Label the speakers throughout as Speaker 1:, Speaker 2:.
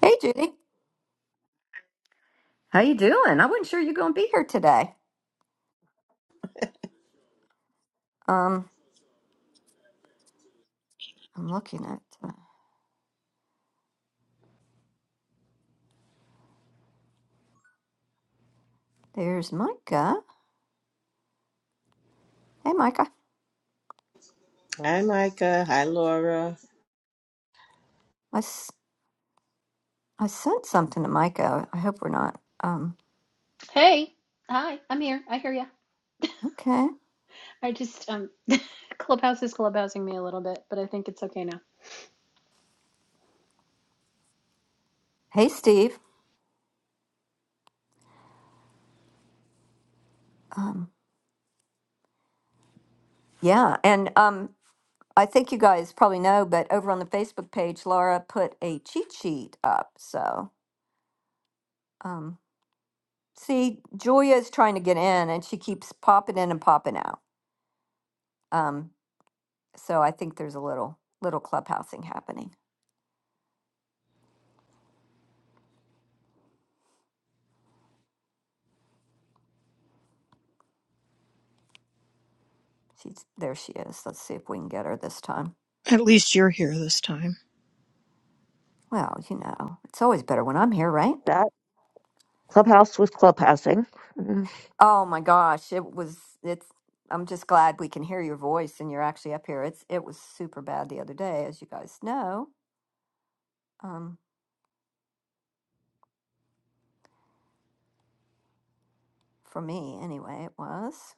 Speaker 1: Hey, Judy. How you doing? I wasn't sure you were going to be here today. Um, I'm looking at. Uh, there's Micah. Hey, Micah.
Speaker 2: Hi, Micah. Hi, Laura.
Speaker 1: I, s- I sent something to Micah. I hope we're not. Um,
Speaker 3: Hey, hi, I'm here. I hear ya.
Speaker 1: okay.
Speaker 3: I just um, Clubhouse is clubhousing me a little bit, but I think it's okay now.
Speaker 1: Hey, Steve. Um, yeah, and um, I think you guys probably know, but over on the Facebook page, Laura put a cheat sheet up. So, um, see, Julia is trying to get in, and she keeps popping in and popping out. Um, so I think there's a little little clubhousing happening. She's there. She is. Let's see if we can get her this time.
Speaker 4: At least you're here this time.
Speaker 1: Well, you know, it's always better when I'm here, right?
Speaker 5: that clubhouse was clubhousing. Mm,
Speaker 1: Oh my gosh, it was. It's. I'm just glad we can hear your voice and you're actually up here. It's. It was super bad the other day, as you guys know. Um, for me anyway, it was.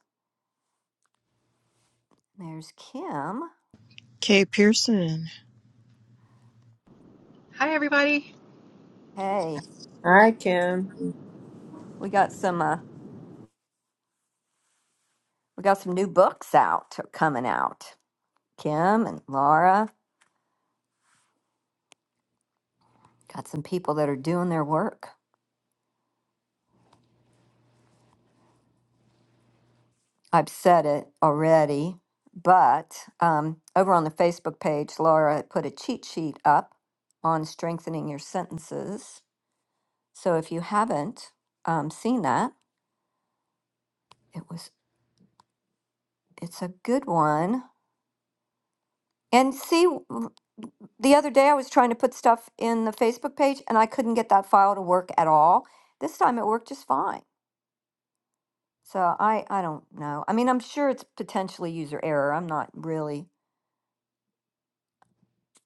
Speaker 1: There's Kim.
Speaker 4: Kay Pearson.
Speaker 6: Hi, everybody.
Speaker 1: Hey,
Speaker 2: Hi, Kim.
Speaker 1: we got some. Uh, we got some new books out coming out. Kim and Laura got some people that are doing their work. I've said it already, but um, over on the Facebook page, Laura put a cheat sheet up on strengthening your sentences. So if you haven't um, seen that, it was it's a good one. And see, w- the other day I was trying to put stuff in the Facebook page, and I couldn't get that file to work at all. This time it worked just fine. So I I don't know. I mean, I'm sure it's potentially user error. I'm not really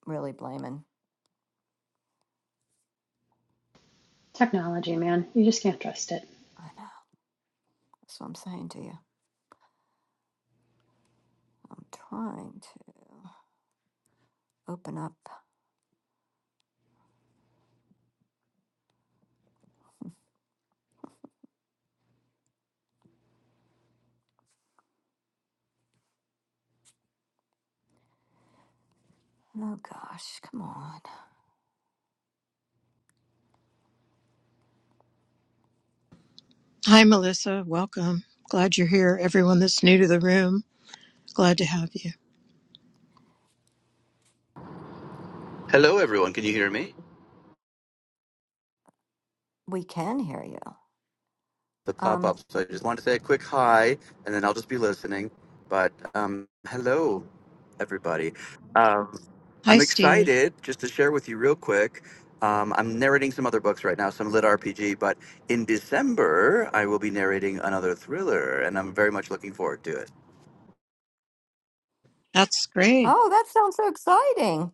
Speaker 1: really blaming.
Speaker 3: Technology, man, you just can't trust it.
Speaker 1: I know that's what I'm saying to you. I'm trying to open up. Oh gosh, come on.
Speaker 4: Hi, Melissa. Welcome. Glad you're here. Everyone that's new to the room, glad to have you.
Speaker 7: Hello, everyone. Can you hear me?
Speaker 1: We can hear you.
Speaker 7: The pop
Speaker 1: Um.
Speaker 7: up. So I just wanted to say a quick hi, and then I'll just be listening. But um, hello, everybody. Um,
Speaker 4: Hi,
Speaker 7: I'm
Speaker 4: Steve.
Speaker 7: excited just to share with you real quick. Um, I'm narrating some other books right now, some lit RPG, but in December, I will be narrating another thriller, and I'm very much looking forward to it.
Speaker 4: That's great.
Speaker 1: Oh, that sounds so exciting.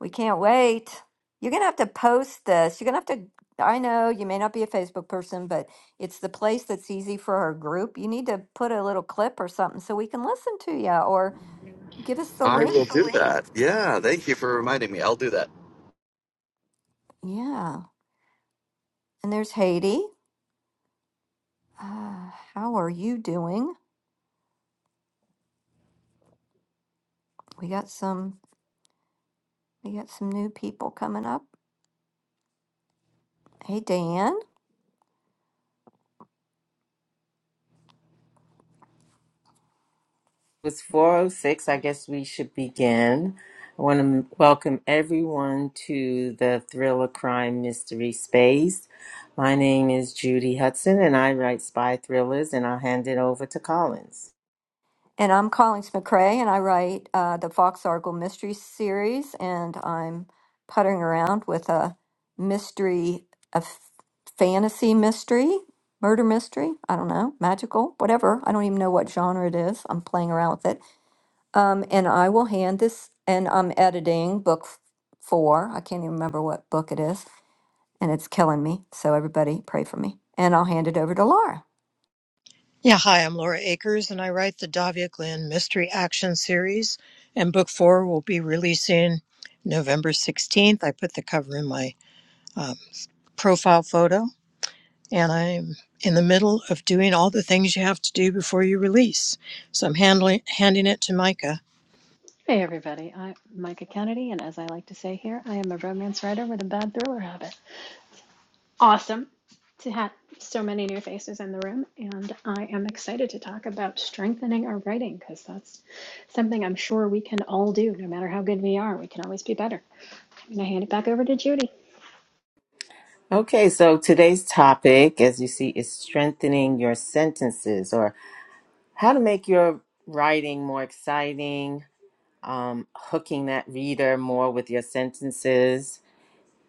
Speaker 1: We can't wait. You're gonna have to post this. You're gonna have to. I know you may not be a Facebook person, but it's the place that's easy for our group. You need to put a little clip or something so we can listen to you, or give us the
Speaker 7: I will
Speaker 1: link.
Speaker 7: do Excellent. that. Yeah, thank you for reminding me. I'll do that.
Speaker 1: Yeah. And there's Haiti. Uh, how are you doing? We got some. We got some new people coming up. Hey, Dan.
Speaker 2: It's 406. I guess we should begin. I want to welcome everyone to the Thriller Crime Mystery Space. My name is Judy Hudson, and I write spy thrillers, and I'll hand it over to Collins.
Speaker 1: And I'm Collins McRae, and I write uh, the Fox Argyle Mystery Series, and I'm puttering around with a mystery, a f- fantasy mystery, murder mystery, I don't know, magical, whatever. I don't even know what genre it is. I'm playing around with it. Um, and I will hand this, and I'm editing book f- four. I can't even remember what book it is, and it's killing me. So everybody pray for me. And I'll hand it over to Laura.
Speaker 4: Yeah, hi, I'm Laura Akers, and I write the Davia Glenn Mystery Action Series, and book four will be releasing November 16th. I put the cover in my um, profile photo, and I'm in the middle of doing all the things you have to do before you release. So I'm handling handing it to Micah
Speaker 3: Hey, everybody, I'm Micah Kennedy, and as I like to say here, I am a romance writer with a bad thriller habit. Awesome to have so many new faces in the room, and I am excited to talk about strengthening our writing because that's something I'm sure we can all do, no matter how good we are. We can always be better. I'm gonna hand it back over to Judy.
Speaker 2: Okay, so today's topic, as you see, is strengthening your sentences or how to make your writing more exciting, um, hooking that reader more with your sentences.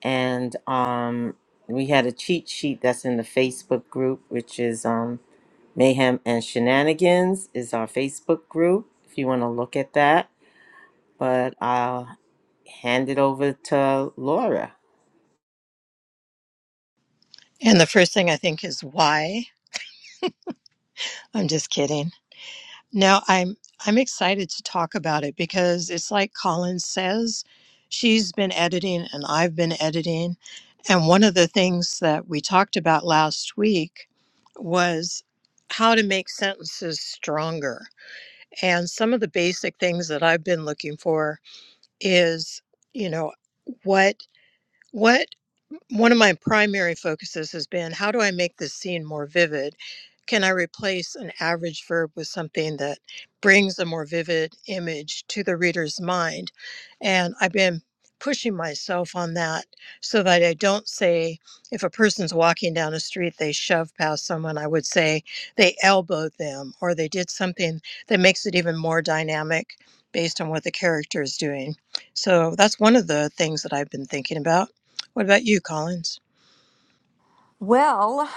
Speaker 2: and um, we had a cheat sheet that's in the Facebook group, which is um, Mayhem and Shenanigans is our Facebook group. If you want to look at that, but I'll hand it over to Laura.
Speaker 4: And the first thing I think is why. I'm just kidding. No, I'm I'm excited to talk about it because it's like Colin says, she's been editing and I've been editing. And one of the things that we talked about last week was how to make sentences stronger. And some of the basic things that I've been looking for is, you know, what what one of my primary focuses has been how do I make this scene more vivid? Can I replace an average verb with something that brings a more vivid image to the reader's mind? And I've been pushing myself on that so that I don't say, if a person's walking down a street, they shove past someone, I would say they elbowed them or they did something that makes it even more dynamic based on what the character is doing. So that's one of the things that I've been thinking about. What about you, Collins?
Speaker 1: Well,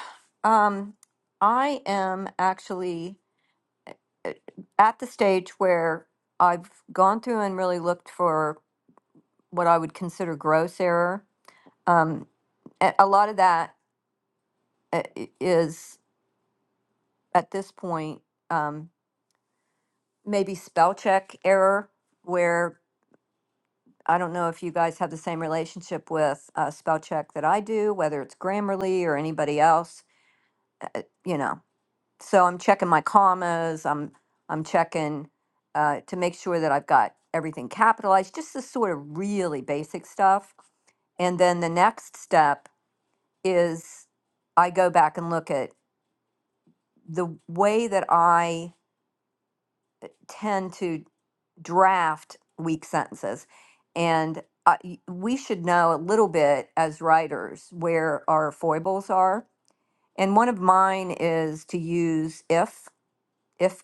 Speaker 1: um, I am actually. at the stage where I've gone through and really looked for what I would consider gross error. Um, a, a lot of that uh, i- is at this point um, maybe spell check error, where I don't know if you guys have the same relationship with uh, spell check that I do, whether it's Grammarly or anybody else. uh, You know, so I'm checking my commas. I'm I'm checking uh, to make sure that I've got everything capitalized. Just the sort of really basic stuff. And then the next step is I go back and look at the way that I tend to draft weak sentences, and I, y- we should know a little bit as writers where our foibles are. And one of mine is to use if if.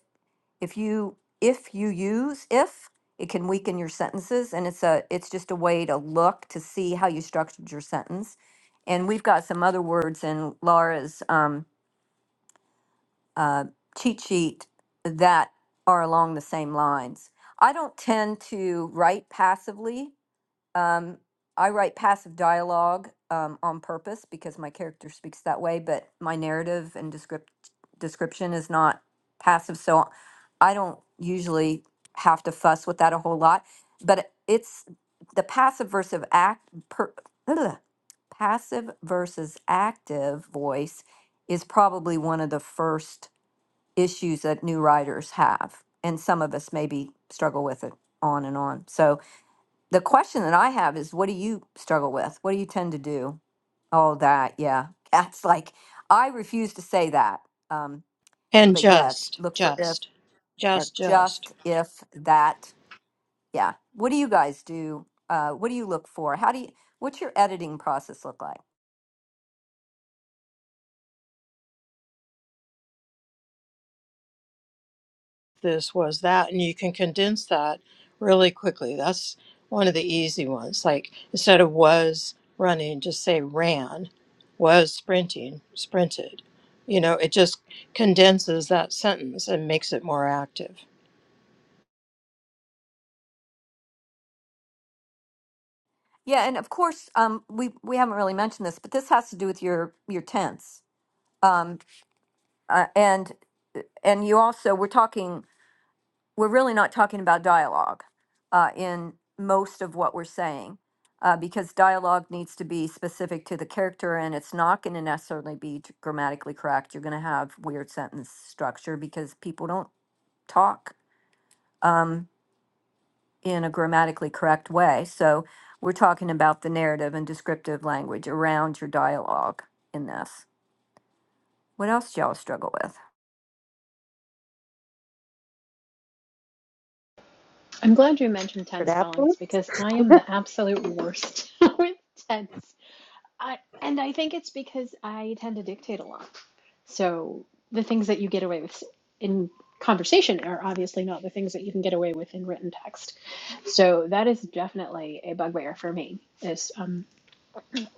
Speaker 1: if you if you use if it can weaken your sentences and it's a it's just a way to look to see how you structured your sentence and we've got some other words in laura's um, uh, cheat sheet that are along the same lines i don't tend to write passively um, I write passive dialogue um, on purpose because my character speaks that way, but my narrative and descript- description is not passive. So I don't usually have to fuss with that a whole lot. But it's the passive versus act per, ugh, passive versus active voice is probably one of the first issues that new writers have, and some of us maybe struggle with it on and on. So the question that I have is what do you struggle with? What do you tend to do? Oh, that, yeah. That's like I refuse to say that. Um,
Speaker 4: And
Speaker 1: but yeah,
Speaker 4: just,
Speaker 1: look for if
Speaker 4: just,
Speaker 1: or
Speaker 4: just, just.
Speaker 1: just if that. Yeah. What do you guys do? Uh, what do you look for? How do you what's your editing process look like?
Speaker 4: This was that. And you can condense that really quickly. That's one of the easy ones. Like instead of was running, just say ran, was sprinting, sprinted. You know, it just condenses that sentence and makes it more active.
Speaker 1: Yeah, and of course, um, we we haven't really mentioned this, but this has to do with your your tense. Um, uh, and and you also we're talking. we're really not talking about dialogue uh, in most of what we're saying uh, because dialogue needs to be specific to the character and it's not going to necessarily be t- grammatically correct. You're going to have weird sentence structure because people don't talk um, in a grammatically correct way. So we're talking about the narrative and descriptive language around your dialogue in this. What else do y'all struggle with?
Speaker 3: I'm glad you mentioned tense
Speaker 5: favorite
Speaker 3: callings
Speaker 5: adverb?
Speaker 3: because I am the absolute worst with tense. I and I think it's because I tend to dictate a lot. So the things that you get away with in conversation are obviously not the things that you can get away with in written text. So that is definitely a bugbear for me. Is um,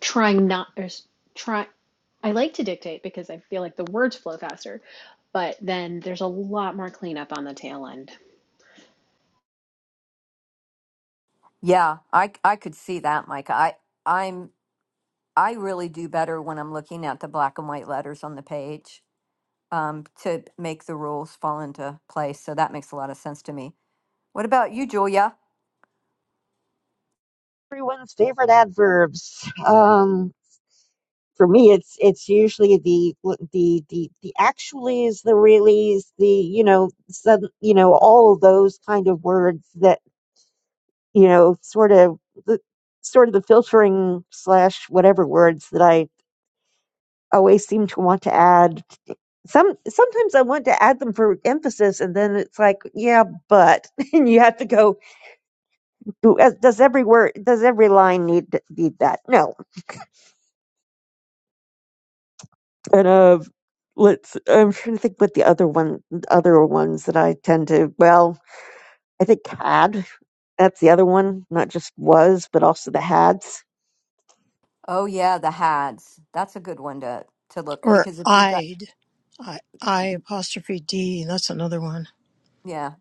Speaker 3: trying not or try. I like to dictate because I feel like the words flow faster, but then there's a lot more cleanup on the tail end.
Speaker 1: Yeah, I, I could see that, Micah. I, I'm I really do better when I'm looking at the black and white letters on the page um, to make the rules fall into place. So that makes a lot of sense to me. What about you, Julia?
Speaker 5: Everyone's favorite adverbs. Um, for me, it's it's usually the the the the actuallys, the reallys, the you know sudden you know all of those kind of words that you know sort of the sort of the filtering slash whatever words that I always seem to want to add. Some sometimes I want to add them for emphasis, and then it's like, yeah, but and you have to go do as- does every word does every line need need that no and uh let's i'm trying to think what the other one other ones that i tend to well i think had that's the other one not just was but also the hads
Speaker 1: Oh yeah, the HADs. That's a good one to to look
Speaker 4: Or
Speaker 1: because if you've got
Speaker 4: I'd, I, I apostrophe D. That's another one.
Speaker 1: yeah,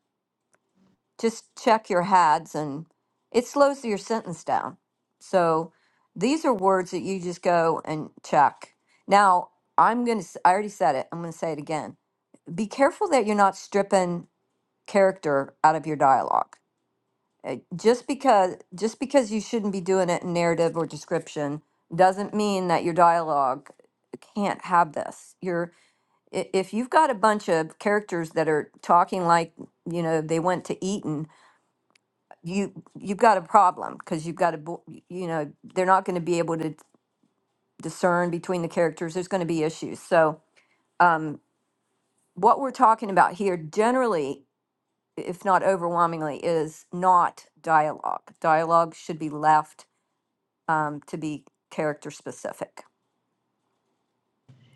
Speaker 1: just check your HADs and it slows your sentence down. So these are words that you just go and check. Now I'm gonna. s- i am going to I already said it. I'm gonna say it again. Be careful that you're not stripping character out of your dialogue uh, just because just because you shouldn't be doing it in narrative or description doesn't mean that your dialogue can't have this. You're i- if you've got a bunch of characters that are talking like you know they went to Eton, you you've got a problem because you've got a bo- y- you know they're not going to be able to discern between the characters. There's going to be issues. So um, what we're talking about here generally, if not overwhelmingly, is not dialogue. Dialogue should be left um, to be character specific.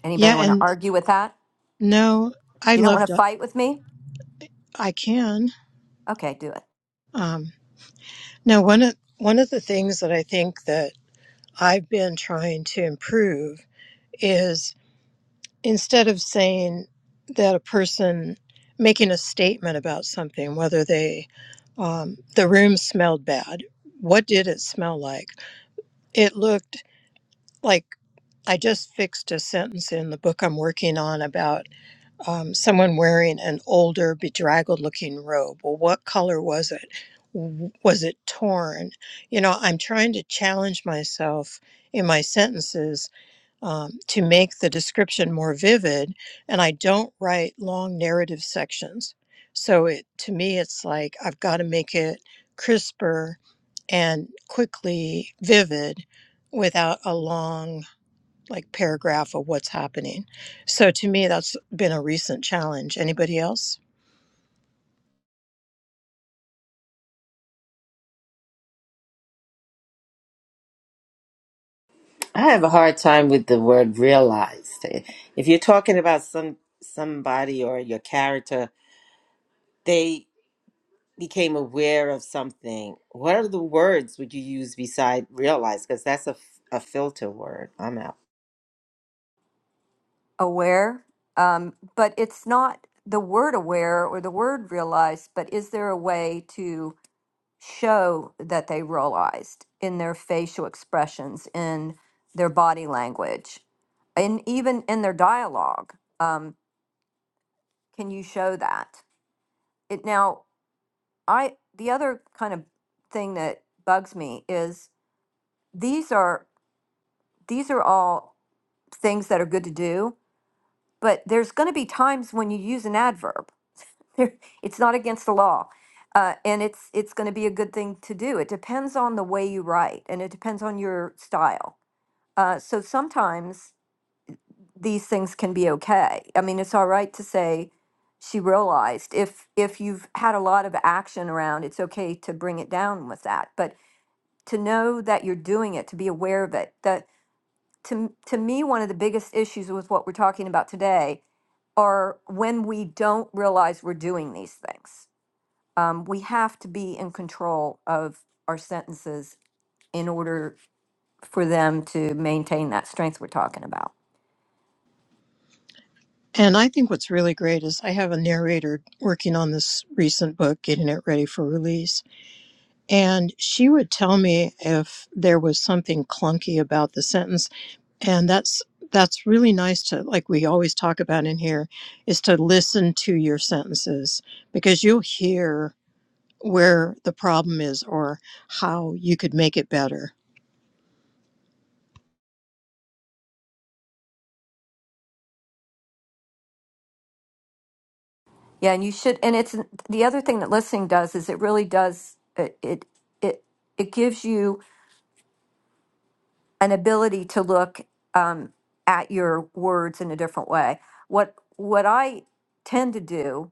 Speaker 1: Anybody
Speaker 4: Yeah,
Speaker 1: want to
Speaker 4: and
Speaker 1: argue with that?
Speaker 4: no, I
Speaker 1: You don't want
Speaker 4: love.
Speaker 1: to
Speaker 4: to-
Speaker 1: fight with me?
Speaker 4: I can.
Speaker 1: Okay, do it.
Speaker 4: Um, Now, one of, one of the things that I think that I've been trying to improve is instead of saying that a person making a statement about something, whether they um, the room smelled bad, what did it smell like? It looked like I just fixed a sentence in the book I'm working on about. um, someone wearing an older, bedraggled looking robe. Well, what color was it? W- Was it torn? You know, I'm trying to challenge myself in my sentences um, to make the description more vivid, and I don't write long narrative sections. So it to me, it's like I've got to make it crisper and quickly vivid without a long like paragraph of what's happening. So to me, that's been a recent challenge. Anybody else?
Speaker 2: I have a hard time with the word realized. If you're talking about some somebody or your character, they became aware of something. What are the words would you use beside realize? Because that's a, f- a filter word. I'm out.
Speaker 1: Aware, um, but it's not the word aware or the word realized, but is there a way to show that they realized in their facial expressions, in their body language, and even in their dialogue? Um, can you show that? It now, I the other kind of thing that bugs me is these are These are all things that are good to do, but there's going to be times when you use an adverb. it's not against the law. Uh, and it's it's going to be a good thing to do. It depends on the way you write, and it depends on your style. Uh, so sometimes these things can be okay. I mean, it's all right to say she realized if if you've had a lot of action around, it's okay to bring it down with that. But to know that you're doing it, to be aware of it, that to to me one of the biggest issues with what we're talking about today are when we don't realize we're doing these things um, we have to be in control of our sentences in order for them to maintain that strength we're talking about
Speaker 4: And I think what's really great is I have a narrator working on this recent book, getting it ready for release. And she would tell me if there was something clunky about the sentence. And that's that's really nice to like we always talk about in here is to listen to your sentences because you'll hear where the problem is or how you could make it better
Speaker 1: yeah and you should and it's the other thing that listening does is it really does it it it, it gives you an ability to look um, at your words in a different way what what i tend to do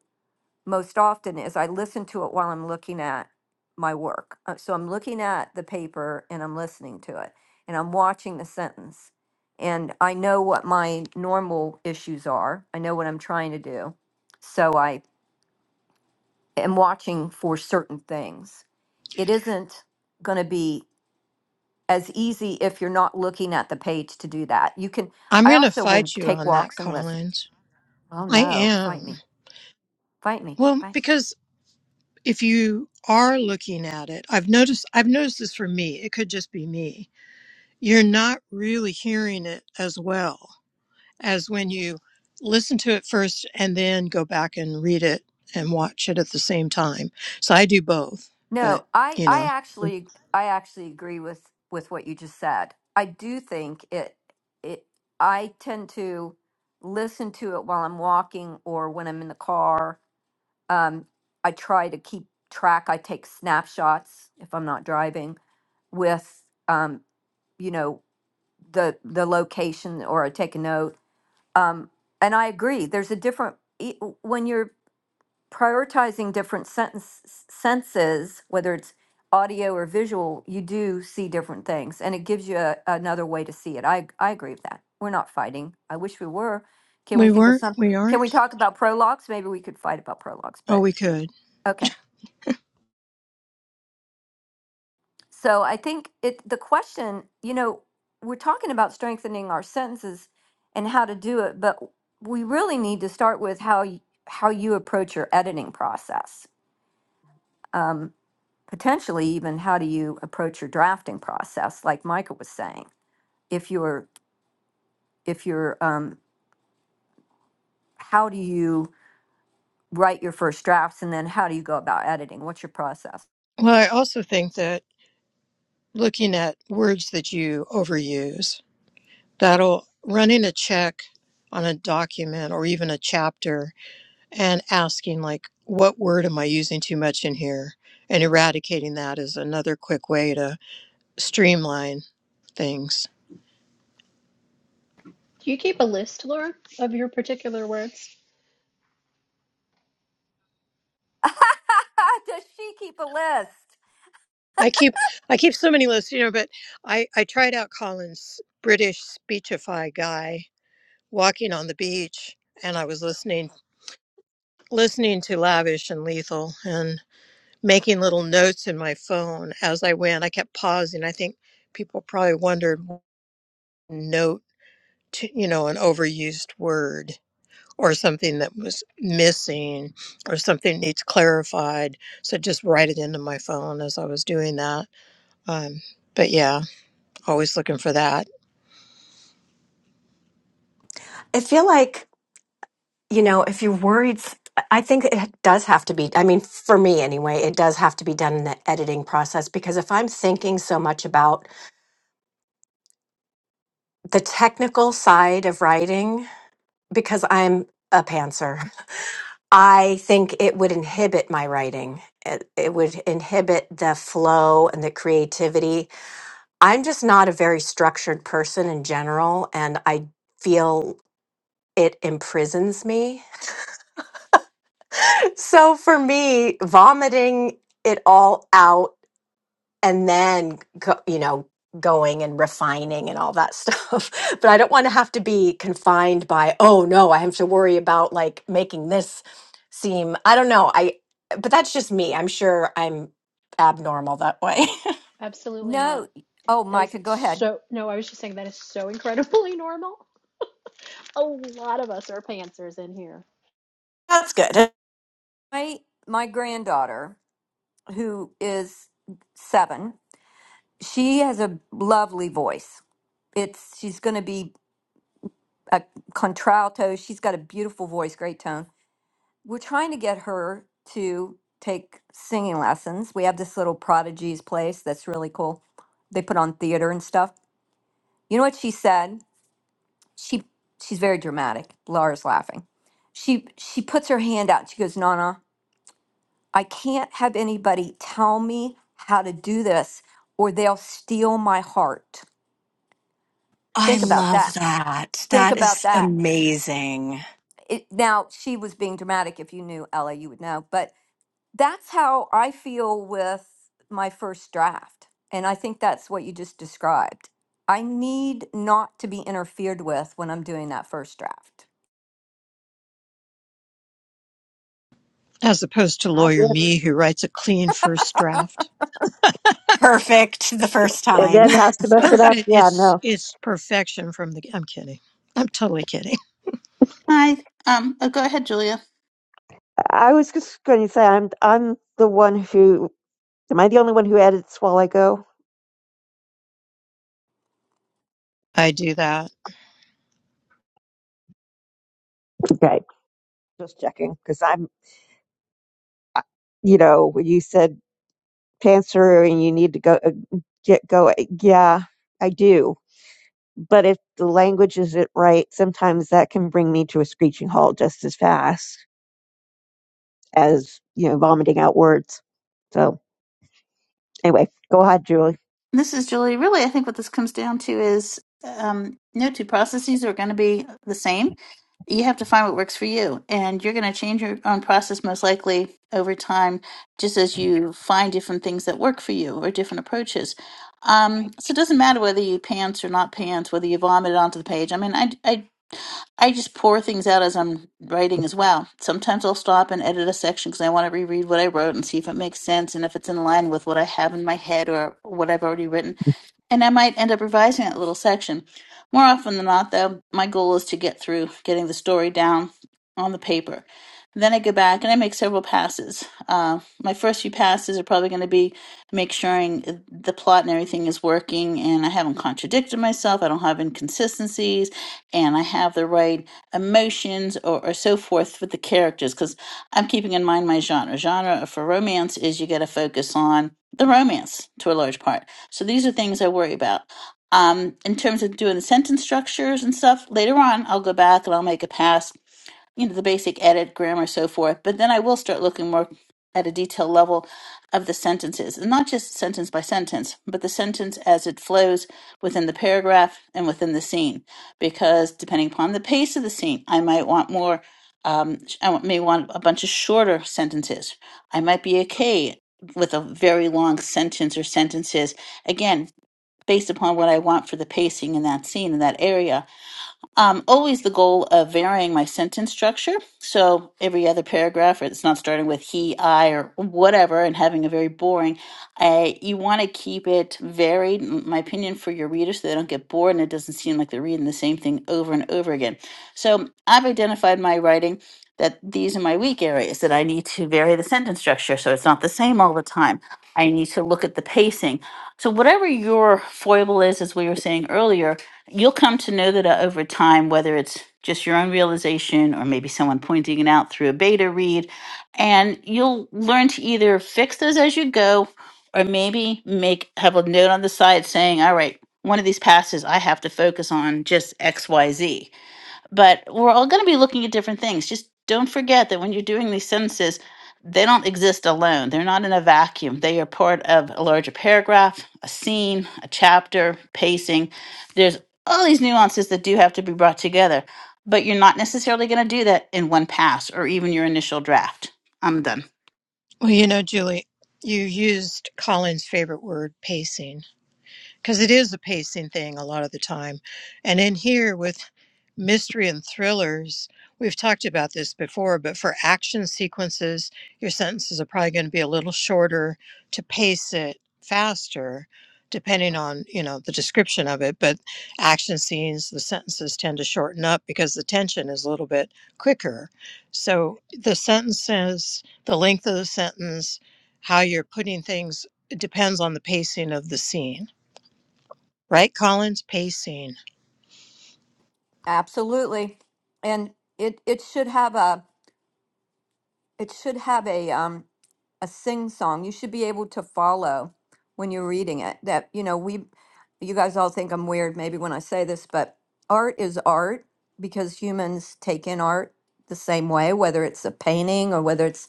Speaker 1: most often is I listen to it while I'm looking at my work. Uh, So I'm looking at the paper and I'm listening to it and I'm watching the sentence. And I know what my normal issues are. I know what I'm trying to do. So I am watching for certain things. It isn't going to be as easy if you're not looking at the page to do that. You can,
Speaker 4: I'm
Speaker 1: I
Speaker 4: going to
Speaker 1: also will
Speaker 4: fight you
Speaker 1: take
Speaker 4: on that,
Speaker 1: walks and listen.
Speaker 4: Collins.
Speaker 1: Oh
Speaker 4: I
Speaker 1: no, fight
Speaker 4: am.
Speaker 1: me, fight me, fight
Speaker 4: Well, because if you are looking at it, I've noticed I've noticed this for me. It could just be me. You're not really hearing it as well as when you listen to it first and then go back and read it and watch it at the same time. So I do both, but
Speaker 1: No, I
Speaker 4: you
Speaker 1: I
Speaker 4: know,
Speaker 1: actually I actually agree with with what you just said. I do think it it I tend to listen to it while I'm walking or when I'm in the car. Um, I try to keep track. I take snapshots if I'm not driving with um, you know, the the location or I take a note. Um, and I agree. There's a different e- when you're prioritizing different sentence, senses, whether it's audio or visual, you do see different things, and it gives you a, another way to see it. I I agree with that. We're not fighting. I wish we were. Can we
Speaker 4: we
Speaker 1: think of
Speaker 4: weren't
Speaker 1: some?
Speaker 4: we
Speaker 1: Can we
Speaker 4: aren't.
Speaker 1: talk about prologues? Maybe we could fight about prologues,
Speaker 4: Oh,
Speaker 1: but
Speaker 4: we could.
Speaker 1: okay. So I think it. The question, you know, we're talking about strengthening our sentences and how to do it, but we really need to start with how you, how you approach your editing process. Um, potentially even how do you approach your drafting process like micah was saying if you're if you're um, how do you write your first drafts and then how do you go about editing what's your process
Speaker 4: Well, I also think that looking at words that you overuse that'll running a check on a document or even a chapter and asking like what word am i using too much in here and eradicating that is another quick way to streamline things
Speaker 3: Do you keep a list, Laura, of your particular words?
Speaker 1: does she keep a list
Speaker 4: i keep i keep so many lists you know but i i tried out colin's british speechify guy walking on the beach and i was listening listening to lavish and lethal and making little notes in my phone as i went i kept pausing i think people probably wondered note to, you know an overused word or something that was missing or something needs clarified so just write it into my phone as i was doing that um, but yeah always looking for that
Speaker 8: I feel like, you know, if you're worried, I think it does have to be, I mean, for me anyway, it does have to be done in the editing process because if I'm thinking so much about the technical side of writing, because I'm a pantser, I think it would inhibit my writing. It, it would inhibit the flow and the creativity. I'm just not a very structured person in general, and I feel it imprisons me So for me, vomiting it all out and then, go, you know, going and refining and all that stuff. But I don't want to have to be confined by, oh no, I have to worry about like making this seem, I don't know. I, but that's just me. I'm sure I'm abnormal that way.
Speaker 3: Absolutely not.
Speaker 1: no oh
Speaker 3: That is
Speaker 1: micah go ahead
Speaker 3: so, no, I was just saying that is so incredibly normal. A lot of us are pantsers in here.
Speaker 8: that's good.
Speaker 1: my my granddaughter who is seven she has a lovely voice it's she's going to be a contralto she's got a beautiful voice great tone we're trying to get her to take singing lessons. We have this little prodigies place that's really cool. They put on theater and stuff. You know what she said? She she's very dramatic. Laura's laughing. She she puts her hand out. She goes, "Nana, I can't have anybody tell me how to do this or they'll steal my heart."
Speaker 8: I
Speaker 1: Think about
Speaker 8: love
Speaker 1: that.
Speaker 8: that.
Speaker 1: Think
Speaker 8: That
Speaker 1: about
Speaker 8: is
Speaker 1: that.
Speaker 8: amazing.
Speaker 1: It, now she was being dramatic. If you knew Ella, you would know. But that's how I feel with my first draft. And I think that's what you just described. I need not to be interfered with when I'm doing that first draft.
Speaker 4: as opposed to
Speaker 5: Ah,
Speaker 4: lawyer
Speaker 5: yeah.
Speaker 4: me who writes a clean first draft
Speaker 8: Perfect the first
Speaker 5: and
Speaker 8: time.
Speaker 5: then has to mess it up
Speaker 4: perfect
Speaker 5: yeah
Speaker 4: it's
Speaker 5: no
Speaker 4: it's perfection from the i'm kidding i'm totally kidding
Speaker 9: Hi. Um, oh, go ahead, Julia.
Speaker 5: i was just going to say i'm i'm the one who am i the only one who edits while i go
Speaker 4: i do that
Speaker 5: okay just checking because i'm I- you know when you said cancer and you need to go uh, get go yeah i do But if the language isn't right, sometimes that can bring me to a screeching halt just as fast as, you know, vomiting out words. So anyway, go ahead, Julie.
Speaker 9: This is Julie. Really, I think what this comes down to is um, no two processes are going to be the same. You have to find what works for you, and you're going to change your own process most likely over time, just as you find different things that work for you or different approaches. Um, so it doesn't matter whether you pants or not pants, whether you vomit onto the page. I mean, I, I I just pour things out as I'm writing as well. Sometimes I'll stop and edit a section because I want to reread what I wrote and see if it makes sense and if it's in line with what I have in my head or what I've already written. And I might end up revising that little section. More often than not, though, my goal is to get through getting the story down on the paper. Then I go back and I make several passes. Uh, my first few passes are probably going to be make sure the plot and everything is working and I haven't contradicted myself, I don't have inconsistencies, and I have the right emotions or, or so forth with the characters because I'm keeping in mind my genre. Genre for romance is you got to focus on the romance to a large part. So these are things I worry about. Um, in terms of doing sentence structures and stuff, later on I'll go back and I'll make a pass you know the basic edit grammar so forth but then i will start looking more at a detailed level of the sentences and not just sentence by sentence but the sentence as it flows within the paragraph and within the scene because depending upon the pace of the scene i might want more um, sh- i want- may want a bunch of shorter sentences i might be okay with a very long sentence or sentences again based upon what i want for the pacing in that scene in that area um, always the goal of varying my sentence structure. So every other paragraph, or it's not starting with he, I, or whatever, and having a very boring. I, you want to keep it varied, in my opinion, for your readers so they don't get bored and it doesn't seem like they're reading the same thing over and over again. So I've identified my writing that these are my weak areas that I need to vary the sentence structure so it's not the same all the time. I need to look at the pacing. So whatever your foible is, as we were saying earlier, you'll come to know that uh, over time, whether it's just your own realization or maybe someone pointing it out through a beta read, and you'll learn to either fix those as you go or maybe make have a note on the side saying, all right, one of these passes I have to focus on just XYZ but we're all going to be looking at different things. Just don't forget that when you're doing these sentences, they don't exist alone. They're not in a vacuum. They are part of a larger paragraph, a scene, a chapter, pacing. There's all these nuances that do have to be brought together, but you're not necessarily going to do that in one pass or even your initial draft. I'm done.
Speaker 4: well you know julie you used colin's favorite word pacing because it is a pacing thing a lot of the time. And in here with mystery and thrillers, we've talked about this before, but for action sequences, your sentences are probably going to be a little shorter to pace it faster depending on you know the description of it but action scenes the sentences tend to shorten up because the tension is a little bit quicker so the sentences the length of the sentence how you're putting things it depends on the pacing of the scene Right, Collins pacing.
Speaker 1: Absolutely. And it it should have a it should have a um a sing song. You should be able to follow when you're reading it. That you know, we you guys all think I'm weird maybe when I say this, but art is art because humans take in art the same way, whether it's a painting or whether it's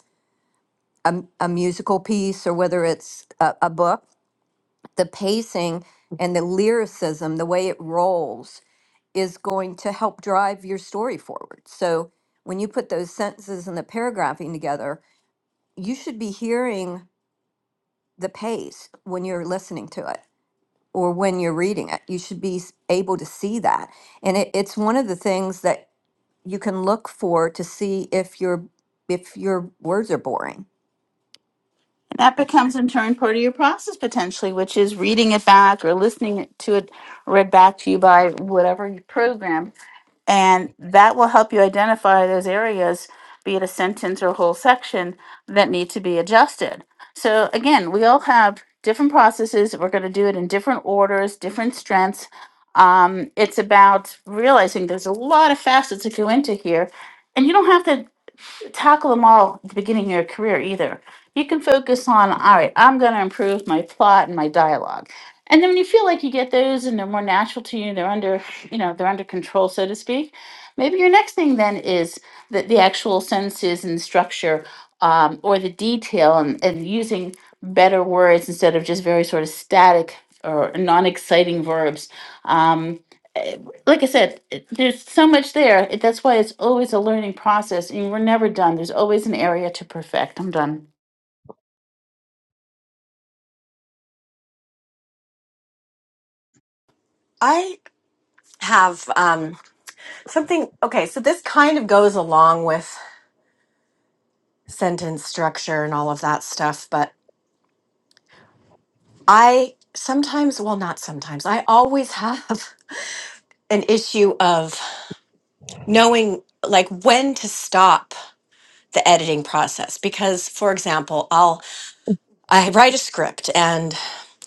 Speaker 1: A a musical piece or whether it's a, a book, the pacing and the lyricism, the way it rolls, is going to help drive your story forward. So when you put those sentences and the paragraphing together, you should be hearing the pace when you're listening to it or when you're reading it. You should be s- able to see that. And it, it's one of the things that you can look for to see if your if your words are boring.
Speaker 9: that becomes in turn part of your process potentially, which is reading it back or listening to it read back to you by whatever you program. And that will help you identify those areas, be it a sentence or a whole section, that need to be adjusted. So again, we all have different processes. We're going to do it in different orders, different strengths. Um, it's about realizing there's a lot of facets that go into here. And you don't have to tackle them all at the beginning of your career either. You can focus on, all right, I'm going to improve my plot and my dialogue. And then when you feel like you get those and they're more natural to you, they're under, you know, they're under control, so to speak. Maybe your next thing then is that the actual sentences and structure um, or the detail and, and using better words instead of just very sort of static or non-exciting verbs. Um, eh, like I said, it- there's so much there. It- That's why it's always a learning process, and we're never done. There's always an area to perfect. I'm done.
Speaker 8: I have um Something, okay, so this kind of goes along with sentence structure and all of that stuff, but I sometimes, well, not sometimes, I always have an issue of knowing like when to stop the editing process because for example, I'll I write a script and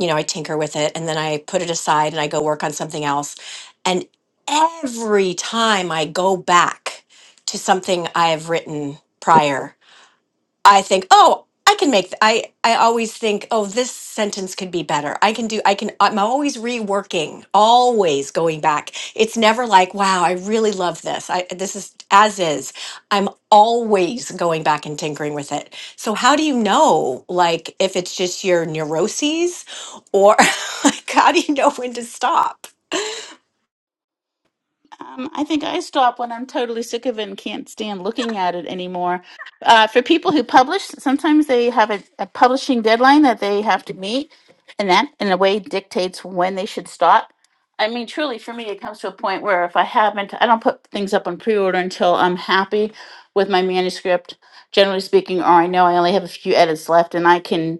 Speaker 8: you know, I tinker with it and then I put it aside and I go work on something else. And every time I go back to something I've written prior I think, oh, I can make. th- I I always think, oh, this sentence could be better. I can do. I can. I'm always reworking, always going back. It's never like, wow, I really love this. I this is as is. I'm always going back and tinkering with it. So how do you know, like, if it's just your neuroses, or like, how do you know when to stop?
Speaker 9: Um, I think I stop when I'm totally sick of it and can't stand looking at it anymore. Uh, for people who publish, sometimes they have a, a publishing deadline that they have to meet, and that, in a way, dictates when they should stop. I mean, truly, for me, it comes to a point where if I haven't, I don't put things up on pre order until I'm happy with my manuscript, generally speaking, or I know I only have a few edits left and I can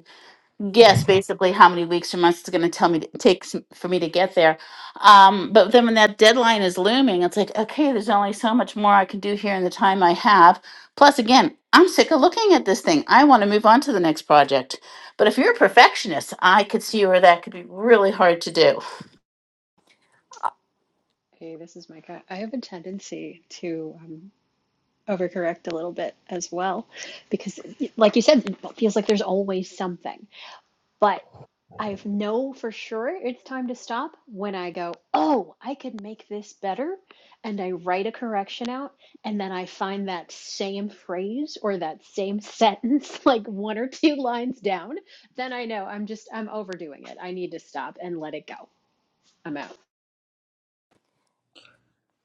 Speaker 9: Yes, basically how many weeks or months it's going to tell me it takes m- for me to get there. Um, but then when that deadline is looming, it's like, okay, there's only so much more I can do here in the time I have. Plus, again, I'm sick of looking at this thing. I want to move on to the next project. But if you're a perfectionist, I could see where that could be really hard to do.
Speaker 3: Hey, this is Micah. I have a tendency to um, overcorrect a little bit as well, because, Like you said, it feels like there's always something. But. I know for sure it's time to stop when I go, oh, I could make this better. And I write a correction out. And then I find that same phrase or that same sentence, like one or two lines down. Then I know I'm just, I'm overdoing it. I need to stop and let it go. I'm out.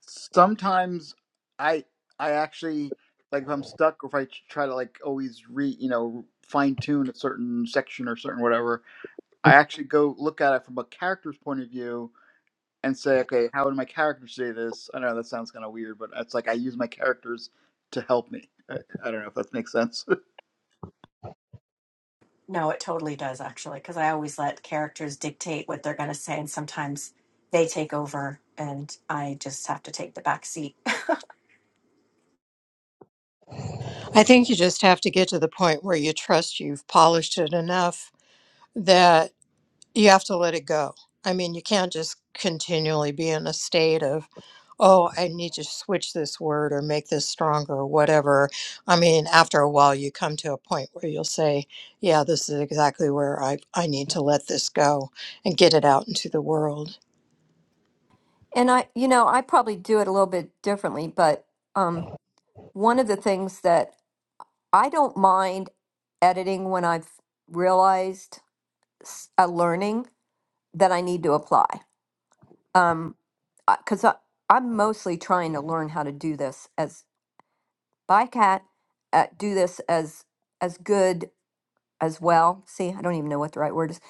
Speaker 10: sometimes I I actually like if I'm stuck or if I ch- try to like always re you know fine tune a certain section or certain whatever, I actually go look at it from a character's point of view and say, okay, how would my character say this? I know that sounds kind of weird, but it's like I use my characters to help me. I, I don't know if that makes sense.
Speaker 8: No, it totally does actually, because I always let characters dictate what they're going to say, and sometimes they take over, and I just have to take the back seat.
Speaker 4: I think you just have to get to the point where you trust you've polished it enough that you have to let it go. I mean, you can't just continually be in a state of, oh, I need to switch this word or make this stronger or whatever. I mean, after a while, you come to a point where you'll say, yeah, this is exactly where I, I need to let this go and get it out into the world.
Speaker 1: And I, you know, I probably do it a little bit differently, but um, one of the things that I don't mind editing when I've realized s- a learning that I need to apply. Um, because I, 'cause I, I'm mostly trying to learn how to do this as by cat, uh, do this as as good as well. See, I don't even know what the right word is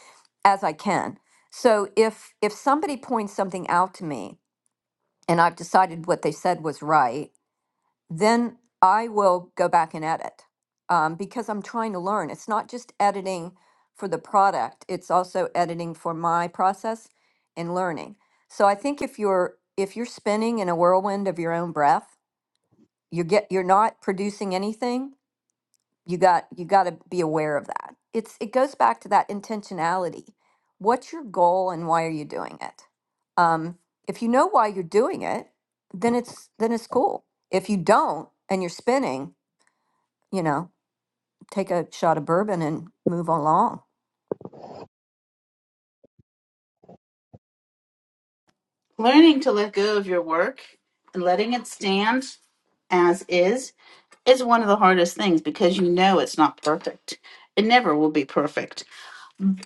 Speaker 1: as I can. So if if somebody points something out to me and I've decided what they said was right then I will go back and edit um, because I'm trying to learn. It's not just editing for the product, it's also editing for my process and learning. So I think if you're if you're spinning in a whirlwind of your own breath, you get you're not producing anything you got you got to be aware of that it's it goes back to that intentionality what's your goal and why are you doing it um, if you know why you're doing it then it's then it's cool if you don't and you're spinning you know take a shot of bourbon and move along
Speaker 9: Learning to let go of your work and letting it stand as is is one of the hardest things because you know it's not perfect. It never will be perfect.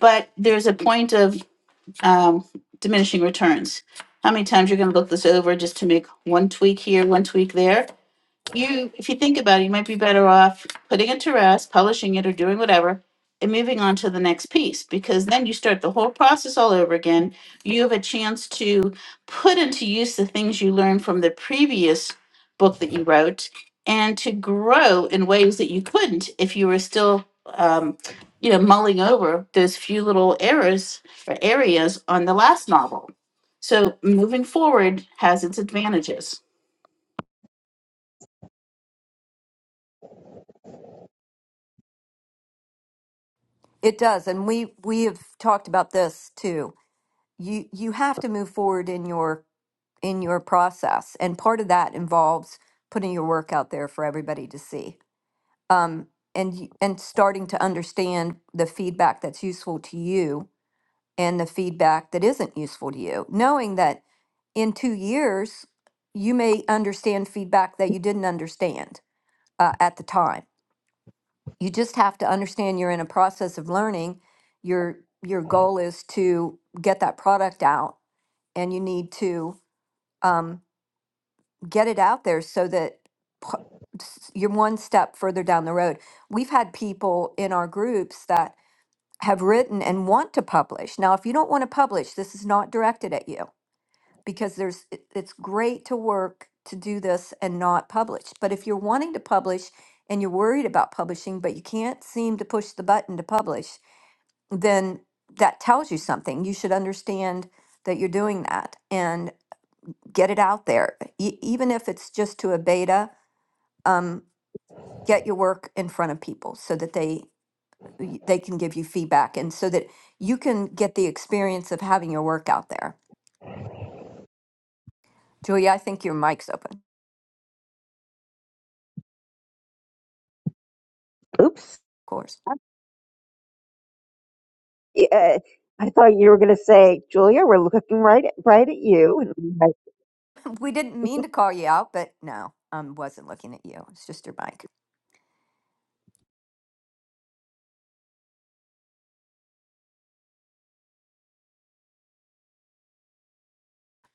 Speaker 9: But there's a point of um, diminishing returns. How many times you're going to look this over just to make one tweak here, one tweak there? you if you think about it you might be better off putting it to rest publishing it or doing whatever and moving on to the next piece because then you start the whole process all over again you have a chance to put into use the things you learned from the previous book that you wrote and to grow in ways that you couldn't if you were still um, you know mulling over those few little errors or areas on the last novel so moving forward has its advantages
Speaker 1: it does and we we have talked about this too you you have to move forward in your in your process and part of that involves putting your work out there for everybody to see um, and y- and starting to understand the feedback that's useful to you and the feedback that isn't useful to you knowing that in two years you may understand feedback that you didn't understand uh, at the time you just have to understand you're in a process of learning your your goal is to get that product out and you need to um, get it out there so that p- s- you're one step further down the road we've had people in our groups that have written and want to publish. Now, if you don't want to publish, this is not directed at you because there's it- it's great to work to do this and not publish. But if you're wanting to publish and you're worried about publishing but you can't seem to push the button to publish, then that tells you something. You should understand that you're doing that and get it out there. E- even if it's just to a beta, um, get your work in front of people so that they y- they can give you feedback and so that you can get the experience of having your work out there. Julia, I think your mic's open, of
Speaker 5: Oops.
Speaker 1: course.
Speaker 5: Yeah, I thought you were going to say, Julia, we're looking right at, right at you.
Speaker 1: We didn't mean to call you out, but no, I um, wasn't looking at you. It's just your mic.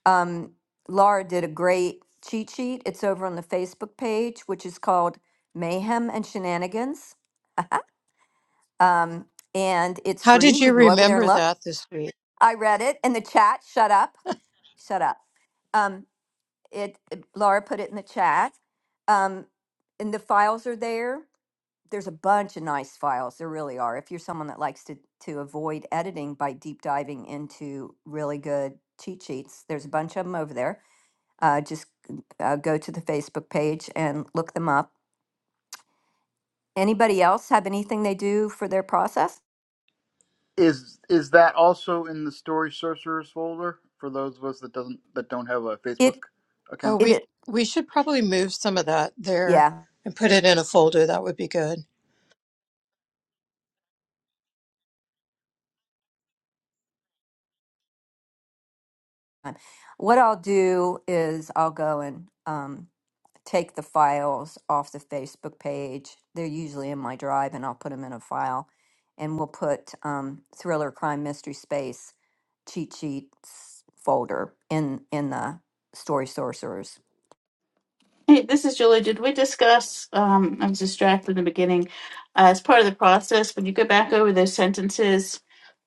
Speaker 1: Um, Laura did a great cheat sheet. It's over on the Facebook page, which is called Mayhem and Shenanigans. Um, and it's
Speaker 4: How
Speaker 1: free.
Speaker 4: did
Speaker 1: You
Speaker 4: you
Speaker 1: can go over there and
Speaker 4: remember
Speaker 1: look.
Speaker 4: that this week?
Speaker 1: I read it in the chat. Shut up. Shut up. Um, it Laura put it in the chat. Um, and the files are there. There's a bunch of nice files. There really are. If you're someone that likes to to avoid editing by deep diving into really good cheat sheets, there's a bunch of them over there. Uh, just uh, go to the Facebook page and look them up. Anybody else have anything they do for their process?
Speaker 10: is is that also in the story sorcerers folder for those of us that doesn't that don't have a Facebook
Speaker 1: It
Speaker 4: Oh,
Speaker 10: account?
Speaker 1: it,
Speaker 4: we
Speaker 1: it
Speaker 4: we should probably move some of that there
Speaker 1: yeah.
Speaker 4: and put it in a folder. That would be good.
Speaker 1: What I'll do is I'll go and um, take the files off the Facebook page. They're usually in my drive, and I'll put them in a file. And we'll put um, thriller, crime, mystery, space, cheat sheets folder in in the story sorcerers.
Speaker 9: Hey, this is Julie. Did we discuss? Um, I was distracted in the beginning. Uh, as part of the process, when you go back over those sentences,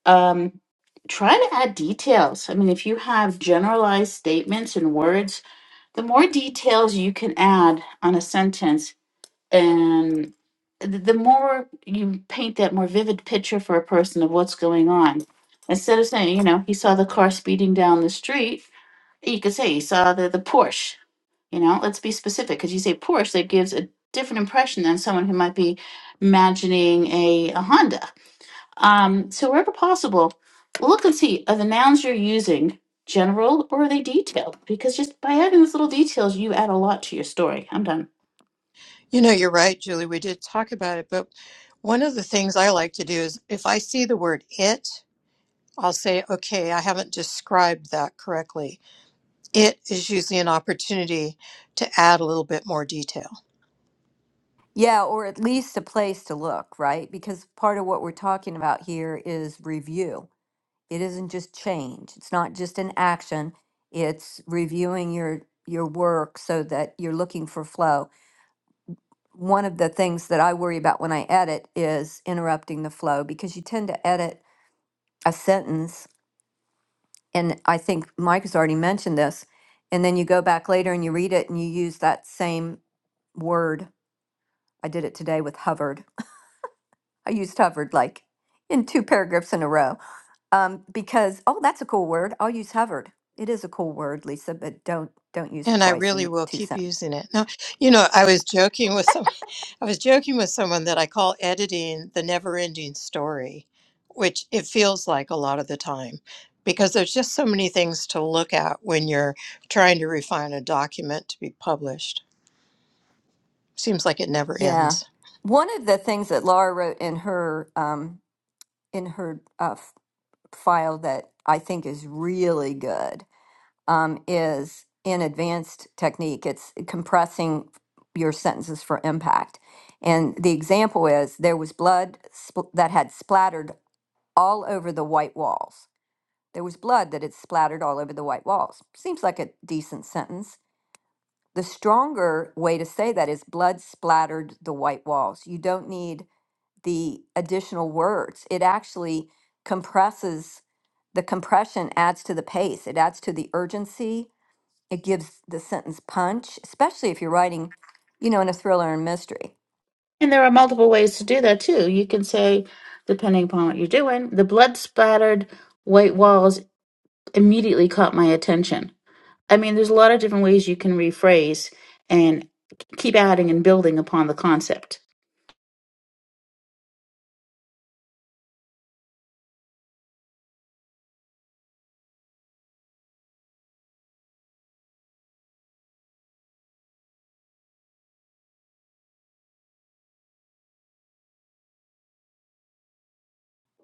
Speaker 9: um, try to add details. I mean, if you have generalized statements and words, the more details you can add on a sentence, and th- the more you paint that more vivid picture for a person of what's going on. Instead of saying, you know, he saw the car speeding down the street, you could say he saw the, the Porsche you know, let's be specific because you say Porsche, that gives a different impression than someone who might be imagining a, a Honda. Um, so, wherever possible, look and see are the nouns you're using general or are they detailed? Because just by adding those little details, you add a lot to your story. I'm done.
Speaker 4: You know, you're right, Julie. We did talk about it, but one of the things I like to do is if I see the word it, I'll say, okay, I haven't described that correctly. it is usually an opportunity to add a little bit more detail
Speaker 1: Yeah, or at least a place to look, right? Because part of what we're talking about here is review. It isn't just change. It's not just an action. It's reviewing your your work so that you're looking for flow one of the things that I worry about when I edit is interrupting the flow because you tend to edit a sentence, and I think Mike has already mentioned this, and then you go back later and you read it and you use that same word. I did it today with hovered. I used hovered like in two paragraphs in a row um, because oh, that's a cool word. I'll use hovered. It is a cool word, Lisa, but don't don't use it
Speaker 4: and i
Speaker 1: twice
Speaker 4: really
Speaker 1: in
Speaker 4: will
Speaker 1: two
Speaker 4: keep
Speaker 1: sentences.
Speaker 4: using it now you know i was joking with some i was joking with someone that i call editing the never ending story which it feels like a lot of the time because there's just so many things to look at when you're trying to refine a document to be published Seems like it never
Speaker 1: Yeah.
Speaker 4: ends.
Speaker 1: One of the things that Laura wrote in her um, in her uh, f- file that I think is really good um, is in advanced technique, it's compressing your sentences for impact. And the example is there was blood spl- that had splattered all over the white walls. There was blood that had splattered all over the white walls. Seems like a decent sentence. The stronger way to say that is blood splattered the white walls. You don't need the additional words. It actually compresses, the compression adds to the pace, it adds to the urgency it gives the sentence punch, especially if you're writing, you know, in a thriller and mystery.
Speaker 9: And there are multiple ways to do that too. You can say, depending upon what you're doing, the blood splattered white walls immediately caught my attention I mean, there's a lot of different ways you can rephrase and keep adding and building upon the concept.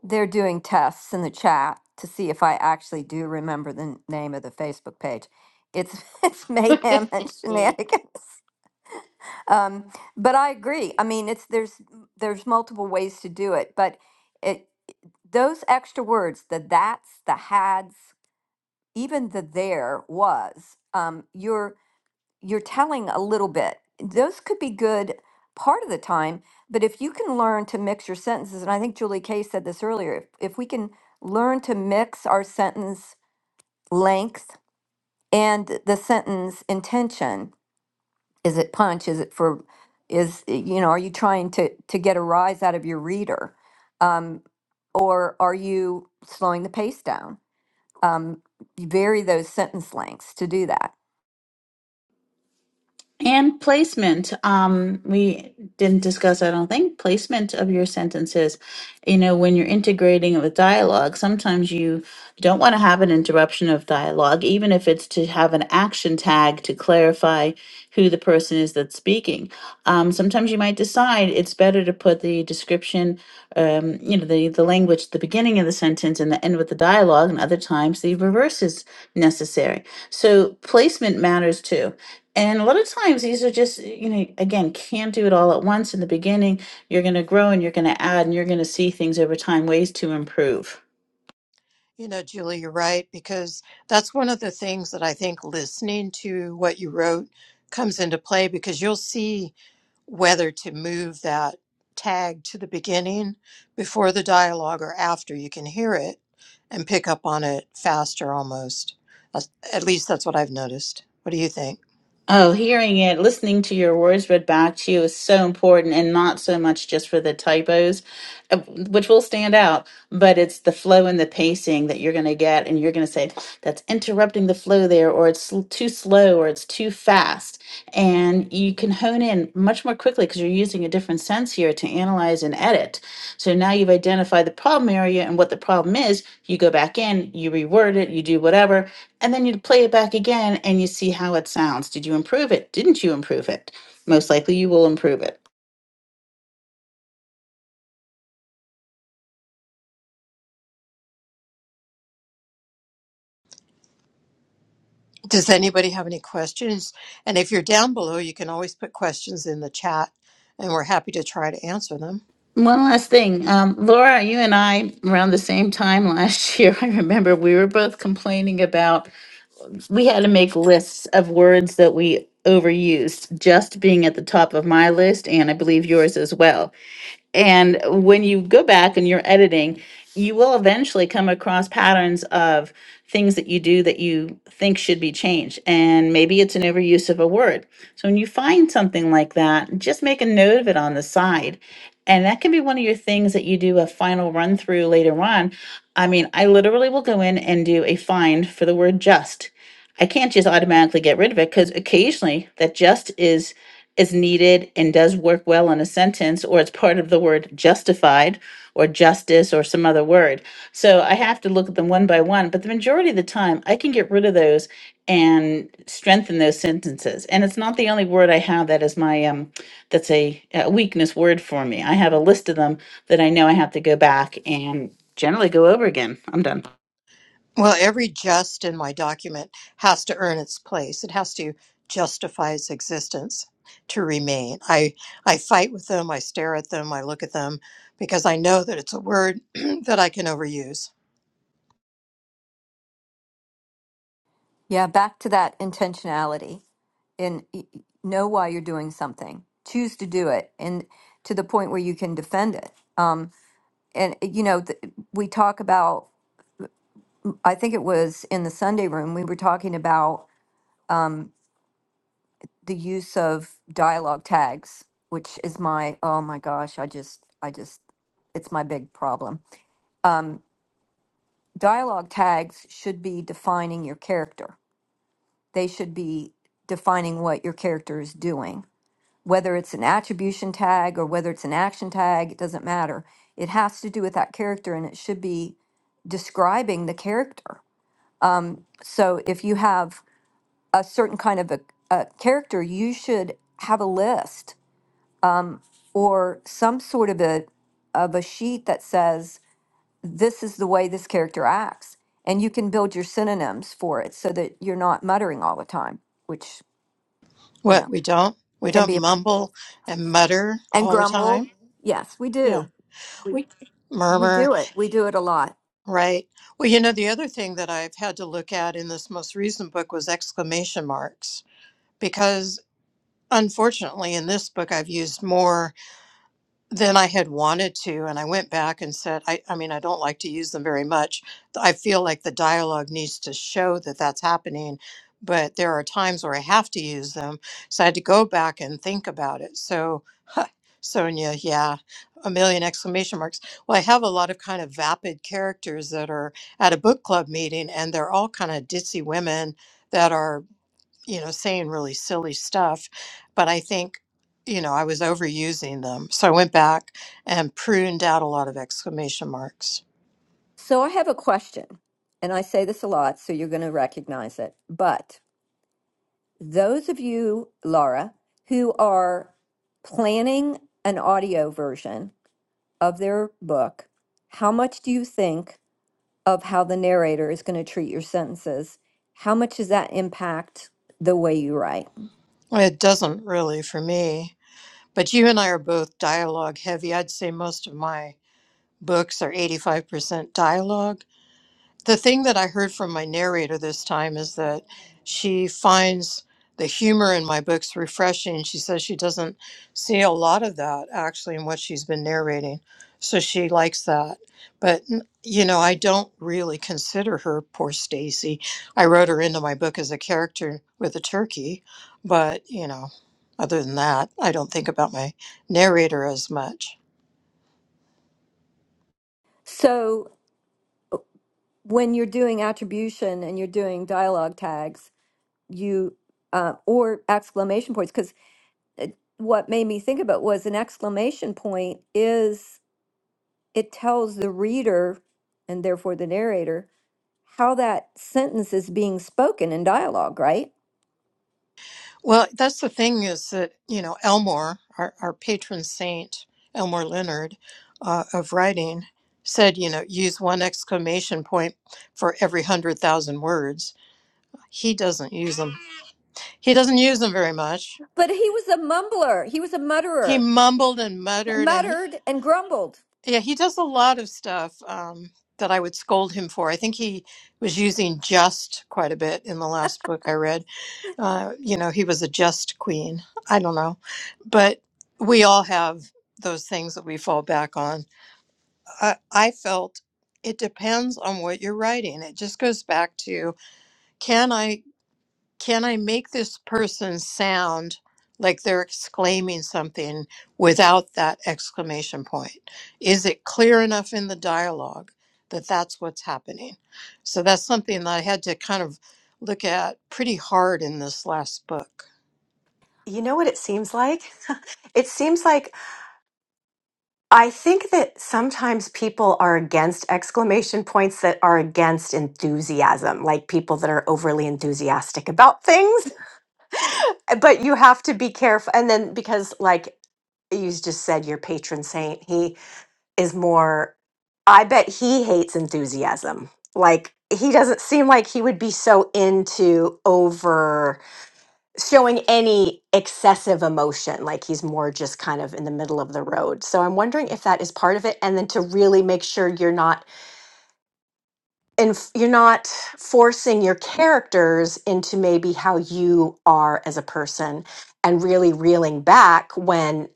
Speaker 1: They're doing tests in the chat to see if I actually do remember the n- name of the Facebook page. It's it's mayhem and shenanigans. Um, but I agree. I mean, it's there's there's multiple ways to do it, but it those extra words, the that's, the hads, even the there was, um, you're you're telling a little bit. Those could be good part of the time, but if you can learn to mix your sentences, and I think Julie Kay said this earlier, if, if we can learn to mix our sentence length and the sentence intention, is it punch? Is it for, is, you know, are you trying to, to get a rise out of your reader? Um, or are you slowing the pace down? Um, you vary those sentence lengths to do that.
Speaker 9: And placement. Um, we didn't discuss, I don't think, placement of your sentences. You know, when you're integrating with dialogue, sometimes you don't want to have an interruption of dialogue, even if it's to have an action tag to clarify who the person is that's speaking. Um, sometimes you might decide it's better to put the description, um, you know, the, the language at the beginning of the sentence and the end with the dialogue, and other times the reverse is necessary. So placement matters too and a lot of times these are just, eh, you know, again, can't do it all at once in the beginning. You're going to grow and you're going to add and you're going to see things over time, ways to improve.
Speaker 4: You know, Julie, you're right, because that's one of the things that I think listening to what you wrote comes into play because you'll see. whether to move that tag to the beginning before the dialogue or after you can hear it and pick up on it faster almost That's- at least that's what i've noticed what do you think
Speaker 9: Oh, hearing it, listening to your words read back to you is so important, and not so much just for the typos, uh, which will stand out, but it's the flow and the pacing that you're going to get, and you're going to say, that's interrupting the flow there, or it's sl- too slow, or it's too fast. And you can hone in much more quickly because you're using a different sense here to analyze and edit. So now you've identified the problem area and what the problem is. You go back in, you reword it, you do whatever, and then you play it back again and you see how it sounds. Did you improve it? Didn't you improve it? Most likely you will improve it.
Speaker 4: does anybody have any questions and if you're down below you can always put questions in the chat and we're happy to try to answer them
Speaker 9: One last thing. Um, Laura, you and I, around the same time last year, I remember we were both complaining about we had to make lists of words that we overused, just being at the top of my list and I believe yours as well And when you go back and you're editing, you will eventually come across patterns of things that you do that you think should be changed. And maybe it's an overuse of a word. So when you find something like that, just make a note of it on the side. And that can be one of your things that you do a final run through later on. I mean, I literally will go in and do a find for the word just. I can't just automatically get rid of it because occasionally that just is is needed and does work well in a sentence, or it's part of the word justified or justice or some other word. So I have to look at them one by one, but the majority of the time I can get rid of those and strengthen those sentences. And it's not the only word I have that is my um that's a, a weakness word for me. I have a list of them that I know I have to go back and generally go over again. I'm done.
Speaker 4: Well, every just in my document has to earn its place. It has to justify its existence to remain. I, I fight with them, I stare at them, I look at them because I know that it's a word that I can overuse.
Speaker 1: Yeah, back to that intentionality. and y- y- know why you're doing something choose to do it and to the point where you can defend it um, and eh, you know th- we talk about i think it was in the sunday room we were talking about the use of dialogue tags which is my oh my gosh i just i just it's my big problem dialogue tags should be defining your character they should be defining what your character is doing whether it's an attribution tag or whether it's an action tag, it doesn't matter. It has to do with that character and it should be describing the character. So if you have a certain kind of a, a character, you should have a list or some sort of a of a sheet that says this is the way this character acts and you can build your synonyms for it so that you're not muttering all the time, which, you
Speaker 4: What
Speaker 1: know,
Speaker 4: we don't we
Speaker 1: can
Speaker 4: don't
Speaker 1: be a,
Speaker 4: mumble and mutter
Speaker 1: and
Speaker 4: all the
Speaker 1: grumble.
Speaker 4: time.
Speaker 1: Yes, we
Speaker 4: Yeah.
Speaker 1: do.
Speaker 4: We
Speaker 1: We
Speaker 4: murmur,
Speaker 1: do it. We do it a lot.
Speaker 4: right? Well, you know the other thing that I've had to look at in this most recent book was exclamation marks because unfortunately in this book I've used more than I had wanted to. And I went back and said, I, I mean, I don't like to use them very much. I feel like the dialogue needs to show that that's happening, but there are times where I have to use them. So I had to go back and think about it. So, Sonia, yeah, a million exclamation marks. Well, I have a lot of kind of vapid characters that are at a book club meeting, and they're all kind of ditzy women that are you know, saying really silly stuff. But I think, you know, I was overusing them. So I went back and pruned out a lot of exclamation marks.
Speaker 1: So I have a question, and I say this a lot, so you're going to recognize it. But those of you, Laura, who are planning an audio version of their book, how much do you think of how the narrator is going to treat your sentences? How much does that impact the way you write?
Speaker 4: It doesn't really for me. But you and I are both dialogue heavy. I'd say most of my books are 85% dialogue the thing that I heard from my narrator this time is that she finds the humor in my books refreshing. She says she doesn't see a lot of that actually in what she's been narrating. So she likes that. But n- you know, I don't really consider her poor Stacy. I wrote her into my book as a character with a turkey, but you know, other than that, I don't think about my narrator as much.
Speaker 1: So when you're doing attribution and you're doing dialogue tags, you uh, or exclamation points, because what made me think about was an exclamation point is it tells the reader and therefore the narrator how that sentence is being spoken in dialogue, right?
Speaker 4: Well, that's the thing is that, you know, Elmore, our, our patron saint, Elmore Leonard uh, of writing, said, you know, use one exclamation point for every 100,000 words. He doesn't use them. He doesn't use them very much.
Speaker 1: But he was a mumbler, he was a
Speaker 4: He
Speaker 1: mutterer,
Speaker 4: mumbled and
Speaker 1: He
Speaker 4: muttered, and he,
Speaker 1: muttered and grumbled.
Speaker 4: yeah, he does a lot of stuff um, that I would scold him for. I think he was using just quite a bit in the last book I read Uh, you know, he was a just queen. I don't know. But we all have those things that we fall back on. I, I felt it depends on what you're writing. It just goes back to can I can I make this person sound like they're exclaiming something without that exclamation point? Is it clear enough in the dialogue that that's what's happening? So that's something that I had to kind of look at pretty hard in this last book.
Speaker 8: You know what it seems like? It seems like I think that sometimes people are against exclamation points that are against enthusiasm, like people that are overly enthusiastic about things. But you have to be careful. And then because, like you just said, your patron saint, he is more I bet he hates enthusiasm. Like he doesn't seem like he would be so into over showing any excessive emotion. Like he's more just kind of in the middle of the road. So I'm wondering if that is part of it and then to really make sure you're not and f- you're not forcing your characters into maybe how you are as a person and really reeling back when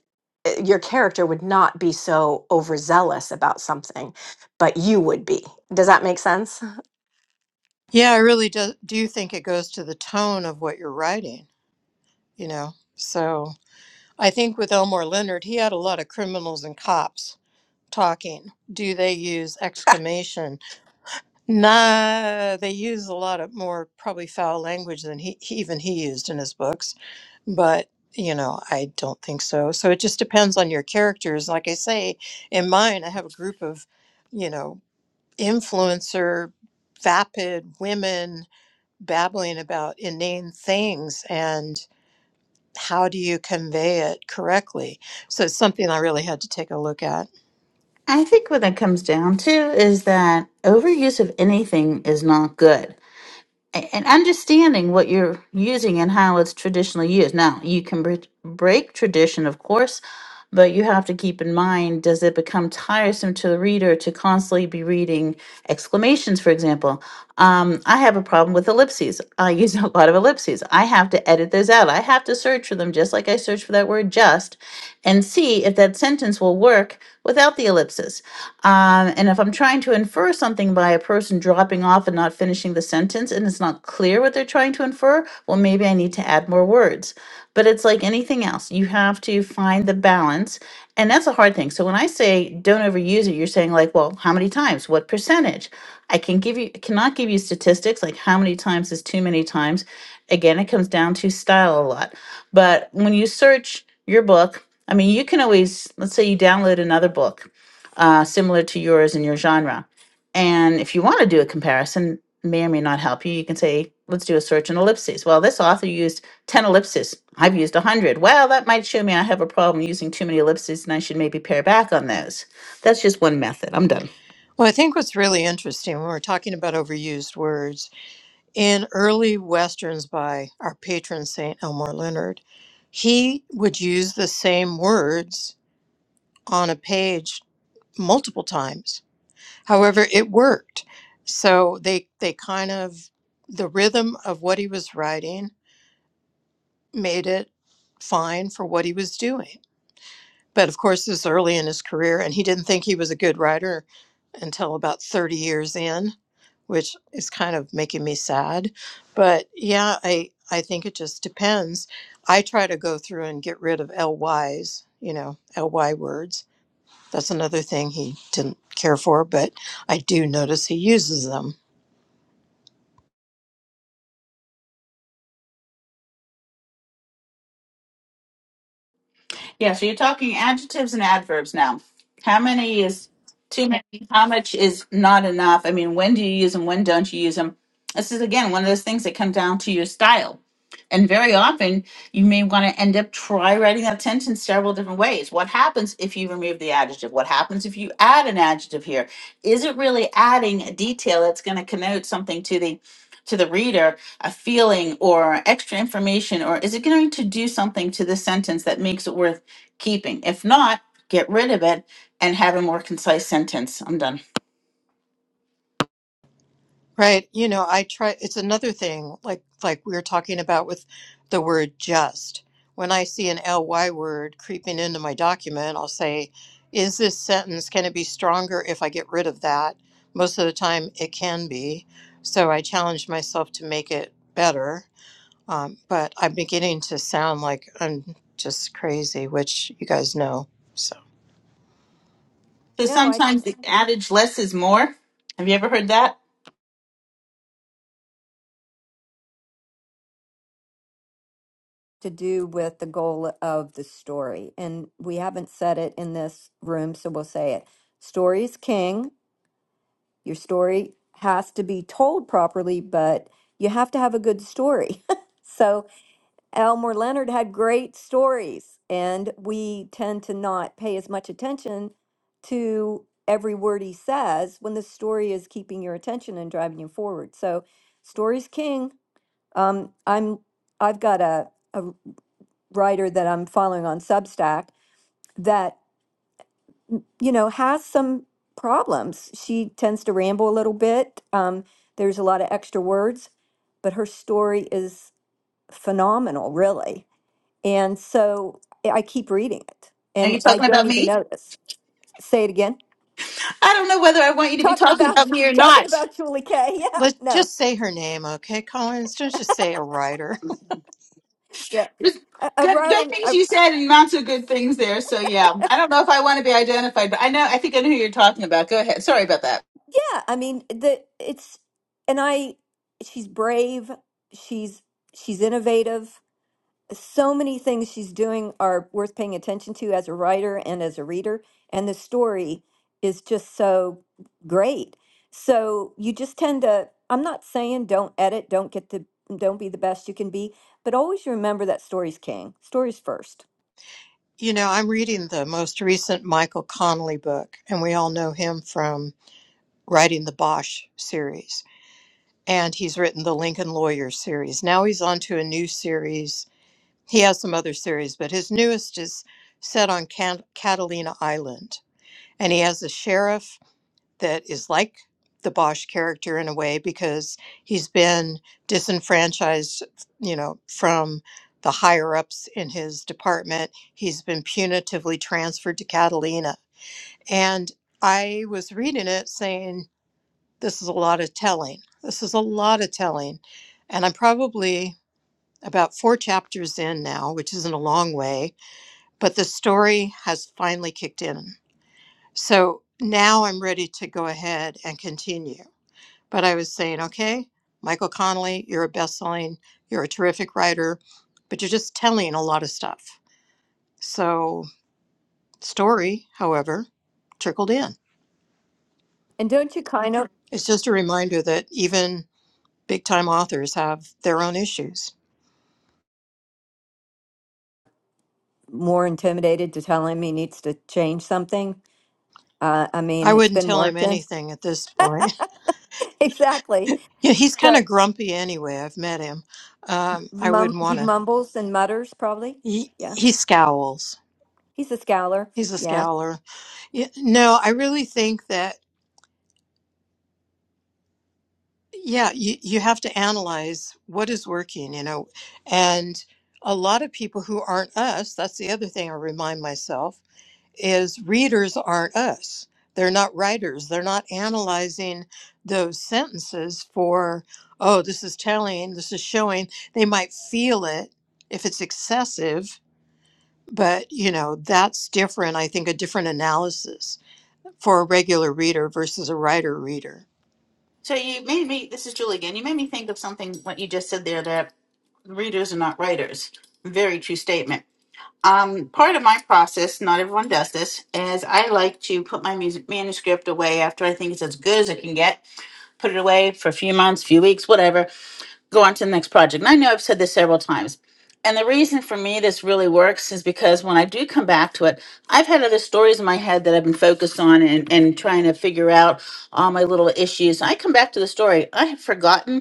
Speaker 8: uh, your character would not be so overzealous about something but you would be does that make sense
Speaker 4: Yeah, I really do, do think it goes to the tone of what you're writing, you know. So I think with Elmore Leonard, he had a lot of criminals and cops talking. Do they use exclamation? Nah, they use a lot of more probably foul language than he he- even he used in his books, but you know, I don't think so. So it just depends on your characters. Like I say, in mine, I have a group of, you know, influencer, vapid women babbling about inane things and how do you convey it correctly? So it's something I really had to take a look at.
Speaker 9: I think what it comes down to is that overuse of anything is not good a- and understanding what you're using and how it's traditionally used. Now, you can bre- break tradition, of course, but you have to keep in mind does it become tiresome to the reader to constantly be reading exclamations, for example? Um, I have a problem with ellipses. I use a lot of ellipses. I have to edit those out. I have to search for them just like I search for that word just and see if that sentence will work without the ellipses. Um, and if I'm trying to infer something by a person dropping off and not finishing the sentence and it's not clear what they're trying to infer, well, maybe I need to add more words. But it's like anything else, you have to find the balance. And that's a hard thing. So when I say don't overuse it, you're saying, like, well, how many times? What percentage? I can give you cannot give you statistics like how many times is too many times. Again, it comes down to style a lot. But when you search your book I mean, you can always, let's say you download another book uh, similar to yours in your genre. And if you want to do a comparison, may or may not help you, you can say, let's do a search in ellipses. Well, this author used 10 ellipses. I've used 100. Well, that might show me I have a problem using too many ellipses and I should maybe pare back on those. That's just one method. I'm done.
Speaker 4: Well, I think what's really interesting when we're talking about overused words in early Westerns by our patron saint Elmore Leonard, he would use the same words on a page multiple times. However, it worked. So they they kind of the rhythm of what he was writing made it fine for what he was doing. But of course, this was early in his career, and he didn't think he was a good writer until about 30 years in, which is kind of making me sad. But yeah, I, I think it just depends. I try to go through and get rid of LYs, you know, LY words. That's another thing he didn't care for, but I do notice he uses them.
Speaker 9: Yeah, so you're talking adjectives and adverbs now. How many is too many? How much is not enough? I mean, when do you use them? When don't you use them? This is again one of those things that come down to your style. And very often, you may want to end up try writing that sentence several different ways. What happens if you remove the adjective? What happens if you add an adjective here? Is it really adding a detail that's going to connote something to the to the reader, a feeling or extra information, or is it going to do something to the sentence that makes it worth? keeping. If not, get rid of it and have a more concise sentence. I'm done.
Speaker 4: Right. You know, I try, it's another thing, like, like we were talking about with the word just. When I see an ly word creeping into my document, I'll say, is this sentence, can it be stronger if I get rid of that? Most of the time it can be. So I challenge myself to make it better. Um, but I'm beginning to sound like I'm just crazy, which you guys know. So
Speaker 9: So
Speaker 1: No, I
Speaker 9: sometimes the adage less is more. Have you ever heard that?
Speaker 1: to do with the goal of the story. And we haven't said it in this room, so we'll say it. Story is king. Your story has to be told properly, but you have to have a good story. so Elmer Leonard had great stories, and we tend to not pay as much attention to every word he says when the story is keeping your attention and driving you forward. So, story's king. Um, I'm I've got a a writer that I'm following on Substack that you know has some problems. She tends to ramble a little bit. Um, there's a lot of extra words, but her story is phenomenal, really And so eh, I keep reading it
Speaker 9: Are
Speaker 1: and
Speaker 9: you
Speaker 1: I
Speaker 9: talking
Speaker 1: don't
Speaker 9: about
Speaker 1: even
Speaker 9: me?
Speaker 1: notice. Say it again.
Speaker 9: I don't know whether I want you to be
Speaker 1: Talking
Speaker 9: talking about
Speaker 1: about
Speaker 9: me or
Speaker 1: talking
Speaker 9: not.
Speaker 1: about Julie Kay. Yeah.
Speaker 4: let's
Speaker 1: No.
Speaker 4: just say her name. Okay. Collins, don't just say a writer.
Speaker 1: Yeah.
Speaker 9: Just
Speaker 1: I, I
Speaker 9: Good, good
Speaker 1: rather
Speaker 9: things
Speaker 1: I,
Speaker 9: you said and not so good things there. So yeah, I don't know if I want to be identified, but I know I think I know who you're talking about. Go ahead. Sorry about that.
Speaker 1: yeah, I mean the it's and I she's brave, she's she's innovative, so many things she's doing are worth paying attention to as a writer and as a reader and the story is just so great so you just tend to i'm not saying don't edit don't get the don't be the best you can be but always remember that story's king story's first
Speaker 4: You know, I'm reading the most recent Michael Connolly book, and we all know him from writing the Bosch series. And he's written the Lincoln Lawyer series. Now he's on to a new series. He has some other series, but his newest is set on Can- Catalina Island. And he has a sheriff that is like the Bosch character in a way because he's been disenfranchised, you know, from the higher ups in his department. He's been punitively transferred to Catalina. And I was reading it saying, this is a lot of telling. This is a lot of telling. And I'm probably about four chapters in now, which isn't a long way, but the story has finally kicked in. So now I'm ready to go ahead and continue. But I was saying, okay, Michael Connolly, you're a best-selling, you're a terrific writer, but you're just telling a lot of stuff. So story, however, trickled in.
Speaker 1: and don't you kind of
Speaker 4: It's just a reminder that even big-time authors have their own issues.
Speaker 1: more intimidated to tell him he needs to change something uh, i
Speaker 4: I
Speaker 1: mean it's
Speaker 4: wouldn't
Speaker 1: been
Speaker 4: tell him
Speaker 1: working
Speaker 4: anything at this point.
Speaker 1: exactly
Speaker 4: Yeah, he's kind of
Speaker 1: but
Speaker 4: grumpy anyway. I've met him. Um, I
Speaker 1: mum
Speaker 4: wouldn't
Speaker 1: he
Speaker 4: want to.
Speaker 1: mumbles and mutters probably
Speaker 4: He,
Speaker 1: yeah
Speaker 4: he scowls.
Speaker 1: he's a scowler
Speaker 4: He's a
Speaker 1: Yeah.
Speaker 4: scowler. Yeah, no, I really think that Yeah, you, you have to analyze what is working, you know. And a lot of people who aren't us, that's the other thing I remind myself, is readers aren't us. They're not writers. They're not analyzing those sentences for, oh, this is telling, this is showing. They might feel it if it's excessive, but, you know, that's different. I think a different analysis for a regular reader versus a writer reader.
Speaker 9: So you made me. This is Julie again. You made me think of something. What you just said there that readers are not writers. Very true statement Um, part of my process, not everyone does this, is I like to put my music manuscript away after I think it's as good as it can get. Put it away for a few months, few weeks, whatever. Go on to the next project. And I know I've said this several times. And the reason for me this really works is because when I do come back to it, I've had other stories in my head that I've been focused on and, and trying to figure out all my little issues. I come back to the story. I have forgotten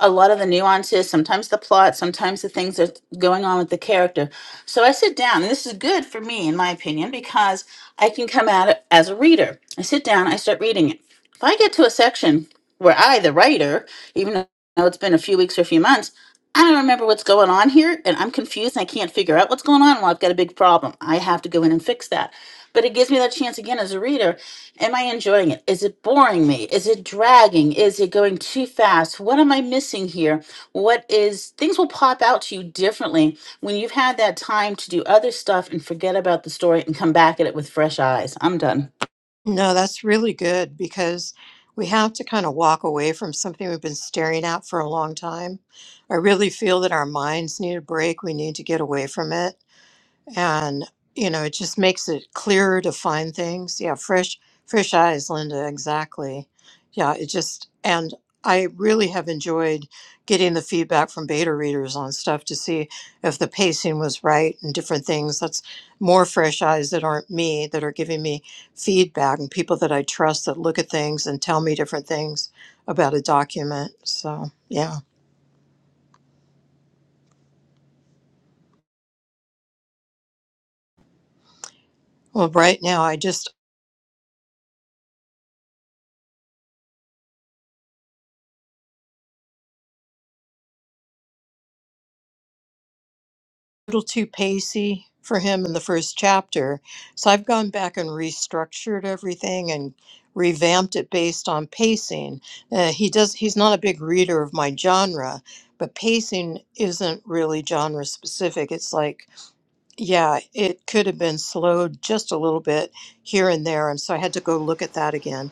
Speaker 9: a lot of the nuances, sometimes the plot, sometimes the things that's going on with the character. So I sit down, and this is good for me, in my opinion, because I can come at it as a reader. I sit down, I start reading it. If I get to a section where I, the writer, even though it's been a few weeks or a few months, I don't remember what's going on here, and I'm confused and I can't figure out what's going on. Well, I've got a big problem. I have to go in and fix that. But it gives me that chance again as a reader Am I enjoying it? Is it boring me? Is it dragging? Is it going too fast? What am I missing here? What is things will pop out to you differently when you've had that time to do other stuff and forget about the story and come back at it with fresh eyes. I'm done.
Speaker 4: No, that's really good because we have to kind of walk away from something we've been staring at for a long time. I really feel that our minds need a break. We need to get away from it and you know it just makes it clearer to find things yeah fresh fresh eyes linda exactly yeah it just and i really have enjoyed getting the feedback from beta readers on stuff to see if the pacing was right and different things that's more fresh eyes that aren't me that are giving me feedback and people that i trust that look at things and tell me different things about a document so yeah well right now i just little too pacey for him in the first chapter. So I've gone back and restructured everything and revamped it based on pacing. Uh, he does he's not a big reader of my genre, but pacing isn't really genre specific. It's like yeah, it could have been slowed just a little bit here and there and so I had to go look at that again.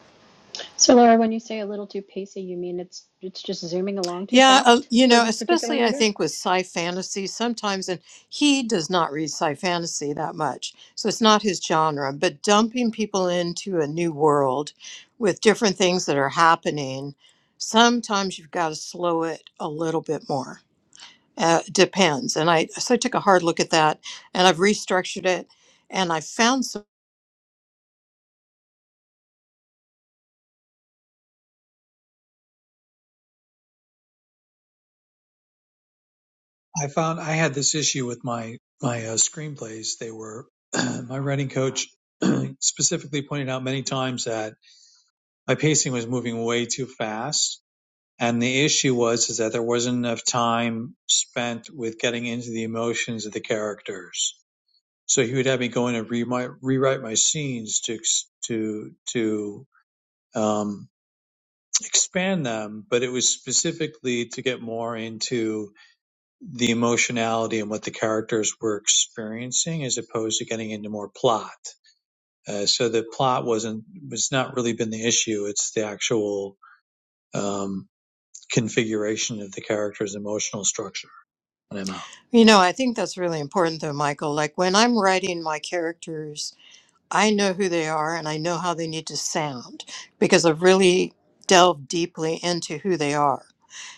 Speaker 3: so, Laura, when you say a little too pacey, you mean it's it's just zooming along too
Speaker 4: Yeah, uh,
Speaker 3: fast
Speaker 4: you
Speaker 3: for
Speaker 4: know,
Speaker 3: this particular
Speaker 4: especially I
Speaker 3: reader?
Speaker 4: think with sci fantasy sometimes, and he does not read sci fantasy that much, so it's not his genre, but dumping people into a new world with different things that are happening, sometimes you've got to slow it a little bit more. Uh, depends. And I, so I took a hard look at that and I've restructured it and I found some,
Speaker 11: I found I had this issue with my my uh, screenplays. They were my writing coach specifically pointed out many times that my pacing was moving way too fast, and the issue was is that there wasn't enough time spent with getting into the emotions of the characters. So he would have me go in and re- my, rewrite my scenes to to to um, expand them, but it was specifically to get more into the emotionality and what the characters were experiencing as opposed to getting into more plot. Uh, so the plot wasn't was not really been the issue. It's the actual um, configuration of the character's emotional structure. And I'm out.
Speaker 4: you know, I think that's really important though, Michael. Like when I'm writing my characters I know who they are and I know how they need to sound because I've really delved deeply into who they are.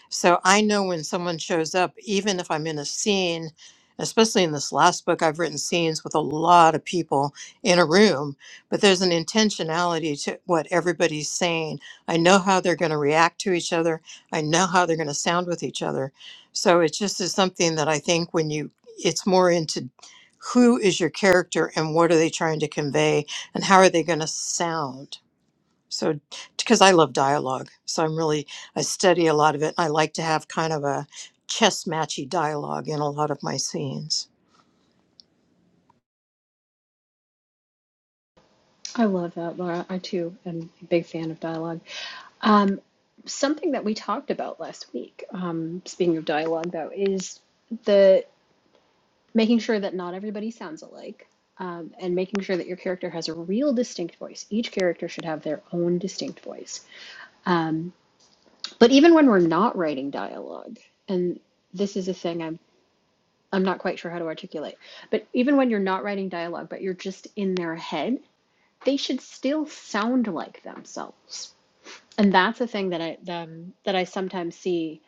Speaker 4: So I know when someone shows up, even if I'm in a scene, especially in this last book, I've written scenes with a lot of people in a room, but there's an intentionality to what everybody's saying. I know how they're going to react to each other, I know how they're going to sound with each other. So it just is something that I think when you, it's more into who is your character and what are they trying to convey and how are they going to sound so, because I love dialogue, so I'm really, I study a lot of it. I like to have kind of a chess matchy dialogue in a lot of my scenes.
Speaker 3: I love that, Laura. I too am a big fan of dialogue. Um, something that we talked about last week, um, speaking of dialogue, though, is the making sure that not everybody sounds alike, um, and making sure that your character has a real distinct voice. Each character should have their own distinct voice. Um, but even when we're not writing dialogue, and this is a thing I'm I'm not quite sure how to articulate, but even when you're not writing dialogue, but you're just in their head, they should still sound like themselves and that's a thing that I um, that I sometimes see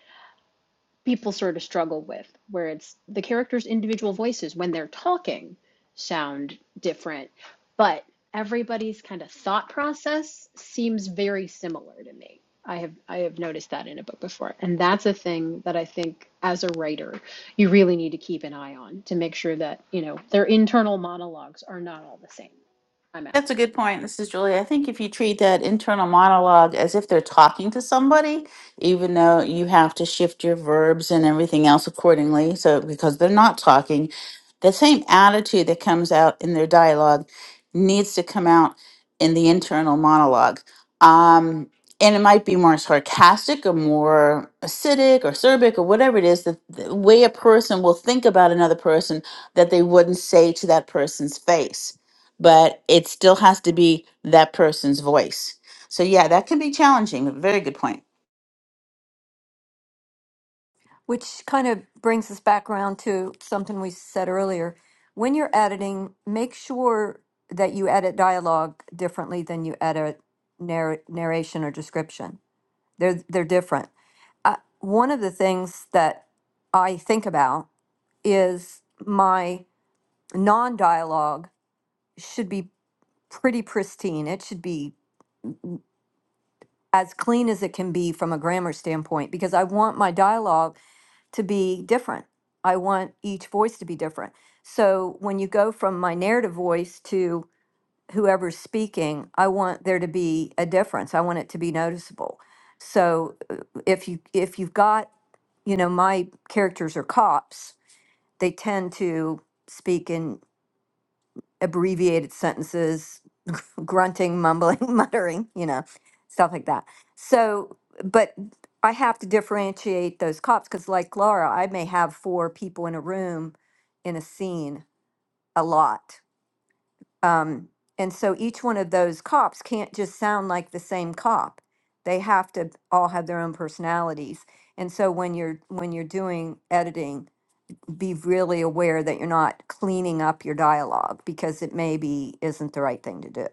Speaker 3: people sort of struggle with, where it's the characters' individual voices when they're talking sound different, but everybody's kind of thought process seems very similar to me. I have I have noticed that in a book before, and that's a thing that I think as a writer you really need to keep an eye on to make sure that you know their internal monologues are not all the same. I'm out.
Speaker 9: That's a good point. This is Julie. I think if you treat that internal monologue as if they're talking to somebody, even though you have to shift your verbs and everything else accordingly, so because they're not talking, the same attitude that comes out in their dialogue needs to come out in the internal monologue. Um, and it might be more sarcastic or more acidic or acerbic or whatever it is, the, the way a person will think about another person that they wouldn't say to that person's face but it still has to be that person's voice. So yeah, that can be challenging. Very good point.
Speaker 1: Which kind of brings us back around to something we said earlier. When you're editing, make sure that you edit dialogue differently than you edit narr- narration or description. They're they're different. I, one of the things that I think about is my non-dialogue should be pretty pristine. It should be as clean as it can be from a grammar standpoint because I want my dialogue to be different. I want each voice to be different. So when you go from my narrative voice to whoever's speaking, I want there to be a difference. I want it to be noticeable. So uh, if you if you've got, you know, my characters are cops, they tend to speak in abbreviated sentences grunting, mumbling, muttering, you know, stuff like that. So, but I have to differentiate those cops because, like Laura, I may have four people in a room in a scene a lot. Um, and so each one of those cops can't just sound like the same cop. They have to all have their own personalities. And so when you're when you're doing editing, be really aware that you're not cleaning up your dialogue because it maybe isn't the right thing to do.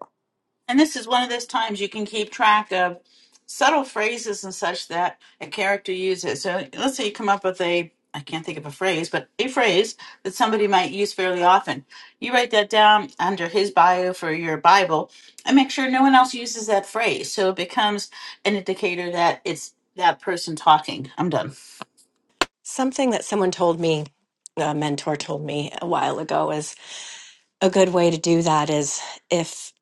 Speaker 9: And this is one of those times you can keep track of subtle phrases and such that a character uses. So let's say you come up with a I can't think of a phrase, but a phrase that somebody might use fairly often. You write that down under his bio for your Bible and make sure no one else uses that phrase. So it becomes an indicator that it's that person talking. I'm done.
Speaker 8: something that someone told me a mentor told me a while ago is a good way to do that is if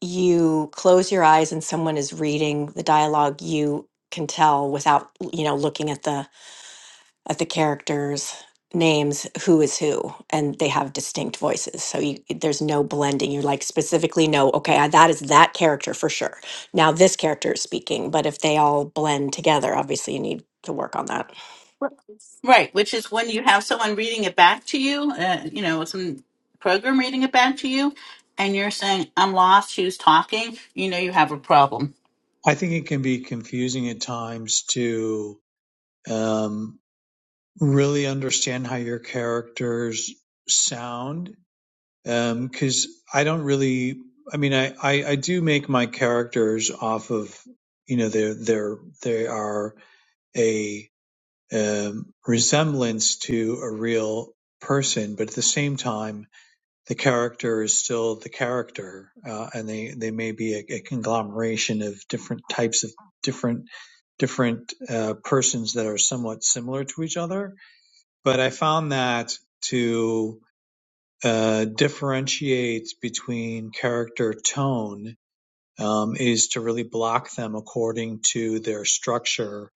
Speaker 8: you close your eyes and someone is reading the dialogue you can tell without you know looking at the of the characters names who is who and they have distinct voices so you there's no blending you like specifically know okay I- that is that character for sure now this character is speaking but if they all blend together obviously you need to work on that
Speaker 1: Well,
Speaker 9: Right, which is when you have someone reading it back to you, uh, you know, some program reading it back to you, and you're saying, I'm lost, who's talking? You know, you have a problem.
Speaker 11: I think it can be confusing at times to um, really understand how your characters sound um, because I don't really. I mean, I, I I do make my characters off of you know they're they're they are a um, resemblance to a real person, but at the same time, the character is still the character, uh, and they they may be a, a conglomeration of different types of different different uh, persons that are somewhat similar to each other. But I found that to uh, differentiates between character tone um, is to really block them according to their structure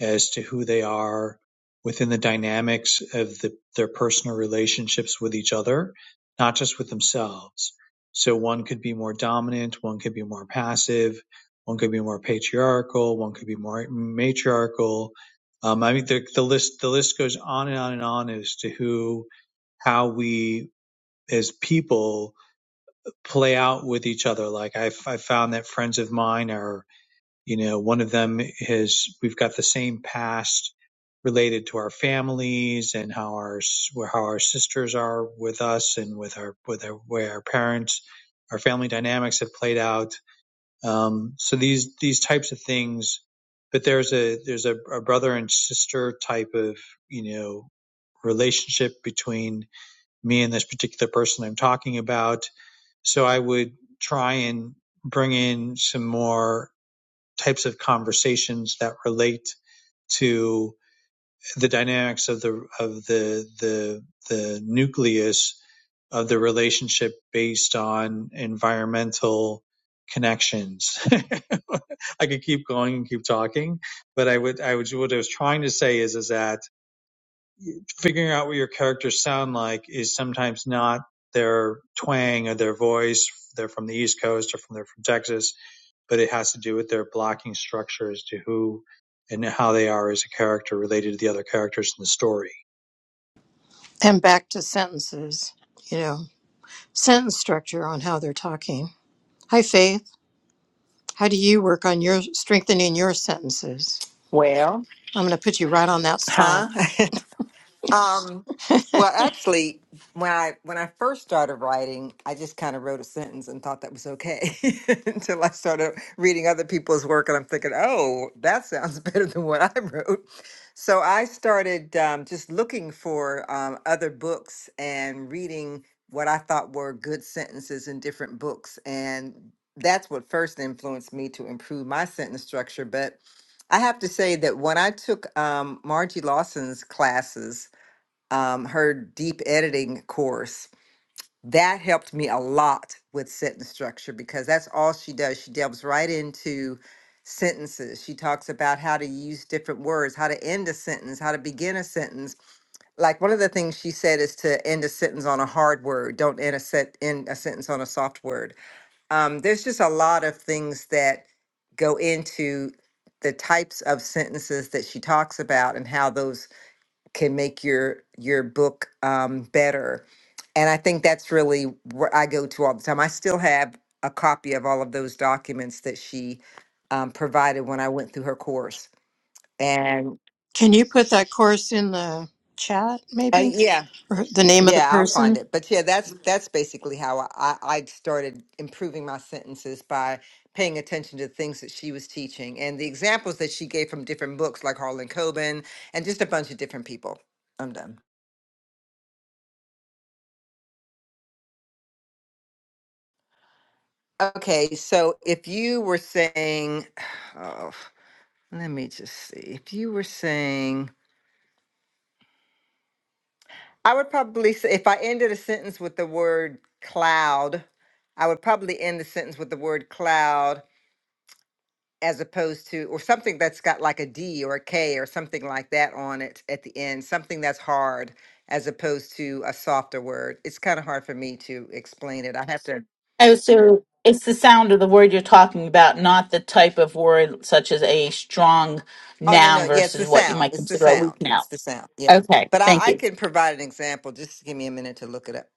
Speaker 11: as to who they are within the dynamics of the, their personal relationships with each other, not just with themselves. So one could be more dominant, one could be more passive, one could be more patriarchal, one could be more matriarchal. Um, I mean, the, the list the list goes on and on and on as to who how we as people play out with each other. Like I've, I've found that friends of mine are, you know, one of them is we've got the same past related to our families and how our how our sisters are with us and with our with our where our parents our family dynamics have played out um, so these these types of things but there's a there's a, a brother and sister type of you know relationship between me and this particular person I'm talking about so I would try and bring in some more types of conversations that relate to the dynamics of the of the the the nucleus of the relationship based on environmental connections. I could keep going and keep talking, but I would I would what I was trying to say is is that figuring out what your characters sound like is sometimes not their twang or their voice. They're from the East Coast or from they're from Texas, but it has to do with their blocking structure as to who and how they are as a character related to the other characters in the story.
Speaker 4: And back to sentences, you know, sentence structure on how they're talking. Hi, Faith. How do you work on your strengthening your sentences?
Speaker 12: Well,
Speaker 4: I'm going to put you right on that spot.
Speaker 12: huh? Um, well, actually, when I when I first started writing, I just kind of wrote a sentence and thought that was okay until I started reading other people's work, and I'm thinking, oh, that sounds better than what I wrote. So I started um, just looking for um, other books and reading what I thought were good sentences in different books, and that's what first influenced me to improve my sentence structure. But I have to say that when I took um, Margie Lawson's classes um, her deep editing course. That helped me a lot with sentence structure because that's all she does. She delves right into sentences. She talks about how to use different words, how to end a sentence, how to begin a sentence. Like one of the things she said is to end a sentence on a hard word. Don't end a set end a sentence on a soft word. Um, there's just a lot of things that go into the types of sentences that she talks about and how those can make your your book um, better. And I think that's really where I go to all the time. I still have a copy of all of those documents that she um, provided when I went through her course. And
Speaker 4: Can you put that course in the chat,
Speaker 12: uh,
Speaker 4: maybe?
Speaker 12: yeah,
Speaker 4: Or the name of the
Speaker 12: yeah, I'll find
Speaker 4: person?
Speaker 12: it. But yeah, that's that's basically how I, I I started improving my sentences by paying attention to the things that she was teaching and the examples that she gave from different books like Harlan Coben and just a bunch of different people. I'm done. Okay, so if you were saying, oh, let me just see. If you were saying, I would probably say, if I ended a sentence with the word cloud, I would probably end the sentence with the word cloud as opposed to, or something that's got like a D or a K or something like that on it at the end, something that's hard as opposed to a softer word. It's kind of hard for me to explain it. I have to.
Speaker 9: Oh, so it's the sound of the word you're talking about, not the type of word such as a strong
Speaker 12: Oh no
Speaker 9: noun
Speaker 12: no yeah it's
Speaker 9: versus
Speaker 12: the
Speaker 9: what you
Speaker 12: sound
Speaker 9: might
Speaker 12: it's the
Speaker 9: consider a weak
Speaker 12: sound
Speaker 9: noun.
Speaker 12: it's the sound yeah
Speaker 9: Okay,
Speaker 12: but
Speaker 9: thank
Speaker 12: I, I
Speaker 9: you.
Speaker 12: can provide an example just give me a minute to look it up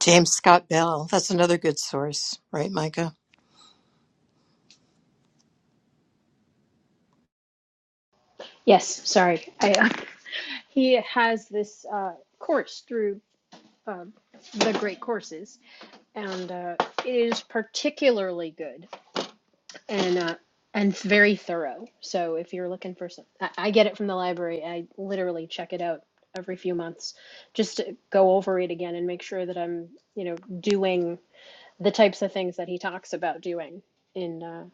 Speaker 4: James Scott Bell. That's another good source, right, Micah?
Speaker 3: Yes, sorry. I, uh, he has this uh, course through uh, the great courses, and uh, it is particularly good and uh, and very thorough. So if you're looking for some, I, I get it from the library. I literally check it out every few months just to go over it again and make sure that I'm you know doing the types of things that he talks about doing in uh,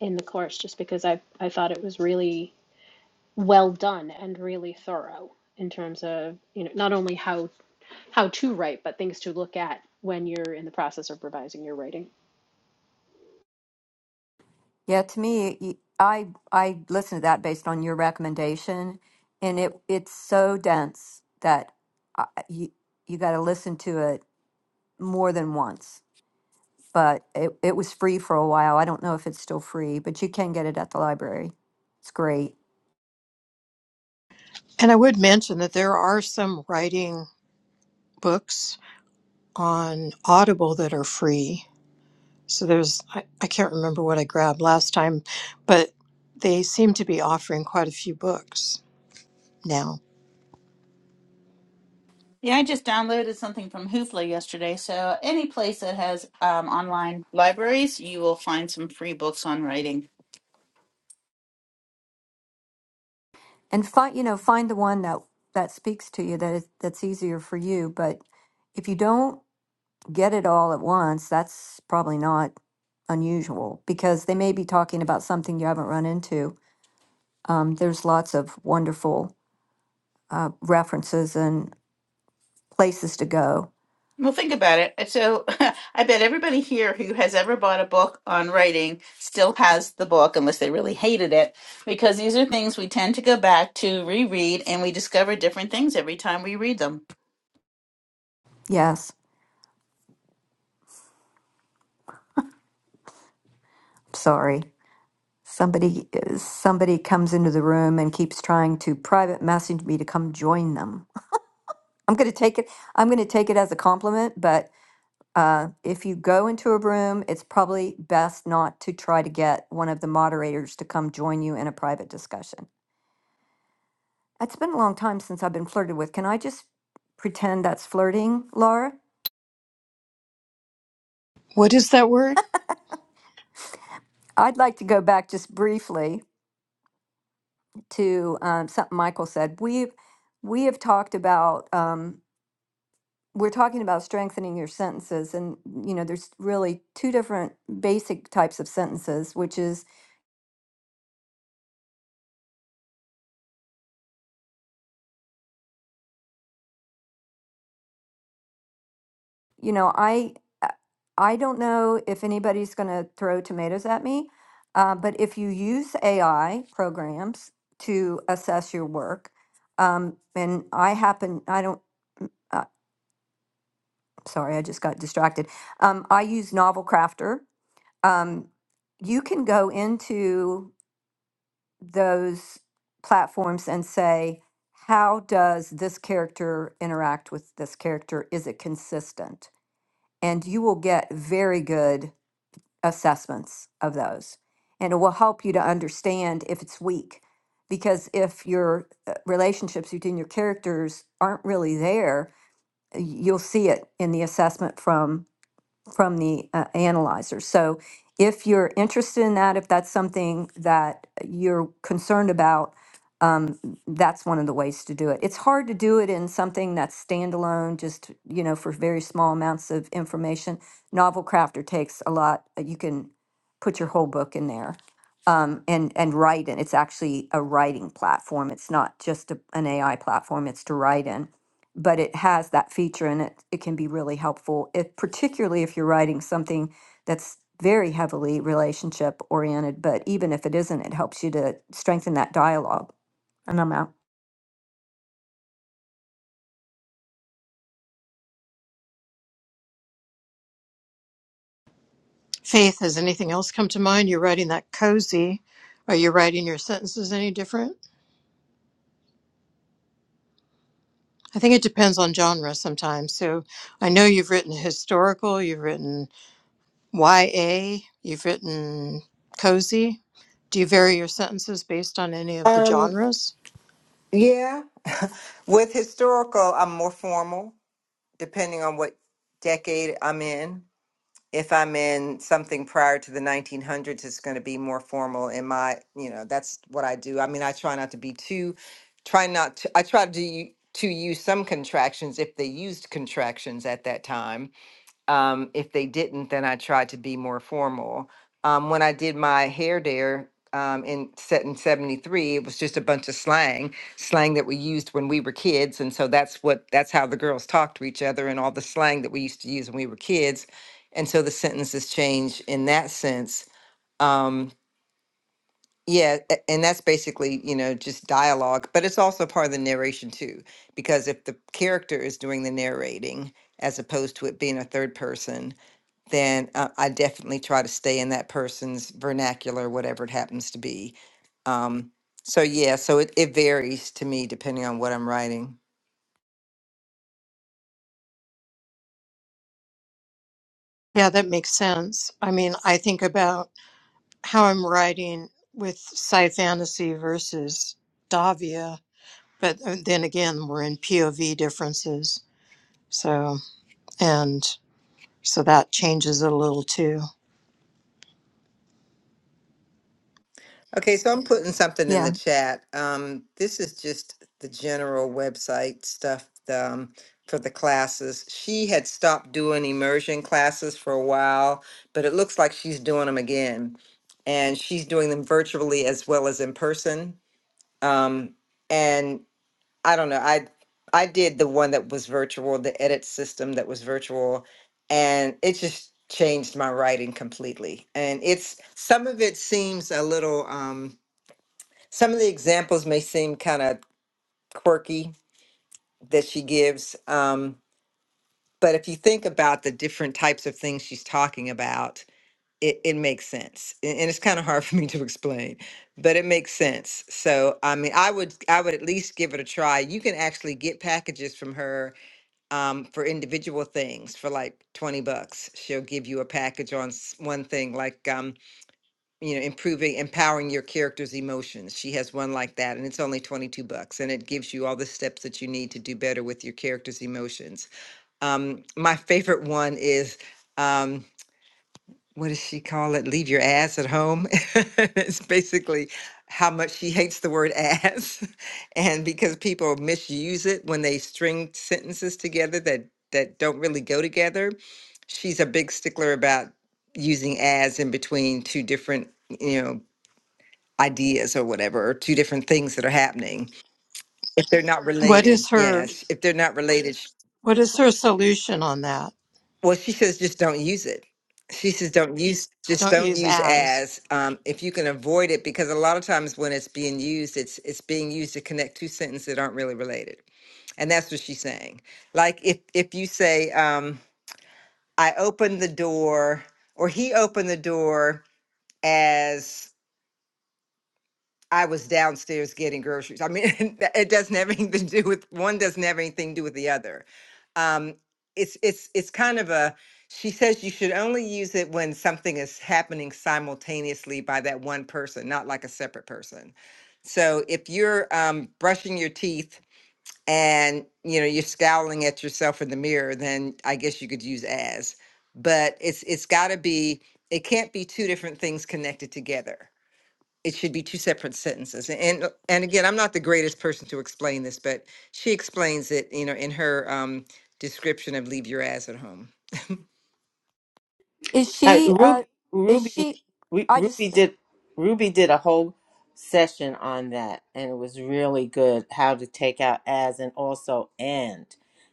Speaker 3: in the course. Just because I I thought it was really well done and really thorough in terms of you know not only how how to write but things to look at when you're in the process of revising your writing
Speaker 1: Yeah, to me, y- I I listened to that based on your recommendation, and it it's so dense that I, you you got to listen to it more than once. But it it was free for a while. I don't know if it's still free, but you can get it at the library. It's great,
Speaker 4: And I would mention that there are some writing books on Audible that are free. So there's, I, I can't remember what I grabbed last time, but they seem to be offering quite a few books now.
Speaker 9: Yeah, I just downloaded something from Hoopla yesterday. So, any place that has um, online libraries, you will find some free books on writing.
Speaker 1: and find you know find the one that that speaks to you that is that's easier for you. But if you don't get it all at once, that's probably not unusual because they may be talking about something you haven't run into Um, there's lots of wonderful uh, references and places to go.
Speaker 9: Well, think about it. So, I bet everybody here who has ever bought a book on writing still has the book, unless they really hated it, because these are things we tend to go back to, reread, and we discover different things every time we read them.
Speaker 1: Yes, sorry. Somebody uh, somebody comes into the room and keeps trying to private message me to come join them. I'm going to take it. I'm going to take it as a compliment, but uh, if you go into a room, it's probably best not to try to get one of the moderators to come join you in a private discussion. It's been a long time since I've been flirted with. Can I just pretend that's flirting, Laura?
Speaker 4: What is that word?
Speaker 1: I'd like to go back just briefly. to um, something Michael said. We've we have talked about um, we're talking about strengthening your sentences, and you know, there's really two different basic types of sentences, which is you know, I I I don't know if anybody's going to throw tomatoes at me, uh, but if you use AI programs to assess your work, um, and I happen I don't. Uh, sorry, I just got distracted. Um, I use Novel Crafter um, you can go into those platforms and say, how does this character interact with this character? Is it consistent? And you will get very good assessments of those. And it will help you to understand if it's weak. Because if your uh, relationships between your characters aren't really there, y- you'll see it in the assessment from from the uh, analyzer. So if you're interested in that, if that's something that you're concerned about, um, that's one of the ways to do it. It's hard to do it in something that's standalone, just, you know, for very small amounts of information. Novel Crafter takes a lot. uh, You can put your whole book in there um, and, and write in. It's actually a writing platform. It's not just a, an AI platform, it's to write in but it has that feature and it, it can be really helpful if particularly if you're writing something that's very heavily relationship oriented but even if it isn't it helps you to strengthen that dialogue and i'm out
Speaker 4: Faith. Has anything else come to mind? You're writing that cozy. Are you writing your sentences any different? I think it depends on genre sometimes. So I know you've written historical, you've written YA, you've written cozy. Do you vary your sentences based on any of the
Speaker 12: um
Speaker 4: genres?
Speaker 12: yeah with historical I'm more formal depending on what decade I'm in if I'm in something prior to the 1900s it's going to be more formal in my you know that's what I do I mean I try not to be too try not to I try to u- to use some contractions if they used contractions at that time Um, if they didn't, then I tried to be more formal. Um, when I did my hair there um, in set in '73, it was just a bunch of slang, slang that we used when we were kids, and so that's what that's how the girls talked to each other and all the slang that we used to use when we were kids, and so the sentences change in that sense. Um, yeah, a- and that's basically you know just dialogue, but it's also part of the narration too, because if the character is doing the narrating as opposed to it being a third person then uh, I definitely try to stay in that person's vernacular, whatever it happens to be. Um, so yeah, so it, it varies to me depending on what I'm writing.
Speaker 4: Yeah, that makes sense. I mean, I think about how I'm writing with sci fantasy versus Davia, but uh, then again, we're in POV differences. So, and so that changes it a little too.
Speaker 12: Okay, so I'm putting something in the
Speaker 1: yeah
Speaker 12: chat. Um, this is just the general website stuff um, for the classes. She had stopped doing immersion classes for a while, but it looks like she's doing them again. And she's doing them virtually as well as in person. Um, and I don't know. I I did the one that was virtual, the edit system that was virtual, and it just changed my writing completely. And it's some of it seems a little um some of the examples may seem kind of quirky that she gives. Um, but if you think about the different types of things she's talking about, it, it makes sense. And and it's kind of hard for me to explain, but it makes sense. So I mean I would I would at least give it a try. You can actually get packages from her um, for individual things for like 20 bucks. She'll give you a package on s- one thing, like, um, you know, improving, empowering your character's emotions. She has one like that, and it's only 22 bucks. And it gives you all the steps that you need to do better with your character's emotions. Um, my favorite one is. Um, what does she call it? Leave your ass at home. it's basically how much she hates the word ass. And because people misuse it when they string sentences together that, that don't really go together, she's a big stickler about using as in between two different, you know, ideas or whatever, or two different things that are happening. If they're not
Speaker 4: What
Speaker 12: related,
Speaker 4: is her
Speaker 12: yes. If they're not related,
Speaker 4: what is her solution on that?
Speaker 12: Well, she says just don't use it. She says don't use, just
Speaker 4: Don't
Speaker 12: don't
Speaker 4: use
Speaker 12: use
Speaker 4: as.
Speaker 12: as um, if you can avoid it, because a lot of times when it's being used, it's it's being used to connect two sentences that aren't really related, and that's what she's saying. Like if if you say um, I opened the door, or he opened the door as I was downstairs getting groceries. I mean, it doesn't have anything to do with one. Doesn't have anything to do with the other. um, it's it's it's kind of a she says you should only use it when something is happening simultaneously by that one person not like a separate person so if you're um, brushing your teeth and you know you're scowling at yourself in the mirror then i guess you could use as but it's it's got to be it can't be two different things connected together it should be two separate sentences. And and again, I'm not the greatest person to explain this, but she explains it, you know, in her um, description of "Leave Your Ass at Home."
Speaker 1: is
Speaker 2: Uh,
Speaker 1: she uh
Speaker 2: Ruby,
Speaker 1: is
Speaker 2: Ruby,
Speaker 1: she
Speaker 2: we,
Speaker 1: i
Speaker 2: Ruby
Speaker 1: just
Speaker 2: did Ruby did a whole session on that, and it was really good. How to take out as and also and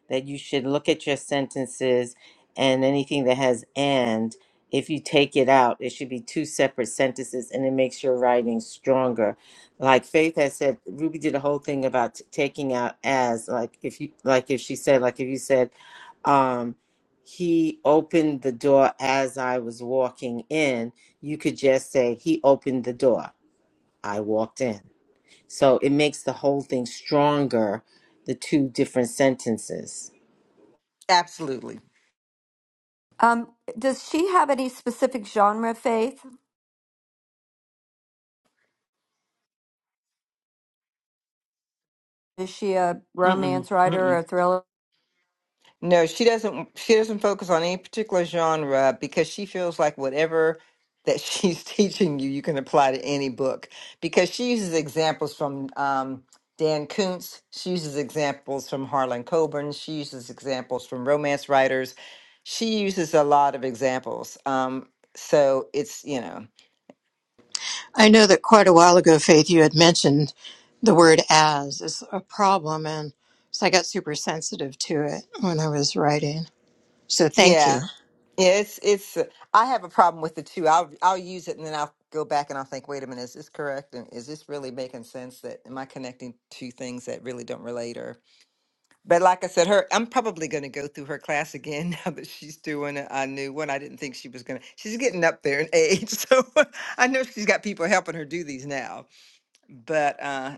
Speaker 2: that you should look at your sentences and anything that has and. If you take it out, it should be two separate sentences, and it makes your writing stronger. Like Faith has said, Ruby did a whole thing about t- taking out as. Like if you, like if she said, like if you said, um, he opened the door as I was walking in, you could just say, He opened the door. I walked in. So it makes the whole thing stronger, the two different sentences.
Speaker 12: Absolutely.
Speaker 1: um does she have any specific genre faith is she a
Speaker 12: Mm-mm,
Speaker 1: romance writer
Speaker 12: mm-mm.
Speaker 1: or a thriller
Speaker 12: No, she doesn't. She doesn't focus on any particular genre because she feels like whatever that she's teaching you, you can apply to any book. Because she uses examples from um, Dan Kuntz. She uses examples from Harlan Coburn. She uses examples from romance writers. She uses a lot of examples. Um, so it's you know,
Speaker 4: I know that quite a while ago, Faith, you had mentioned the word as is a problem. And so I got super sensitive to it when I was writing. So thank
Speaker 12: yeah.
Speaker 4: you.
Speaker 12: Yeah, it's it's. uh, I have a problem with the two. I'll I'll use it and then I'll go back and I'll think. Wait a minute, is this correct? And is this really making sense? That am I connecting two things that really don't relate? Or but like I said, her. I'm probably going to go through her class again now that she's doing a, a new one. I didn't think she was going to. She's getting up there in age, so I know she's got people helping her do these now. But uh,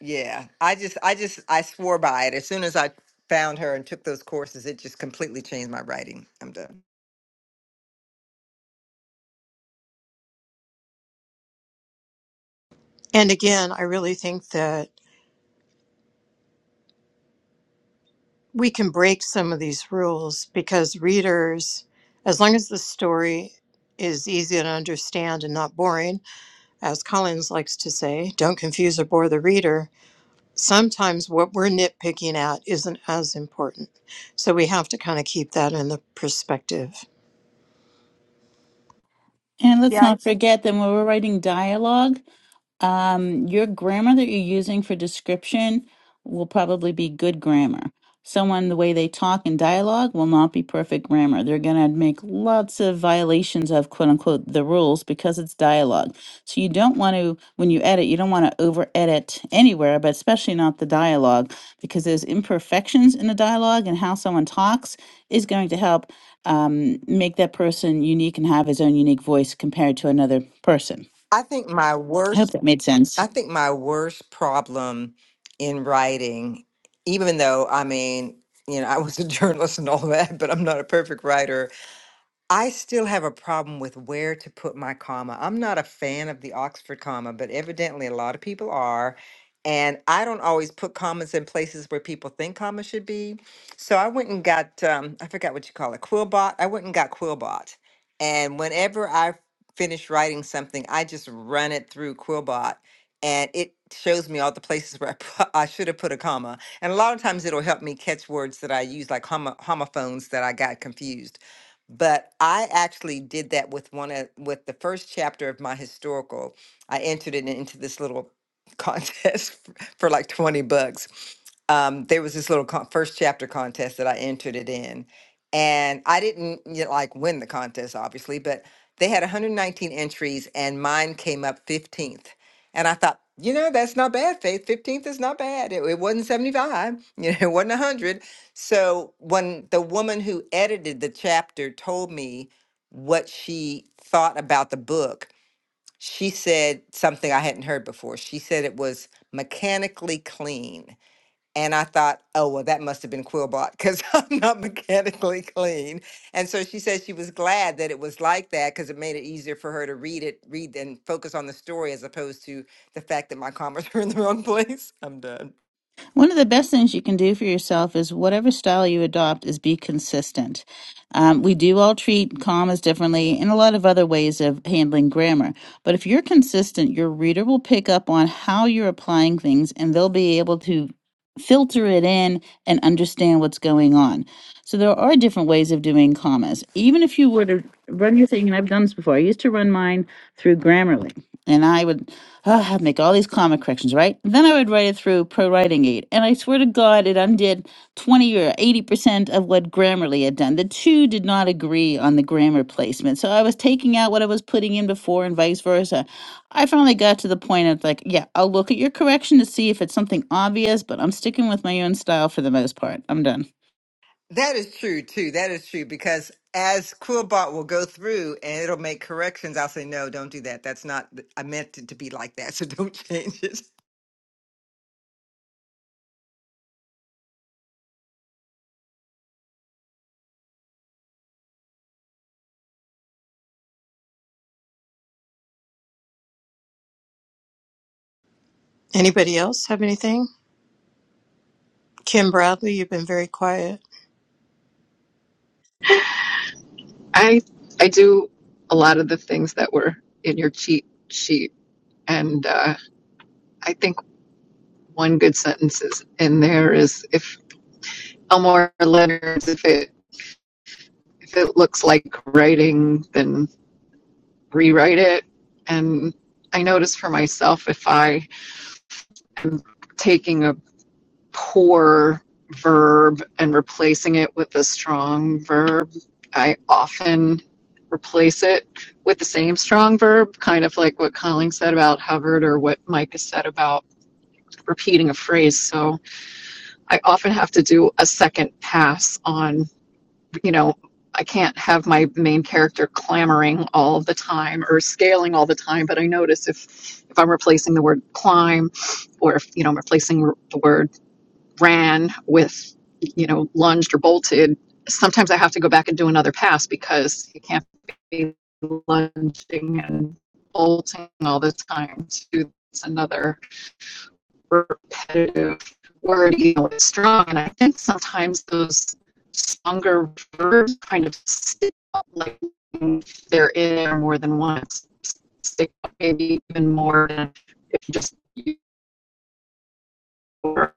Speaker 12: yeah, I just I just I swore by it as soon as I found her and took those courses. It just completely changed my writing. I'm done.
Speaker 4: And again, I really think that we can break some of these rules because readers, as long as the story is easy to understand and not boring, as Collins likes to say, don't confuse or bore the reader sometimes what we're nitpicking at isn't as important. So we have to kind of keep that in the perspective.
Speaker 9: And let's
Speaker 1: yeah
Speaker 9: not forget that when we're writing dialogue. Um, your grammar that you're using for description will probably be good grammar. Someone, the way they talk in dialogue will not be perfect grammar. They're going to make lots of violations of quote unquote the rules because it's dialogue. So you don't want to, when you edit, you don't want to over edit anywhere, but especially not the dialogue because there's imperfections in the dialogue and how someone talks is going to help um, make that person unique and have his own unique voice compared to another person.
Speaker 12: I think my
Speaker 9: I
Speaker 12: worst
Speaker 9: hope that made sense.
Speaker 12: I think my worst problem in writing, even though I mean, you know, I was a journalist and all that, but I'm not a perfect writer. I still have a problem with where to put my comma. I'm not a fan of the Oxford comma, but evidently a lot of people are. And I don't always put commas in places where people think commas should be. So I went and got, um, I forgot what you call it, Quillbot. I went and got Quillbot. And whenever I finish writing something, I just run it through Quillbot and it shows me all the places where I, put, I should have put a comma. And a lot of times it'll help me catch words that I use, like homo, homophones that I got confused but I actually did that with one of with the first chapter of my historical. I entered it into this little contest for like 20 bucks. Um, there was this little con- first chapter contest that I entered it in, and I didn't you know, like win the contest, obviously, but they had 119 entries, and mine came up 15th. And I thought, you know, that's not bad, Faith. 15th is not bad. It, it wasn't 75, you know, it wasn't 100 so when the woman who edited the chapter told me what she thought about the book, she said something I hadn't heard before. She said it was mechanically clean. And I thought, oh, well, that must have been Quillbot because I'm not mechanically clean. And so she said she was glad that it was like that because it made it easier for her to read it, read and focus on the story as opposed to the fact that my comments were in the wrong place. I'm done.
Speaker 9: One of the best things you can do for yourself is whatever style you adopt is be consistent. Um, we do all treat commas differently and a lot of other ways of handling grammar. But if you're consistent, your reader will pick up on how you're applying things and they'll be able to filter it in and understand what's going on. So there are different ways of doing commas. Even if you were to run your thing, and I've done this before, I used to run mine through Grammarly. And I would oh, I'd make all these comma corrections, right? Then I would write it through Pro Writing Aid. And I swear to God, it undid 20 or 80% of what Grammarly had done. The two did not agree on the grammar placement. So I was taking out what I was putting in before and vice versa. I finally got to the point of like, yeah, I'll look at your correction to see if it's something obvious, but I'm sticking with my own style for the most part. I'm done.
Speaker 12: That is true too. That is true because as Quillbot will go through and it'll make corrections, I'll say, "No, don't do that. That's not. I meant it to be like that, so don't change it."
Speaker 4: Anybody else have anything? Kim Bradley, you've been very quiet.
Speaker 6: I I do a lot of the things that were in your cheat sheet, and uh, I think one good sentence is in there is if Elmore Leonard's if it if it looks like writing, then rewrite it. And I notice for myself if I am taking a poor verb and replacing it with a strong verb. I often replace it with the same strong verb, kind of like what Colleen said about Hubbard or what Micah said about repeating a phrase. So I often have to do a second pass on, you know, I can't have my main character clamoring all the time or scaling all the time, but I notice if if I'm replacing the word climb or if you know I'm replacing the word ran with, you know, lunged or bolted, sometimes I have to go back and do another pass because you can't be lunging and bolting all the time. To another repetitive word, you know, it's strong. And I think sometimes those stronger verbs kind of stick out, like they're in there more than once, stick out maybe even more than if you just use the word.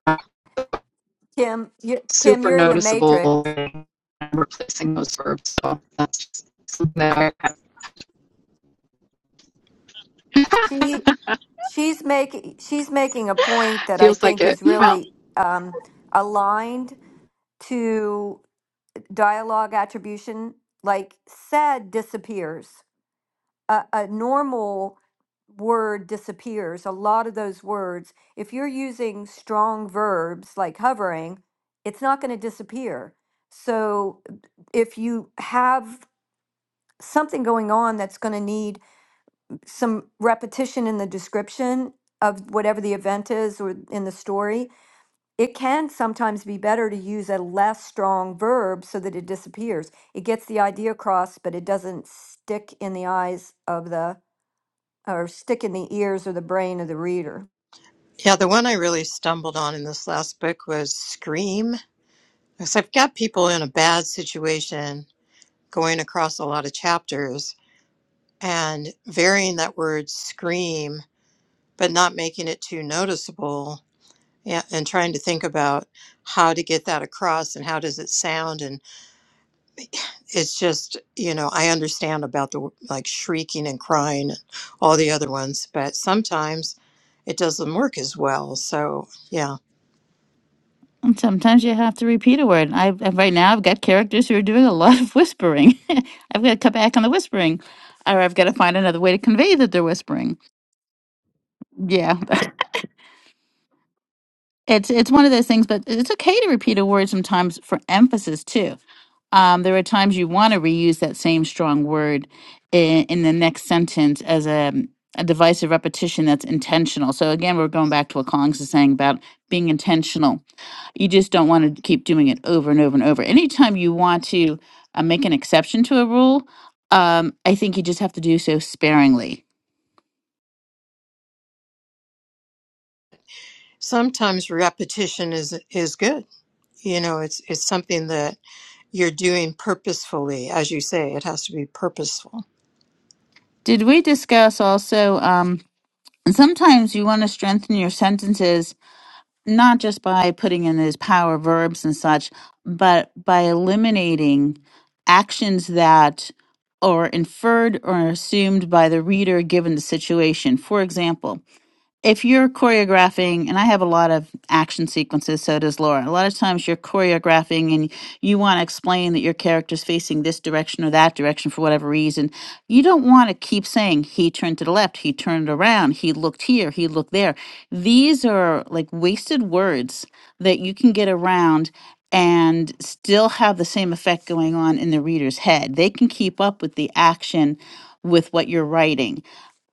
Speaker 1: kim you, kim
Speaker 6: super
Speaker 1: you're in the
Speaker 6: noticeable
Speaker 1: matrix
Speaker 6: replacing those verbs. So that's something that I,
Speaker 1: she she's making she's making a point that I
Speaker 6: feels like
Speaker 1: think
Speaker 6: it.
Speaker 1: is
Speaker 6: Well,
Speaker 1: really um, aligned to dialogue attribution. Like sad disappears. A, a normal word disappears. A lot of those words, if you're using strong verbs like hovering, it's not going to disappear. So if you have something going on that's going to need some repetition in the description of whatever the event is or in the story, it can sometimes be better to use a less strong verb so that it disappears. It gets the idea across, but it doesn't stick in the eyes of the or stick in the ears or the brain of the reader.
Speaker 4: Yeah, the one I really stumbled on in this last book was Scream. Because I've got people in a bad situation going across a lot of chapters and varying that word scream, but not making it too noticeable yeah, and trying to think about how to get that across and how does it sound and it's just you know i understand about the like shrieking and crying and all the other ones but sometimes it doesn't work as well so yeah
Speaker 9: And sometimes you have to repeat a word. I I- right now I've got characters who are doing a lot of whispering. I've got to cut back on the whispering, or I've got to find another way to convey that they're whispering. Yeah, It's it's one of those things, but it's okay to repeat a word sometimes for emphasis too. Um, there are times you want to reuse that same strong word in, in the next sentence as a, a device of repetition that's intentional. So again, we're going back to what Collins is saying about being intentional. You just don't want to keep doing it over and over and over. Anytime you want to uh, make an exception to a rule, um, I think you just have to do so sparingly.
Speaker 4: sometimes repetition is is good you know it's it's something that you're doing purposefully as you say it has to be purposeful
Speaker 9: Did we discuss also? Um, and sometimes you want to strengthen your sentences not just by putting in those power verbs and such, but by eliminating actions that are inferred or assumed by the reader given the situation. For example, if you're choreographing, and I have a lot of action sequences, so does Laura. A lot of times you're choreographing and you want to explain that your character's facing this direction or that direction for whatever reason. You don't want to keep saying, he turned to the left, he turned around, he looked here, he looked there. These are like wasted words that you can get around and still have the same effect going on in the reader's head. They can keep up with the action with what you're writing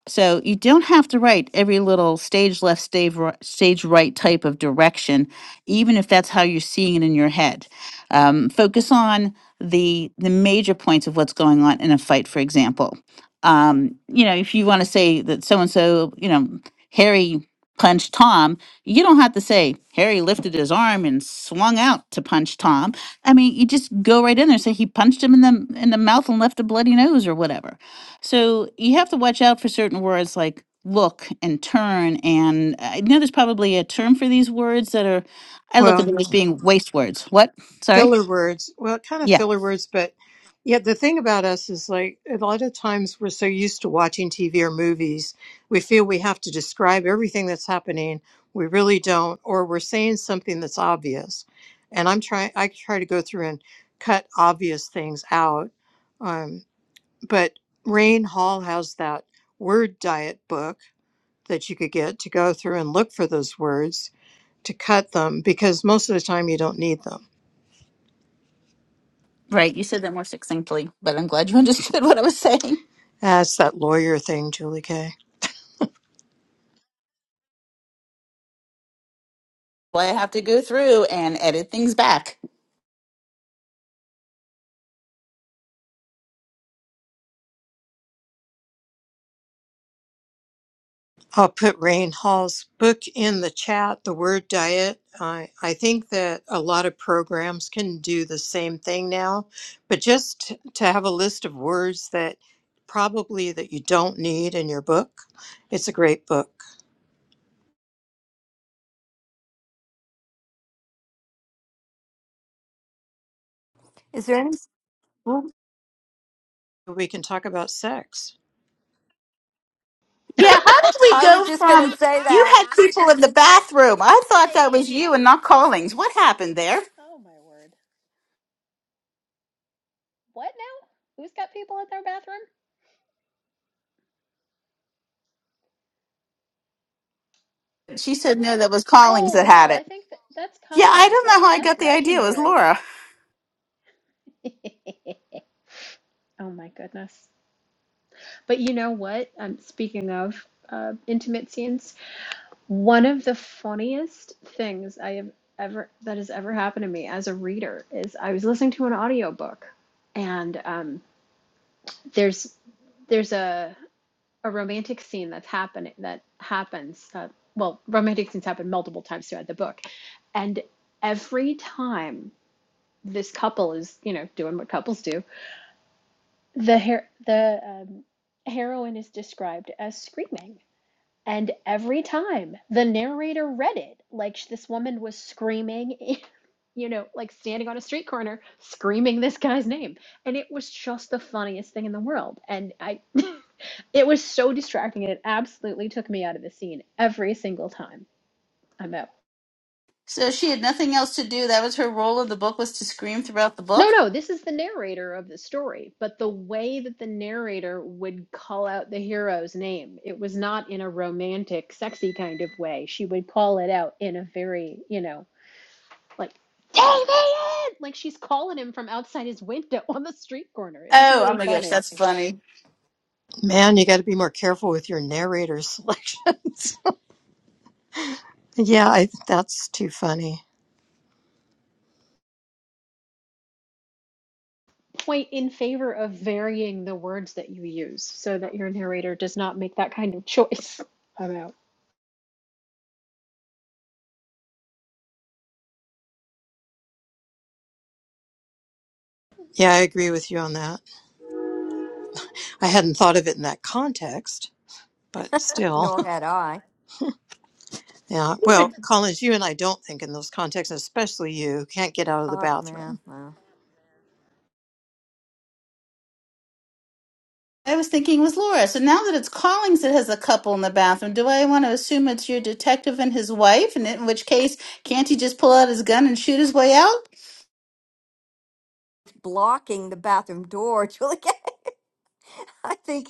Speaker 9: so you don't have to write every little stage left, stage right, stage right type of direction, even if that's how you're seeing it in your head. Um, focus on the the major points of what's going on in a fight, for example. Um, you know, if you want to say that so and so, you know, Harry punched Tom, you don't have to say Harry lifted his arm and swung out to punch Tom. I mean, you just go right in there and say he punched him in the in the mouth and left a bloody nose or whatever so you have to watch out for certain words like look and turn. And I know there's probably a term for these words that are, I look at
Speaker 4: Well.
Speaker 9: them as being waste words. What? Sorry?
Speaker 4: filler words. Well, kind of
Speaker 9: Yeah,
Speaker 4: filler words, but yeah, the thing about us is like a lot of times we're so used to watching TV or movies, we feel we have to describe everything that's happening. We really don't, or we're saying something that's obvious. And I'm trying, I try to go through and cut obvious things out. Um, but Rain Hall has that word diet book that you could get to go through and look for those words to cut them because most of the time you don't need them
Speaker 9: right. You said that more succinctly, but I'm glad you understood what I was saying.
Speaker 4: That's that lawyer thing, Julie Kay.
Speaker 9: Well, I have to go through and edit things back.
Speaker 4: I'll put Rain Hall's book in the chat, The Word Diet. I, I think that a lot of programs can do the same thing now, but just to have a list of words that probably that you don't need in your book, it's a great book.
Speaker 1: Is there any? Mm.
Speaker 4: We can talk about sex.
Speaker 9: Yeah, how did we
Speaker 1: I was
Speaker 9: go
Speaker 1: just going to
Speaker 9: from
Speaker 1: say
Speaker 9: you
Speaker 1: that,
Speaker 9: had people in the bathroom? I thought that was
Speaker 3: ladies
Speaker 9: you and not Collings. What happened there?
Speaker 3: oh my word what now who's got people in their bathroom
Speaker 9: She said no, that was Collings
Speaker 3: oh
Speaker 9: that
Speaker 3: no
Speaker 9: had
Speaker 3: i
Speaker 9: it.
Speaker 3: think that, that's
Speaker 9: Yeah, I
Speaker 3: collings
Speaker 9: don't
Speaker 3: that's
Speaker 9: know how I
Speaker 3: that's
Speaker 9: got the idea. It was
Speaker 3: legendary
Speaker 9: Laura.
Speaker 3: oh my goodness but you know what um, speaking of uh, intimate scenes One of the funniest things I have ever that has ever happened to me as a reader is I was listening to an audiobook and um, there's there's a a romantic scene that's happening that happens uh, well romantic scenes happen multiple times throughout the book and every time this couple is you know doing what couples do the her- the um, heroine is described as screaming And every time the narrator read it, like this woman was screaming, you know, like standing on a street corner screaming this guy's name. And it was just the funniest thing in the world. And I, it was so distracting and it absolutely took me out of the scene every single time I'm out.
Speaker 9: So she had nothing else to do. That was her role in the book was to scream throughout the
Speaker 3: No,
Speaker 9: book.
Speaker 3: no, this is the narrator of the story, but the way that the narrator would call out the hero's name, it was not in a romantic, sexy kind of way. She would call it out in a very, you know, like David! Like she's calling him from outside his window on the street corner. It was
Speaker 9: Oh, oh
Speaker 3: really
Speaker 9: my gosh,
Speaker 3: funny.
Speaker 9: that's funny.
Speaker 4: Man, you got to be more careful with your narrator selections. yeah, I, that's too funny.
Speaker 3: Point in favor of varying the words that you use so that your narrator does not make that kind of choice. I'm out.
Speaker 4: Yeah, I agree with you on that. I hadn't thought of it in that context, but still.
Speaker 1: nor had I.
Speaker 4: Yeah. Well,
Speaker 9: But
Speaker 4: Collins, you and I don't think in those contexts, especially you who can't get out of the
Speaker 1: Uh,
Speaker 4: bathroom.
Speaker 1: man, well,
Speaker 9: I was thinking it was Laura. So now that it's Collings that has a couple in the bathroom, do I want to assume it's your detective and his wife? And in which case, can't he just pull out his gun and shoot his way out?
Speaker 1: blocking the bathroom door, Julie. I think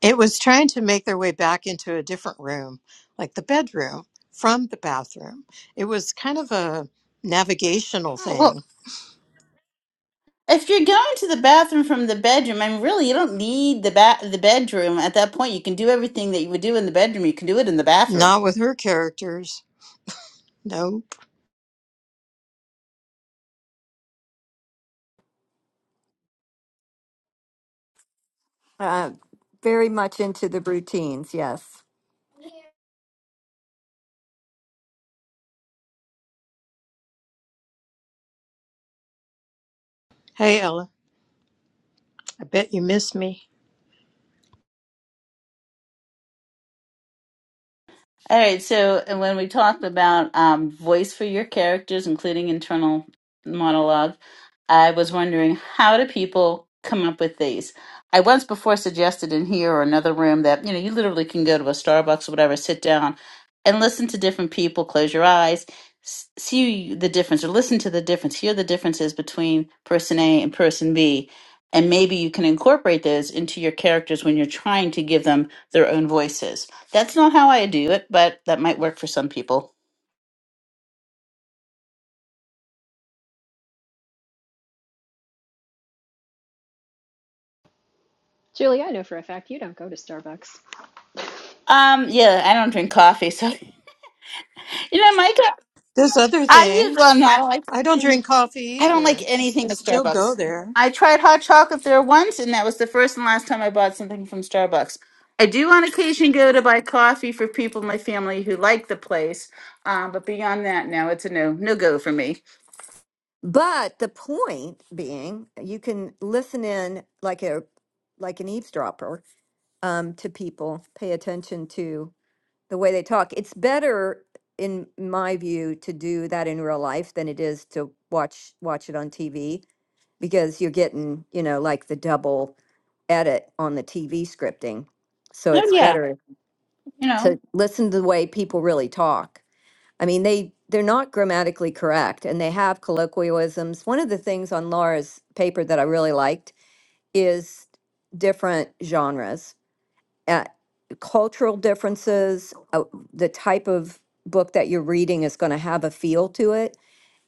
Speaker 4: It was trying to make their way back into a different room, like the bedroom from the bathroom. It was kind of a navigational
Speaker 9: Oh, well,
Speaker 4: thing.
Speaker 9: if you're going to the bathroom from the bedroom, I mean, really, you don't need the ba- the bedroom. At that point, you can do everything that you would do in the bedroom. You can do it in the bathroom.
Speaker 4: Not with her characters. Nope.
Speaker 1: uh, very much into the routines. Yes.
Speaker 4: Hey, Ella, I bet you miss me.
Speaker 9: All right, so and when we talked about um, voice for your characters, including internal monologue, I was wondering how do people come up with these? I once before suggested in here or another room that you know you literally can go to a Starbucks or whatever, sit down and listen to different people, close your eyes, s- see the difference or listen to the difference, hear the differences between person A and person B, and maybe you can incorporate those into your characters when you're trying to give them their own voices that's not how I do it, but that might work for some people.
Speaker 3: Julie, I know for a fact you don't go to Starbucks.
Speaker 9: Um, yeah, I don't drink coffee, so you know, Mike,
Speaker 4: There's other
Speaker 9: I usually well,
Speaker 4: things.
Speaker 9: no, I don't like
Speaker 4: I don't drink coffee
Speaker 9: I don't like
Speaker 4: either. I
Speaker 9: anything at
Speaker 4: still go
Speaker 9: Starbucks.
Speaker 4: there.
Speaker 9: I tried hot chocolate there once, and that was the first and last time I bought something from Starbucks. I do on occasion go to buy coffee for people in my family who like the place, um, but beyond that, no, it's a no, no go for me.
Speaker 1: But the point being, you can listen in like a like an eavesdropper um, to people, pay attention to the way they talk. It's better, in my view, to do that in real life than it is to watch watch it on TV because you're getting you know like the double edit on the TV scripting. So
Speaker 9: Oh
Speaker 1: it's
Speaker 9: yeah,
Speaker 1: better
Speaker 9: you know,
Speaker 1: to listen to the way people really talk I mean, they they're not grammatically correct, and they have colloquialisms. One of the things on Laura's paper that I really liked is different genres, uh, cultural differences. Uh, the type of book that you're reading is going to have a feel to it,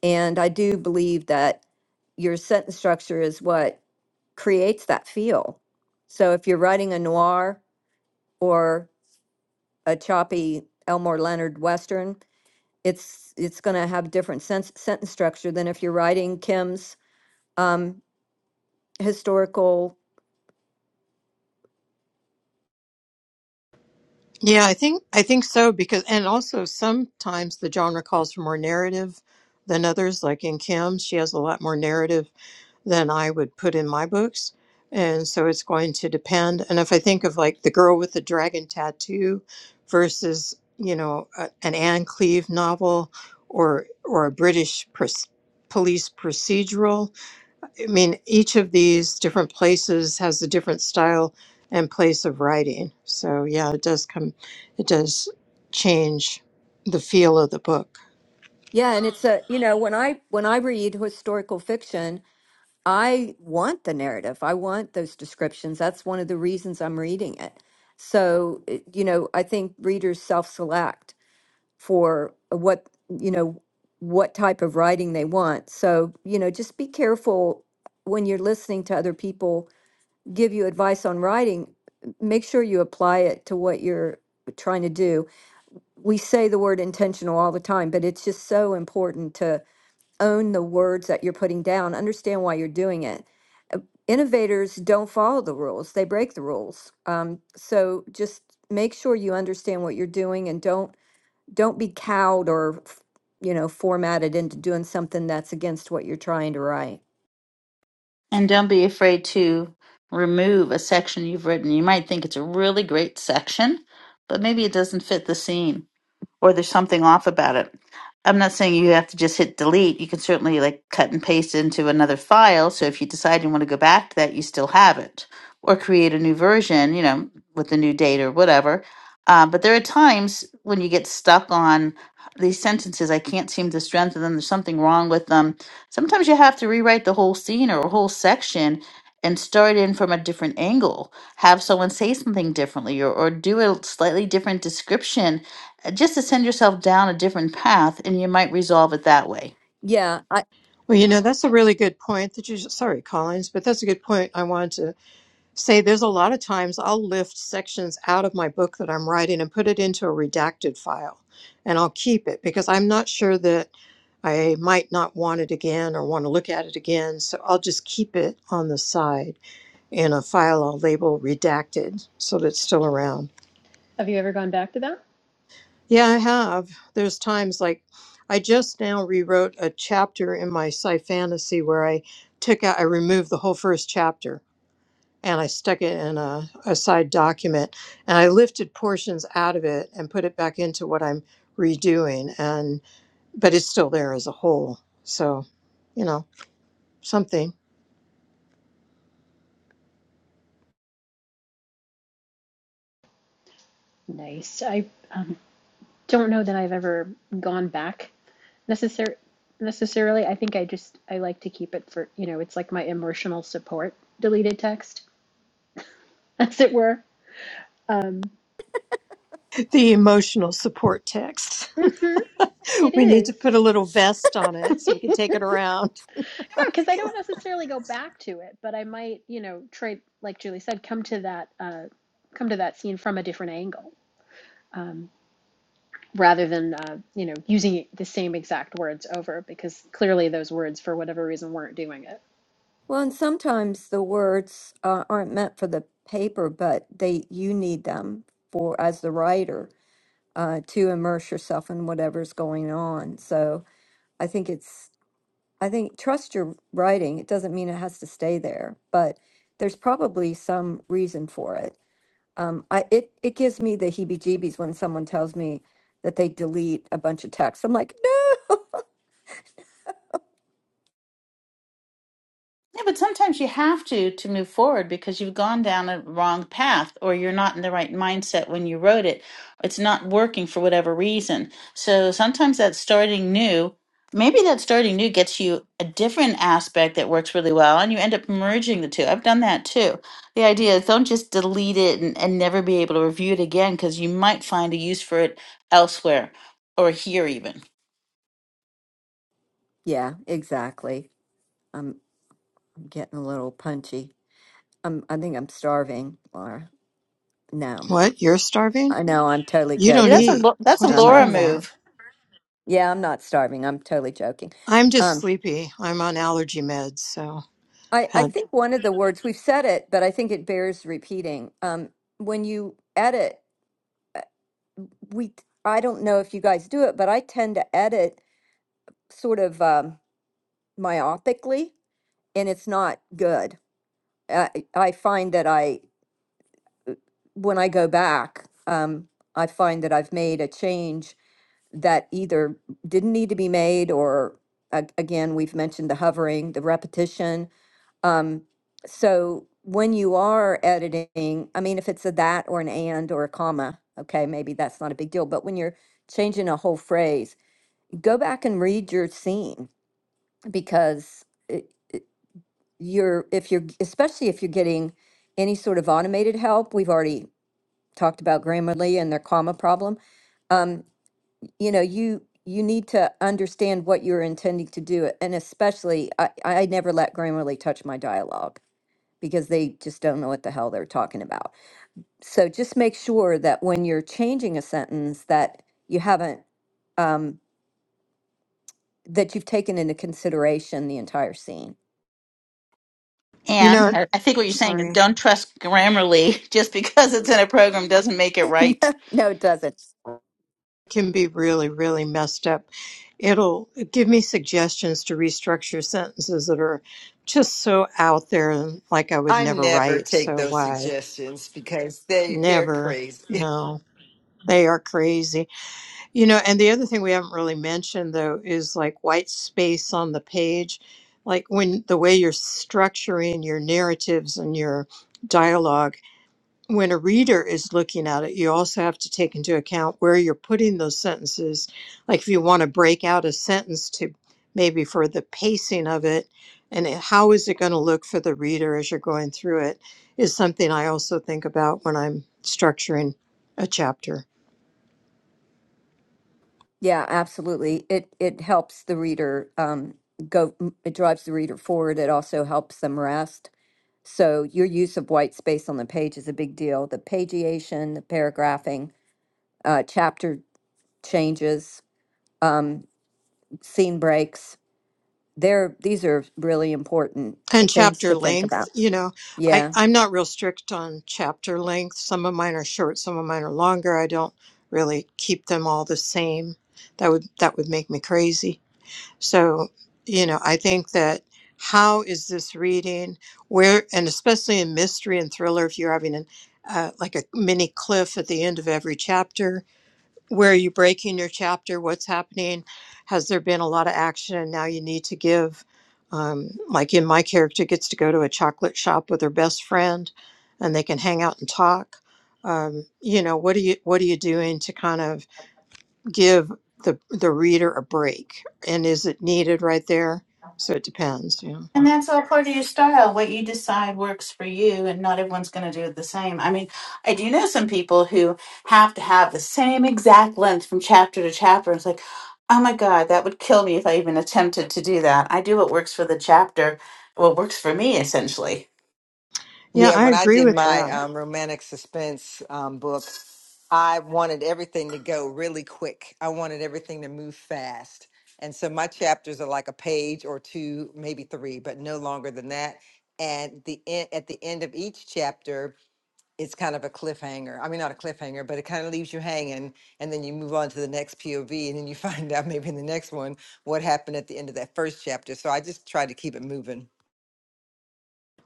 Speaker 1: and I do believe that your sentence structure is what creates that feel. So if you're writing a noir or a choppy Elmore Leonard Western, it's it's going to have different sense sentence structure than if you're writing Kim's um, historical.
Speaker 4: Yeah, I think I think so because and also sometimes the genre calls for more narrative than others. Like in Kim, she has a lot more narrative than I would put in my books. And so it's going to depend. And if I think of like The Girl with the Dragon Tattoo versus, you know, a, an Anne Cleve novel or or a British pres- police procedural, I mean, each of these different places has a different style and place of writing. So yeah, it does come, it does change the feel of the book.
Speaker 1: Yeah, and it's a you know when I when I read historical fiction, I want the narrative. I want those descriptions. That's one of the reasons I'm reading it. So it- you know, I think readers self-select for what you know what type of writing they want. So you know, just be careful when you're listening to other people give you advice on writing, make sure you apply it to what you're trying to do. We say the word intentional all the time, but it's just so important to own the words that you're putting down, understand why you're doing it. Innovators don't follow the rules, they break the rules. Um, so just make sure you understand what you're doing and don't don't be cowed or you know formatted into doing something that's against what you're trying to write.
Speaker 9: And don't be afraid to remove a section you've written. You might think it's a really great section, but maybe it doesn't fit the scene or there's something off about it. I'm not saying you have to just hit delete. You can certainly like cut and paste into another file. So if you decide you want to go back to that, you still have it, or create a new version, you know, with the new date or whatever. Uh, but there are times when you get stuck on these sentences. I can't seem to strengthen them. There's something wrong with them. Sometimes you have to rewrite the whole scene or a whole section and start in from a different angle. Have someone say something differently or, or do a slightly different description uh, just to send yourself down a different path and you might resolve it that way.
Speaker 1: Yeah, I,
Speaker 4: Well, you know, that's a really good point that you, sorry, Collins, but that's a good point I wanted to say. There's a lot of times I'll lift sections out of my book that I'm writing and put it into a redacted file and I'll keep it because I'm not sure that I might not want it again or want to look at it again. So I'll just keep it on the side in a file I'll label redacted so that it's still around.
Speaker 3: Have you ever gone back to that?
Speaker 4: Yeah, I have. There's times like I just now rewrote a chapter in my sci fantasy where I took out, I removed the whole first chapter and I stuck it in a, a side document and I lifted portions out of it and put it back into what I'm redoing. And, but it's still there as a whole. So, you know, something.
Speaker 3: Nice. I um, don't know that I've ever gone back necessar- necessarily. I think I just I like to keep it for you know it's like my emotional support deleted text, as it were. Um,
Speaker 4: The emotional support text.
Speaker 3: mhm. It
Speaker 4: We need to
Speaker 3: is.
Speaker 4: put a little vest on it so we can take it around.
Speaker 3: Yeah, because I don't necessarily go back to it, but I might, you know, trade, like Julie said, come to that, uh, come to that scene from a different angle, um, rather than, uh, you know, using the same exact words over, because clearly those words, for whatever reason, weren't doing it.
Speaker 1: Well, and sometimes the words uh, aren't meant for the paper, but they you need them for as the writer uh, to immerse yourself in whatever's going on. So I think it's I think trust your writing. It doesn't mean it has to stay there, but there's probably some reason for it. Um, I it it gives me the heebie-jeebies when someone tells me that they delete a bunch of text. I'm like, no.
Speaker 9: Yeah, but sometimes you have to to move forward because you've gone down a wrong path or you're not in the right mindset when you wrote it. It's not working for whatever reason. So sometimes that starting new, maybe that starting new gets you a different aspect that works really well and you end up merging the two. I've done that too. The idea is don't just delete it and, and never be able to review it again because you might find a use for it elsewhere or here even.
Speaker 1: Yeah, exactly. I'm I'm getting a little punchy. I'm I think I'm starving, Laura. No, I'm not.
Speaker 4: What? You're starving?
Speaker 1: I know I'm totally
Speaker 4: You
Speaker 9: Yeah,
Speaker 4: don't
Speaker 9: that's
Speaker 1: joking.
Speaker 9: a
Speaker 4: eat.
Speaker 9: Lo- that's a
Speaker 4: What are you
Speaker 1: I'm
Speaker 4: talking
Speaker 9: Laura
Speaker 1: not.
Speaker 4: about?
Speaker 9: move.
Speaker 1: Yeah, I'm not starving. I'm totally joking.
Speaker 4: I'm just
Speaker 1: Um,
Speaker 4: sleepy. I'm on allergy meds, so I've
Speaker 1: I, I
Speaker 4: had.
Speaker 1: think one of the words we've said it, but I think it bears repeating. Um, when you edit, uh, we I don't know if you guys do it, but I tend to edit sort of um, myopically, and it's not good. I, I find that I when I go back, um, I find that I've made a change that either didn't need to be made or, a- again, we've mentioned the hovering, the repetition. Um, So when you are editing, I mean, if it's a that or an and or a comma, okay, maybe that's not a big deal. But when you're changing a whole phrase, go back and read your scene because it, it, you're, if you're, especially if you're getting any sort of automated help, we've already talked about Grammarly and their comma problem. Um, you know, you you need to understand what you're intending to do, and especially I, I never let Grammarly touch my dialogue because they just don't know what the hell they're talking about. So just make sure that when you're changing a sentence that you haven't um, that you've taken into consideration the entire scene.
Speaker 4: You know,
Speaker 9: And I, I think what you're saying is
Speaker 4: sorry.
Speaker 9: don't trust Grammarly just because it's in a program doesn't make it right.
Speaker 1: no, no, it doesn't.
Speaker 4: can be really, really messed up. It'll give me suggestions to restructure sentences that are just so out there and like I would
Speaker 12: I
Speaker 4: never
Speaker 12: never
Speaker 4: write.
Speaker 12: take
Speaker 4: So
Speaker 12: those
Speaker 4: why?
Speaker 12: suggestions because they they're
Speaker 4: Never.
Speaker 12: crazy.
Speaker 4: No. They are crazy. You know, and the other thing we haven't really mentioned though is like white space on the page. Like when the way you're structuring your narratives and your dialogue when a reader is looking at it, you also have to take into account where you're putting those sentences. Like if you want to break out a sentence to maybe for the pacing of it, and it- how is it going to look for the reader as you're going through it, is something I also think about when I'm structuring a chapter.
Speaker 1: Yeah, absolutely. It it helps the reader um, go. It drives the reader forward. It also helps them rest So your use of white space on the page is a big deal. The pagiation, the paragraphing, uh, chapter changes, um, scene breaks. They're, these are really important.
Speaker 4: And chapter
Speaker 1: to Think
Speaker 4: length,
Speaker 1: about.
Speaker 4: you know, I,
Speaker 1: Yeah.
Speaker 4: I'm not real strict on chapter length. Some of mine are short, some of mine are longer. I don't really keep them all the same. That would that would make me crazy So, you know, I think that how is this reading? Where, and especially in mystery and thriller, if you're having an, uh, like a mini cliff at the end of every chapter, where are you breaking your chapter? What's happening? Has there been a lot of action? And now you need to give, um, like in my character, gets to go to a chocolate shop with her best friend, and they can hang out and talk. Um, you know, what are you what are you doing to kind of give the the reader a break and is it needed right there so it depends yeah
Speaker 9: And that's all part of your style. What you decide works for you, and not everyone's going to do it the same. I mean, I do know some people who have to have the same exact length from chapter to chapter. It's like, oh my God, that would kill me if I even attempted to do that. I do what works for the chapter, what works for me, essentially.
Speaker 4: yeah
Speaker 12: Yeah,
Speaker 4: i
Speaker 12: when I
Speaker 4: agree
Speaker 12: did
Speaker 4: with
Speaker 12: my
Speaker 4: that
Speaker 12: um, romantic suspense um, book, I wanted everything to go really quick. I wanted everything to move fast. And so my chapters are like a page or two, maybe three, but no longer than that. And the en- at the end of each chapter, it's kind of a cliffhanger. I mean, not a cliffhanger, but it kind of leaves you hanging. And then you move on to the next POV, and then you find out maybe in the next one what happened at the end of that first chapter. So I just try to keep it moving.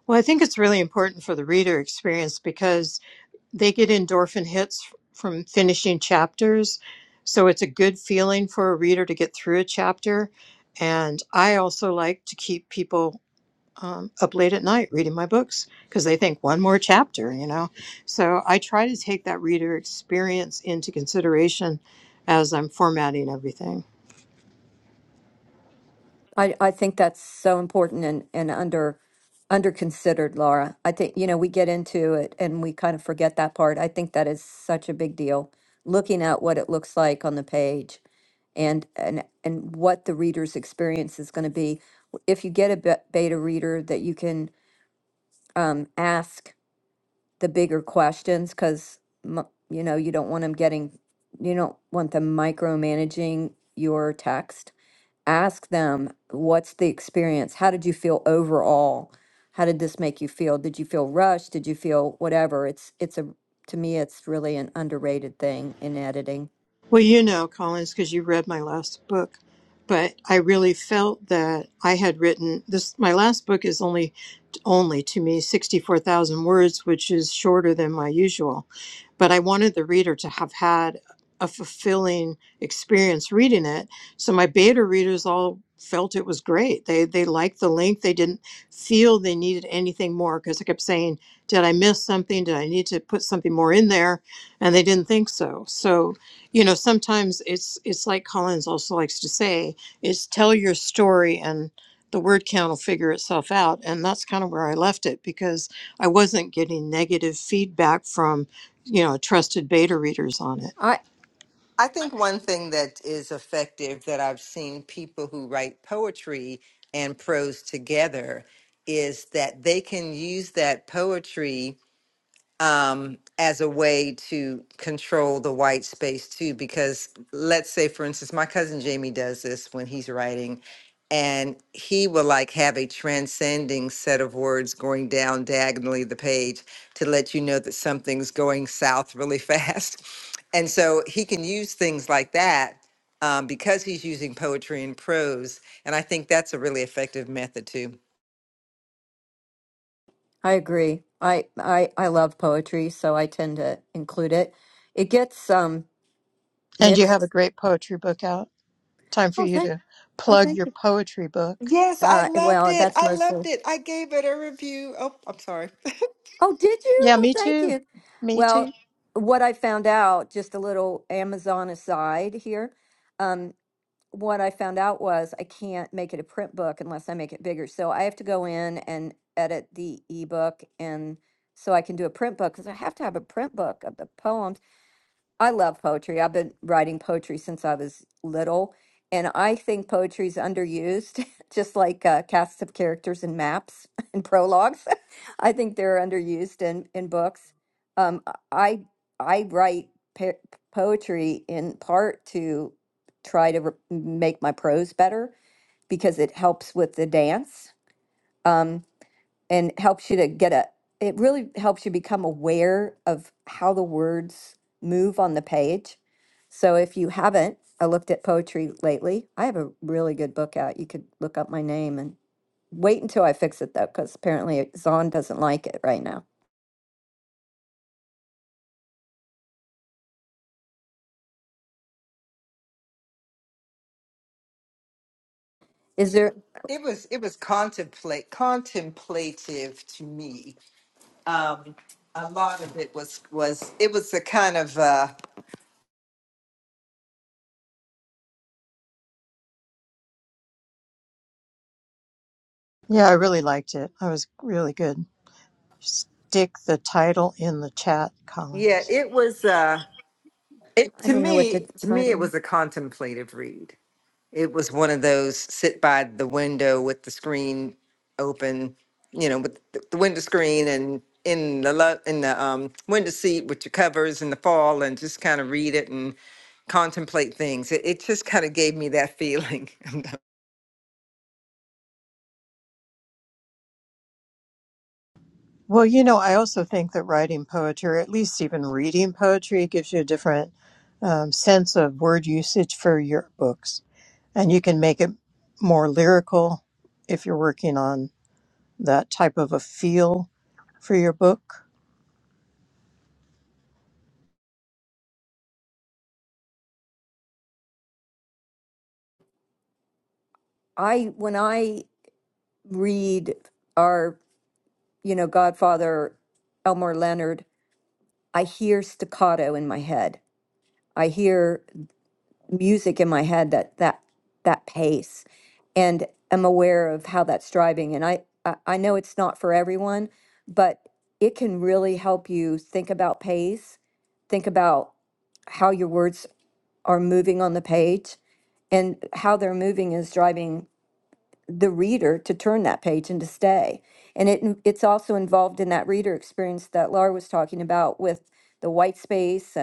Speaker 4: well i think it's really important for the reader experience because they get endorphin hits f- from finishing chapters so it's a good feeling for a reader to get through a chapter and i also like to keep people um, up late at night reading my books because they think one more chapter, you know. So I try to take that reader experience into consideration as I'm formatting everything.
Speaker 1: I, I think that's so important and, and under under considered, Laura. I think, you know, we get into it and we kind of forget that part. I think that is such a big deal. Looking at what it looks like on the page and and and what the reader's experience is going to be. If you get a be- beta reader that you can um, ask the bigger questions because you know you don't want them getting you don't want them micromanaging your text ask them what's the experience how did you feel overall how did this make you feel did you feel rushed did you feel whatever it's it's a to me it's really an underrated thing in editing
Speaker 4: Well, you know, Collins, because you read my last book, but I really felt that I had written this. My last book is only, only to me, 64,000 words, which is shorter than my usual. But I wanted the reader to have had a fulfilling experience reading it. So my beta readers all felt it was great. They, they liked the length. They didn't feel they needed anything more because I kept saying, Did I miss something? Did I need to put something more in there? And they didn't think so. So you know sometimes it's it's like collins also likes to say is tell your story and the word count will figure itself out and that's kind of where i left it because i wasn't getting negative feedback from you know trusted beta readers on it
Speaker 1: i
Speaker 12: I think one thing that is effective that I've seen people who write poetry and prose together is that they can use that poetry um, as a way to control the white space too. Because let's say, for instance, my cousin Jamie does this when he's writing, and he will like have a transcending set of words going down diagonally the page to let you know that something's going south really fast. And so he can use things like that um, because he's using poetry and prose. And I think that's a really effective method too.
Speaker 1: i agree i i i love poetry so i tend to include it it gets um
Speaker 4: and you have a
Speaker 1: mixed
Speaker 4: great poetry book out time for
Speaker 1: oh
Speaker 4: you
Speaker 1: thank
Speaker 4: to
Speaker 1: oh
Speaker 4: plug
Speaker 1: thank
Speaker 4: your
Speaker 1: you
Speaker 4: poetry book
Speaker 12: Yes, I
Speaker 1: uh
Speaker 12: loved
Speaker 1: well
Speaker 12: it.
Speaker 1: that's
Speaker 12: I loved
Speaker 1: mostly
Speaker 12: it. I gave it a review. Oh, I'm sorry.
Speaker 1: oh did you
Speaker 4: yeah
Speaker 1: well
Speaker 4: me
Speaker 1: thank
Speaker 4: too
Speaker 1: you
Speaker 4: me too
Speaker 1: well what i found out just a little amazon aside here um, what I found out was I can't make it a print book unless I make it bigger. So I have to go in and edit the ebook and so I can do a print book because I have to have a print book of the poems. I love poetry. I've been writing poetry since I was little, and I think poetry's underused, just like uh, casts of characters and maps and prologues. I think they're underused in in books. Um, I I write pe poetry in part to try to re make my prose better because it helps with the dance, um, and helps you to get a. It really helps you become aware of how the words move on the page so if you haven't I looked at poetry lately, I have a really good book out. You could look up my name and wait until I fix it though, because apparently it- Zahn doesn't like it right now. Is there?
Speaker 12: it was it was contemplate contemplative to me um a lot of it was was it was a kind of uh
Speaker 4: yeah i really liked it i was really good stick the title in the chat
Speaker 12: yeah
Speaker 4: Collins.
Speaker 12: it was uh it
Speaker 1: I
Speaker 12: to
Speaker 1: don't know what the
Speaker 12: me to me it
Speaker 1: title.
Speaker 12: was a contemplative read it was one of those sit by the window with the screen open you know with the the window screen and in the lo- in the um window seat with your covers in the fall and just kind of read it and contemplate things it, it just kind of gave me that feeling
Speaker 4: Well, you know, I also think that writing poetry, or at least even reading poetry, gives you a different um, sense of word usage for your books. And you can make it more lyrical if you're working on that type of a feel for your book.
Speaker 1: I when I read our you know Godfather Elmore Leonard, I hear staccato in my head. I hear music in my head that that that pace and am aware of how that's driving and I, I i know it's not for everyone but it can really help you think about pace think about how your words are moving on the page and how they're moving is driving the reader to turn that page and to stay and it in- it's also involved in that reader experience that laura was talking about with the white space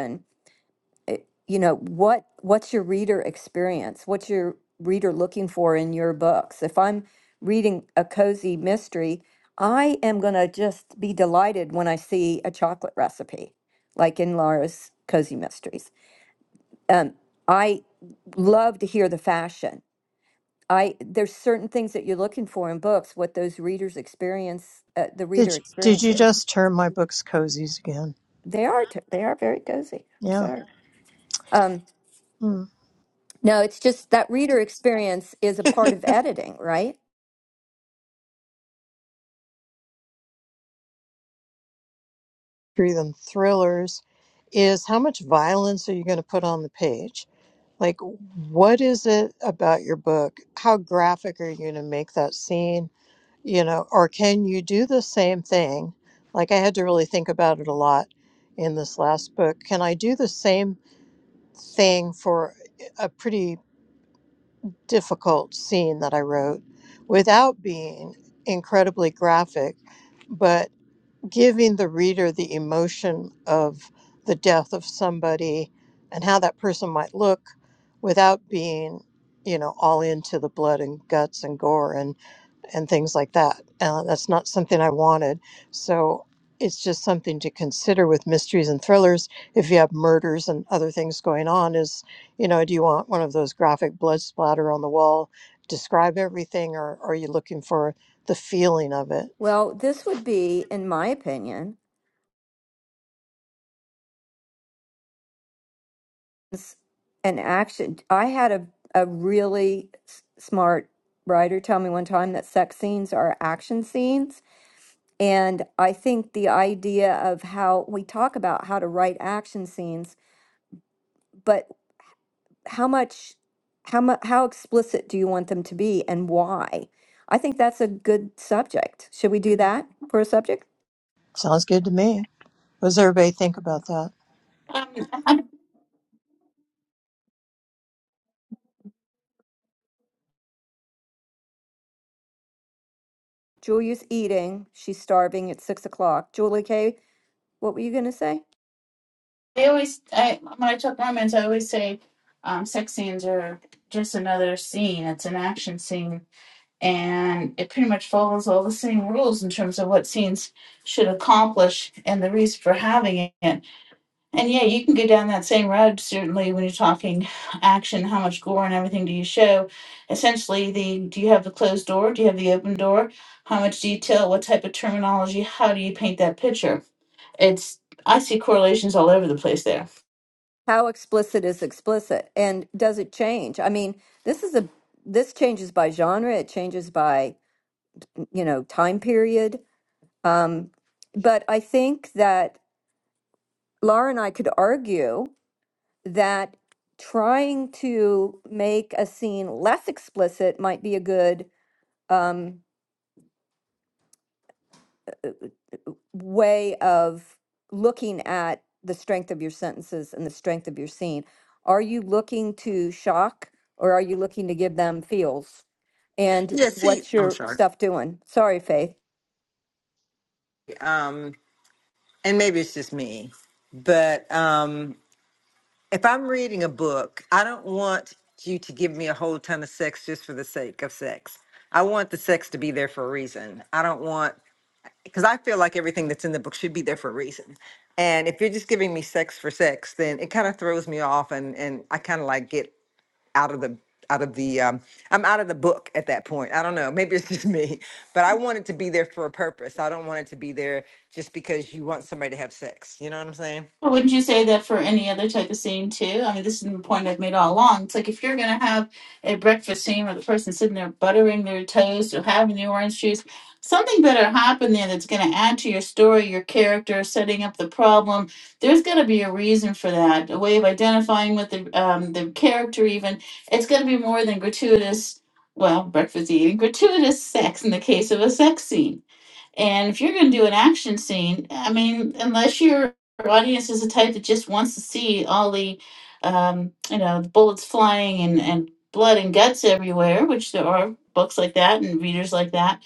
Speaker 1: eh, you know what what's your reader experience what's your reader looking for in your books if i'm reading a cozy mystery i am going to just be delighted when i see a chocolate recipe like in laura's cozy mysteries um, i love to hear the fashion i there's certain things that you're looking for in books what those readers experience uh, the
Speaker 4: Did,
Speaker 1: reader
Speaker 4: did
Speaker 1: experience
Speaker 4: you
Speaker 1: is.
Speaker 4: just term my books cozies again?
Speaker 1: they are t- they are very cozy i'm
Speaker 4: Yeah.
Speaker 1: sorry um,
Speaker 4: Hmm.
Speaker 1: No, it's just that reader experience is a part of editing, right?
Speaker 4: Through them thrillers is how much violence are you going to put on the page? Like, what is it about your book? How graphic are you going to make that scene? you know, or can you do the same thing? Like I had to really think about it a lot in this last book. Can I do the same thing for a pretty difficult scene that I wrote without being incredibly graphic, but giving the reader the emotion of the death of somebody and how that person might look without being, you know, all into the blood and guts and gore and things like that. Uh, that's not something I wanted. So it's just something to consider with mysteries and thrillers. If you have murders and other things going on, is, you know, do you want one of those graphic blood splatter on the wall, describe everything, or, or are you looking for the feeling of it?
Speaker 1: Well, this would be, in my opinion, s- an action. I had a, a really s- smart writer tell me one time that sex scenes are action scenes. And I think the idea of how we talk about how to write action scenes, but how much, how mu- how explicit do you want them to be and why? I think that's a good subject. Should we do that for a subject?
Speaker 4: Sounds good to me. What does everybody think about that?
Speaker 9: Um,
Speaker 1: Julia's eating. She's starving. It's six o'clock. Julie Kay, what were you going to say?
Speaker 9: I always, I, when I talk romance, I always say um, sex scenes are just another scene. It's an action scene. And it pretty much follows all the same rules in terms of what scenes should accomplish and the reason for having it. And yeah, you can go down that same road, certainly, when you're talking action, how much gore and everything do you show? Essentially, the do you have the closed door? Do you have the open door? How much detail? What type of terminology? How do you paint that picture? It's, I see correlations all over the place there.
Speaker 1: How explicit is explicit, and does it change? I mean, this is a this changes by genre. It changes by you know time period. Um, but I think that Laura and I could argue that trying to make a scene less explicit might be a good um, way of looking at the strength of your sentences and the strength of your scene. Are you looking to shock or are you looking to give them feels? And
Speaker 12: Yeah, see,
Speaker 1: what's
Speaker 12: I'm
Speaker 1: your
Speaker 12: sorry.
Speaker 1: stuff doing? Sorry, Faith.
Speaker 12: Um, and maybe it's just me, but um, if I'm reading a book, I don't want you to give me a whole ton of sex just for the sake of sex. I want the sex to be there for a reason. I don't want, because I feel like everything that's in the book should be there for a reason. And if you're just giving me sex for sex, then it kind of throws me off and, and I kind of like get out of the out of the um I'm out of the book at that point. I don't know. Maybe it's just me, but I wanted to be there for a purpose. I don't want it to be there just because you want somebody to have sex. You know what I'm saying?
Speaker 9: But wouldn't you say that for any other type of scene too? I mean, this is the point I've made all along. It's like if you're gonna have a breakfast scene where the person's sitting there buttering their toast or having the orange juice, something better happen there that's gonna add to your story, your character, setting up the problem. There's gotta be a reason for that, a way of identifying with the um, the character. Even it's gonna be more than gratuitous. Well, breakfast eating, gratuitous sex in the case of a sex scene And if you're going to do an action scene, I mean, unless your audience is the type that just wants to see all the, um, you know, bullets flying and, and blood and guts everywhere, which there are books like that and readers like that,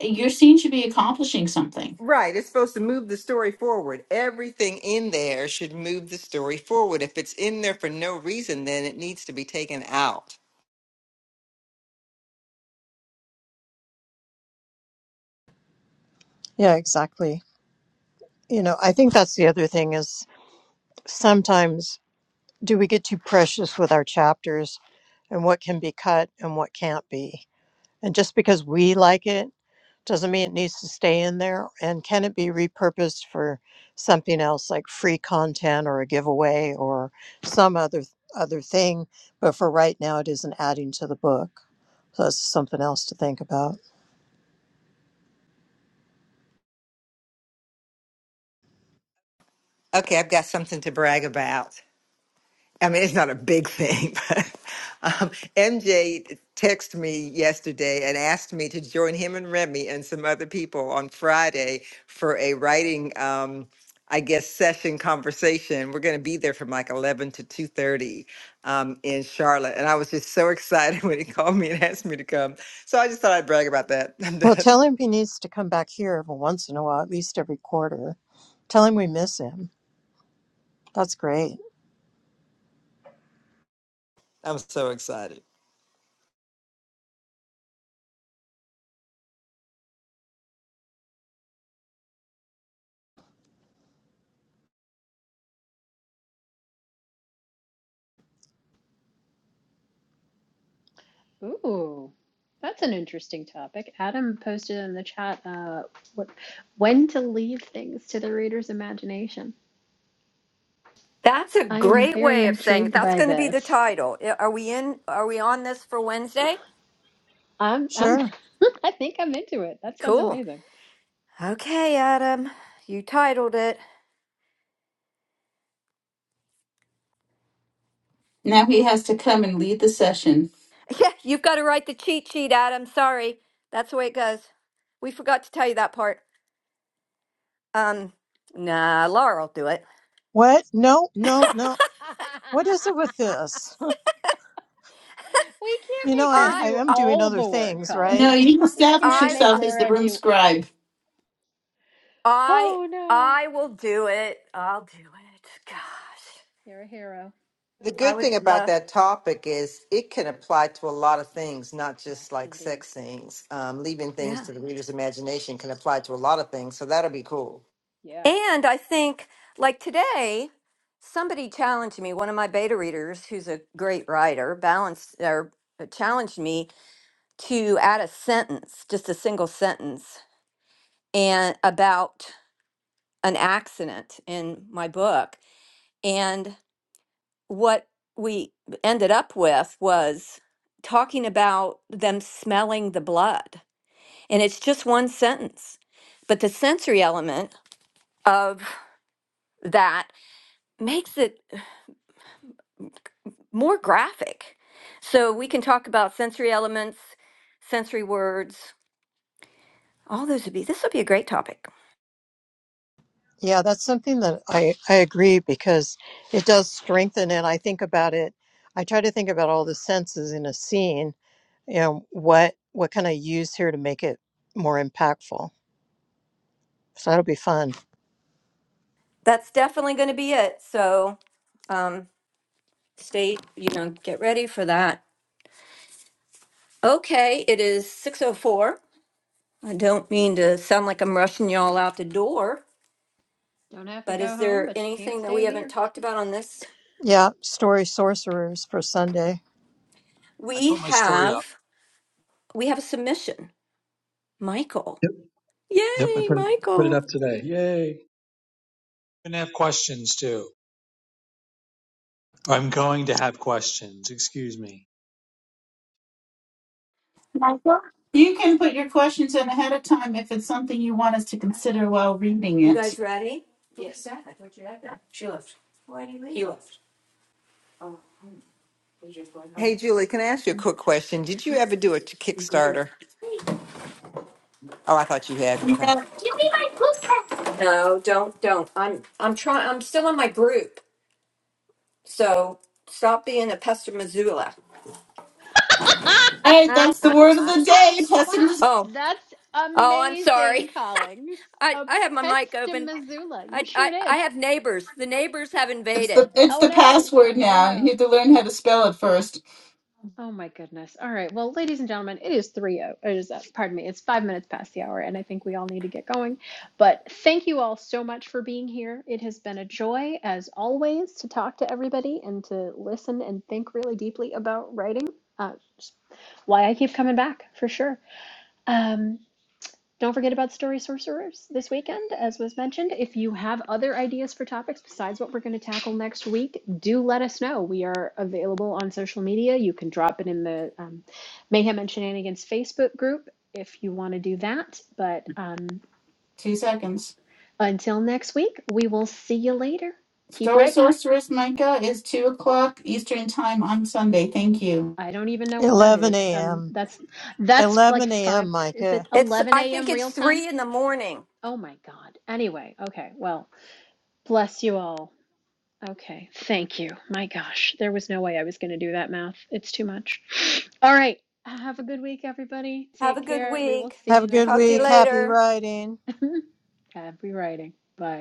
Speaker 9: your scene should be accomplishing something.
Speaker 12: Right. It's supposed to move the story forward. Everything in there should move the story forward. If it's in there for no reason, then it needs to be taken out.
Speaker 4: Yeah, exactly. You know, I think that's the other thing is sometimes do we get too precious with our chapters and what can be cut and what can't be? And just because we like it doesn't mean it needs to stay in there. And can it be repurposed for something else like free content or a giveaway or some other other thing? But for right now, it isn't adding to the book. So that's something else to think about.
Speaker 12: Okay, I've got something to brag about. I mean, it's not a big thing, but um, MJ texted me yesterday and asked me to join him and Remy and some other people on Friday for a writing, um, I guess, session conversation. We're going to be there from like 11 to 2.30 um, in Charlotte. And I was just so excited when he called me and asked me to come. So I just thought I'd brag about that. I'm
Speaker 4: Well,
Speaker 12: done.
Speaker 4: tell him he needs to come back here every once in a while, at least every quarter. Tell him we miss him. That's great.
Speaker 12: I'm so excited.
Speaker 3: Ooh, that's an interesting topic. Adam posted in the chat, uh, what, when to leave things to the reader's imagination.
Speaker 1: That's a
Speaker 3: I am
Speaker 1: great
Speaker 3: very
Speaker 1: way of saying it.
Speaker 3: intrigued
Speaker 1: That's
Speaker 3: by
Speaker 1: going to be the
Speaker 3: this.
Speaker 1: title. I- Are we in? Are we on this for Wednesday?
Speaker 3: I'm, I'm,
Speaker 4: Sure.
Speaker 3: I think I'm into it. That sounds
Speaker 1: Cool.
Speaker 3: amazing.
Speaker 1: Okay, Adam, you titled it.
Speaker 9: Now he has to come and lead the session.
Speaker 1: Yeah, you've got to write the cheat sheet, Adam. Sorry, that's the way it goes. We forgot to tell you that part. Um, nah, Laura will do it.
Speaker 4: What? No, no, no. What is it with this?
Speaker 3: we can't
Speaker 4: You know,
Speaker 3: make
Speaker 4: I,
Speaker 3: her
Speaker 1: I
Speaker 4: I
Speaker 3: do
Speaker 4: am
Speaker 1: I
Speaker 4: doing
Speaker 3: all
Speaker 4: other
Speaker 3: the work,
Speaker 4: things, right?
Speaker 9: No,
Speaker 3: Collings.
Speaker 9: you
Speaker 3: We
Speaker 9: establish
Speaker 3: can't
Speaker 1: I
Speaker 3: make
Speaker 9: yourself as the
Speaker 3: Laura
Speaker 9: room
Speaker 3: do,
Speaker 9: scribe.
Speaker 1: I
Speaker 3: oh no,
Speaker 1: I will do it. I'll do it. Gosh.
Speaker 3: you're a hero.
Speaker 12: The
Speaker 1: I
Speaker 12: good
Speaker 1: would
Speaker 12: thing about
Speaker 1: love
Speaker 12: that topic is it can apply to a lot of things, not
Speaker 3: Yes,
Speaker 12: just like
Speaker 3: indeed.
Speaker 12: sex scenes. Um, leaving things
Speaker 1: yeah.
Speaker 12: to the reader's imagination can apply to a lot of things, so that'll be cool.
Speaker 3: Yeah.
Speaker 1: And I think like today somebody challenged me, one of my beta readers who's a great writer, balanced or uh, challenged me to add a sentence, just a single sentence and about an accident in my book. and. what we ended up with was talking about them smelling the blood. And it's just one sentence. But the sensory element of that makes it more graphic. So we can talk about sensory elements, sensory words, all those would be, this would be a great topic.
Speaker 4: Yeah, that's something that I, I agree because it does strengthen and I think about it I try to think about all the senses in a scene You know, what what can I use here to make it more impactful. So that'll be fun.
Speaker 1: That's definitely going to be it. So um, stay, you know, get ready for that. Okay, it is 604. I don't mean to sound like I'm rushing y'all out the door,
Speaker 3: Don't have to
Speaker 1: but
Speaker 3: go
Speaker 1: is
Speaker 3: home,
Speaker 1: there
Speaker 3: but you can't
Speaker 1: anything that we
Speaker 3: stay
Speaker 1: haven't
Speaker 3: here.
Speaker 1: talked about on this?
Speaker 4: Yeah, story sorcerers for Sunday.
Speaker 11: I
Speaker 1: We
Speaker 11: put my story up.
Speaker 1: have we have a submission. Michael.
Speaker 11: Yep, yep. I
Speaker 1: Yay,
Speaker 11: put it put it
Speaker 1: Michael.
Speaker 11: up today. Yay! I'm gonna have questions too. I'm going to have questions. Excuse me.
Speaker 9: Michael? You can put your questions in ahead of time if it's something you want us to consider while reading
Speaker 1: You
Speaker 9: it.
Speaker 1: guys ready?
Speaker 12: Hey, Julie, can I ask you a quick question? Did you ever do a Kickstarter? Oh, I thought you had. Okay.
Speaker 9: Yeah.
Speaker 1: No, don't don't. I'm I'm trying I'm still in my group. So stop being a pest of Missoula.
Speaker 9: Hey, that's the word of the day. Pessimism.
Speaker 1: Oh.
Speaker 3: That's
Speaker 1: Oh, I'm sorry.
Speaker 3: amazing, Collings.
Speaker 1: I
Speaker 3: A
Speaker 1: I have my mic
Speaker 3: pest in
Speaker 1: open.
Speaker 3: Missoula. You
Speaker 1: I
Speaker 3: sure
Speaker 1: I
Speaker 3: did.
Speaker 1: I have neighbors. The neighbors have
Speaker 9: It's the
Speaker 1: invaded.
Speaker 9: it's
Speaker 3: Oh
Speaker 9: the
Speaker 3: no.
Speaker 9: password
Speaker 3: Oh
Speaker 9: now. You have
Speaker 3: no.
Speaker 9: to learn how to spell it first.
Speaker 3: Oh my goodness. All right. Well, ladies and gentlemen, it is 3 o- it is uh, pardon me. It's 5 minutes past the hour and I think we all need to get going. But thank you all so much for being here. It has been a joy as always to talk to everybody and to listen and think really deeply about writing. Uh, why I keep coming back for sure. Um don't forget about Story Sorcerers this weekend, as was mentioned. If you have other ideas for topics besides what we're going to tackle next week, do let us know. We are available on social media. You can drop it in the um, Mayhem and Shenanigans Facebook group if you want to do that. But um,
Speaker 9: Two seconds.
Speaker 3: until next week, we will see you later. Keep
Speaker 9: Story
Speaker 3: writing.
Speaker 9: Sorceress Micah is two o'clock Eastern time on Sunday. Thank you.
Speaker 3: I don't even know what that
Speaker 4: Eleven
Speaker 3: is. Um,
Speaker 4: AM.
Speaker 3: that's that's like
Speaker 4: Eleven
Speaker 3: five.
Speaker 4: AM,
Speaker 3: Is
Speaker 4: Micah.
Speaker 3: it
Speaker 1: It's
Speaker 3: 11
Speaker 1: I think
Speaker 3: a.m.
Speaker 1: it's
Speaker 3: real time?
Speaker 1: 3 in the morning.
Speaker 3: Oh my God. Anyway, okay. Well, bless you all. Okay, thank you. My gosh, there was no way I was going to do that math. It's too much. All right, have a good week, everybody.
Speaker 1: Have a
Speaker 3: Take
Speaker 1: good
Speaker 3: care. We will
Speaker 1: week.
Speaker 3: see
Speaker 4: Have a
Speaker 3: you
Speaker 4: good
Speaker 3: next
Speaker 1: Talk to you
Speaker 4: week.
Speaker 3: week.
Speaker 4: Happy
Speaker 1: later.
Speaker 4: writing.
Speaker 3: Happy writing. Bye.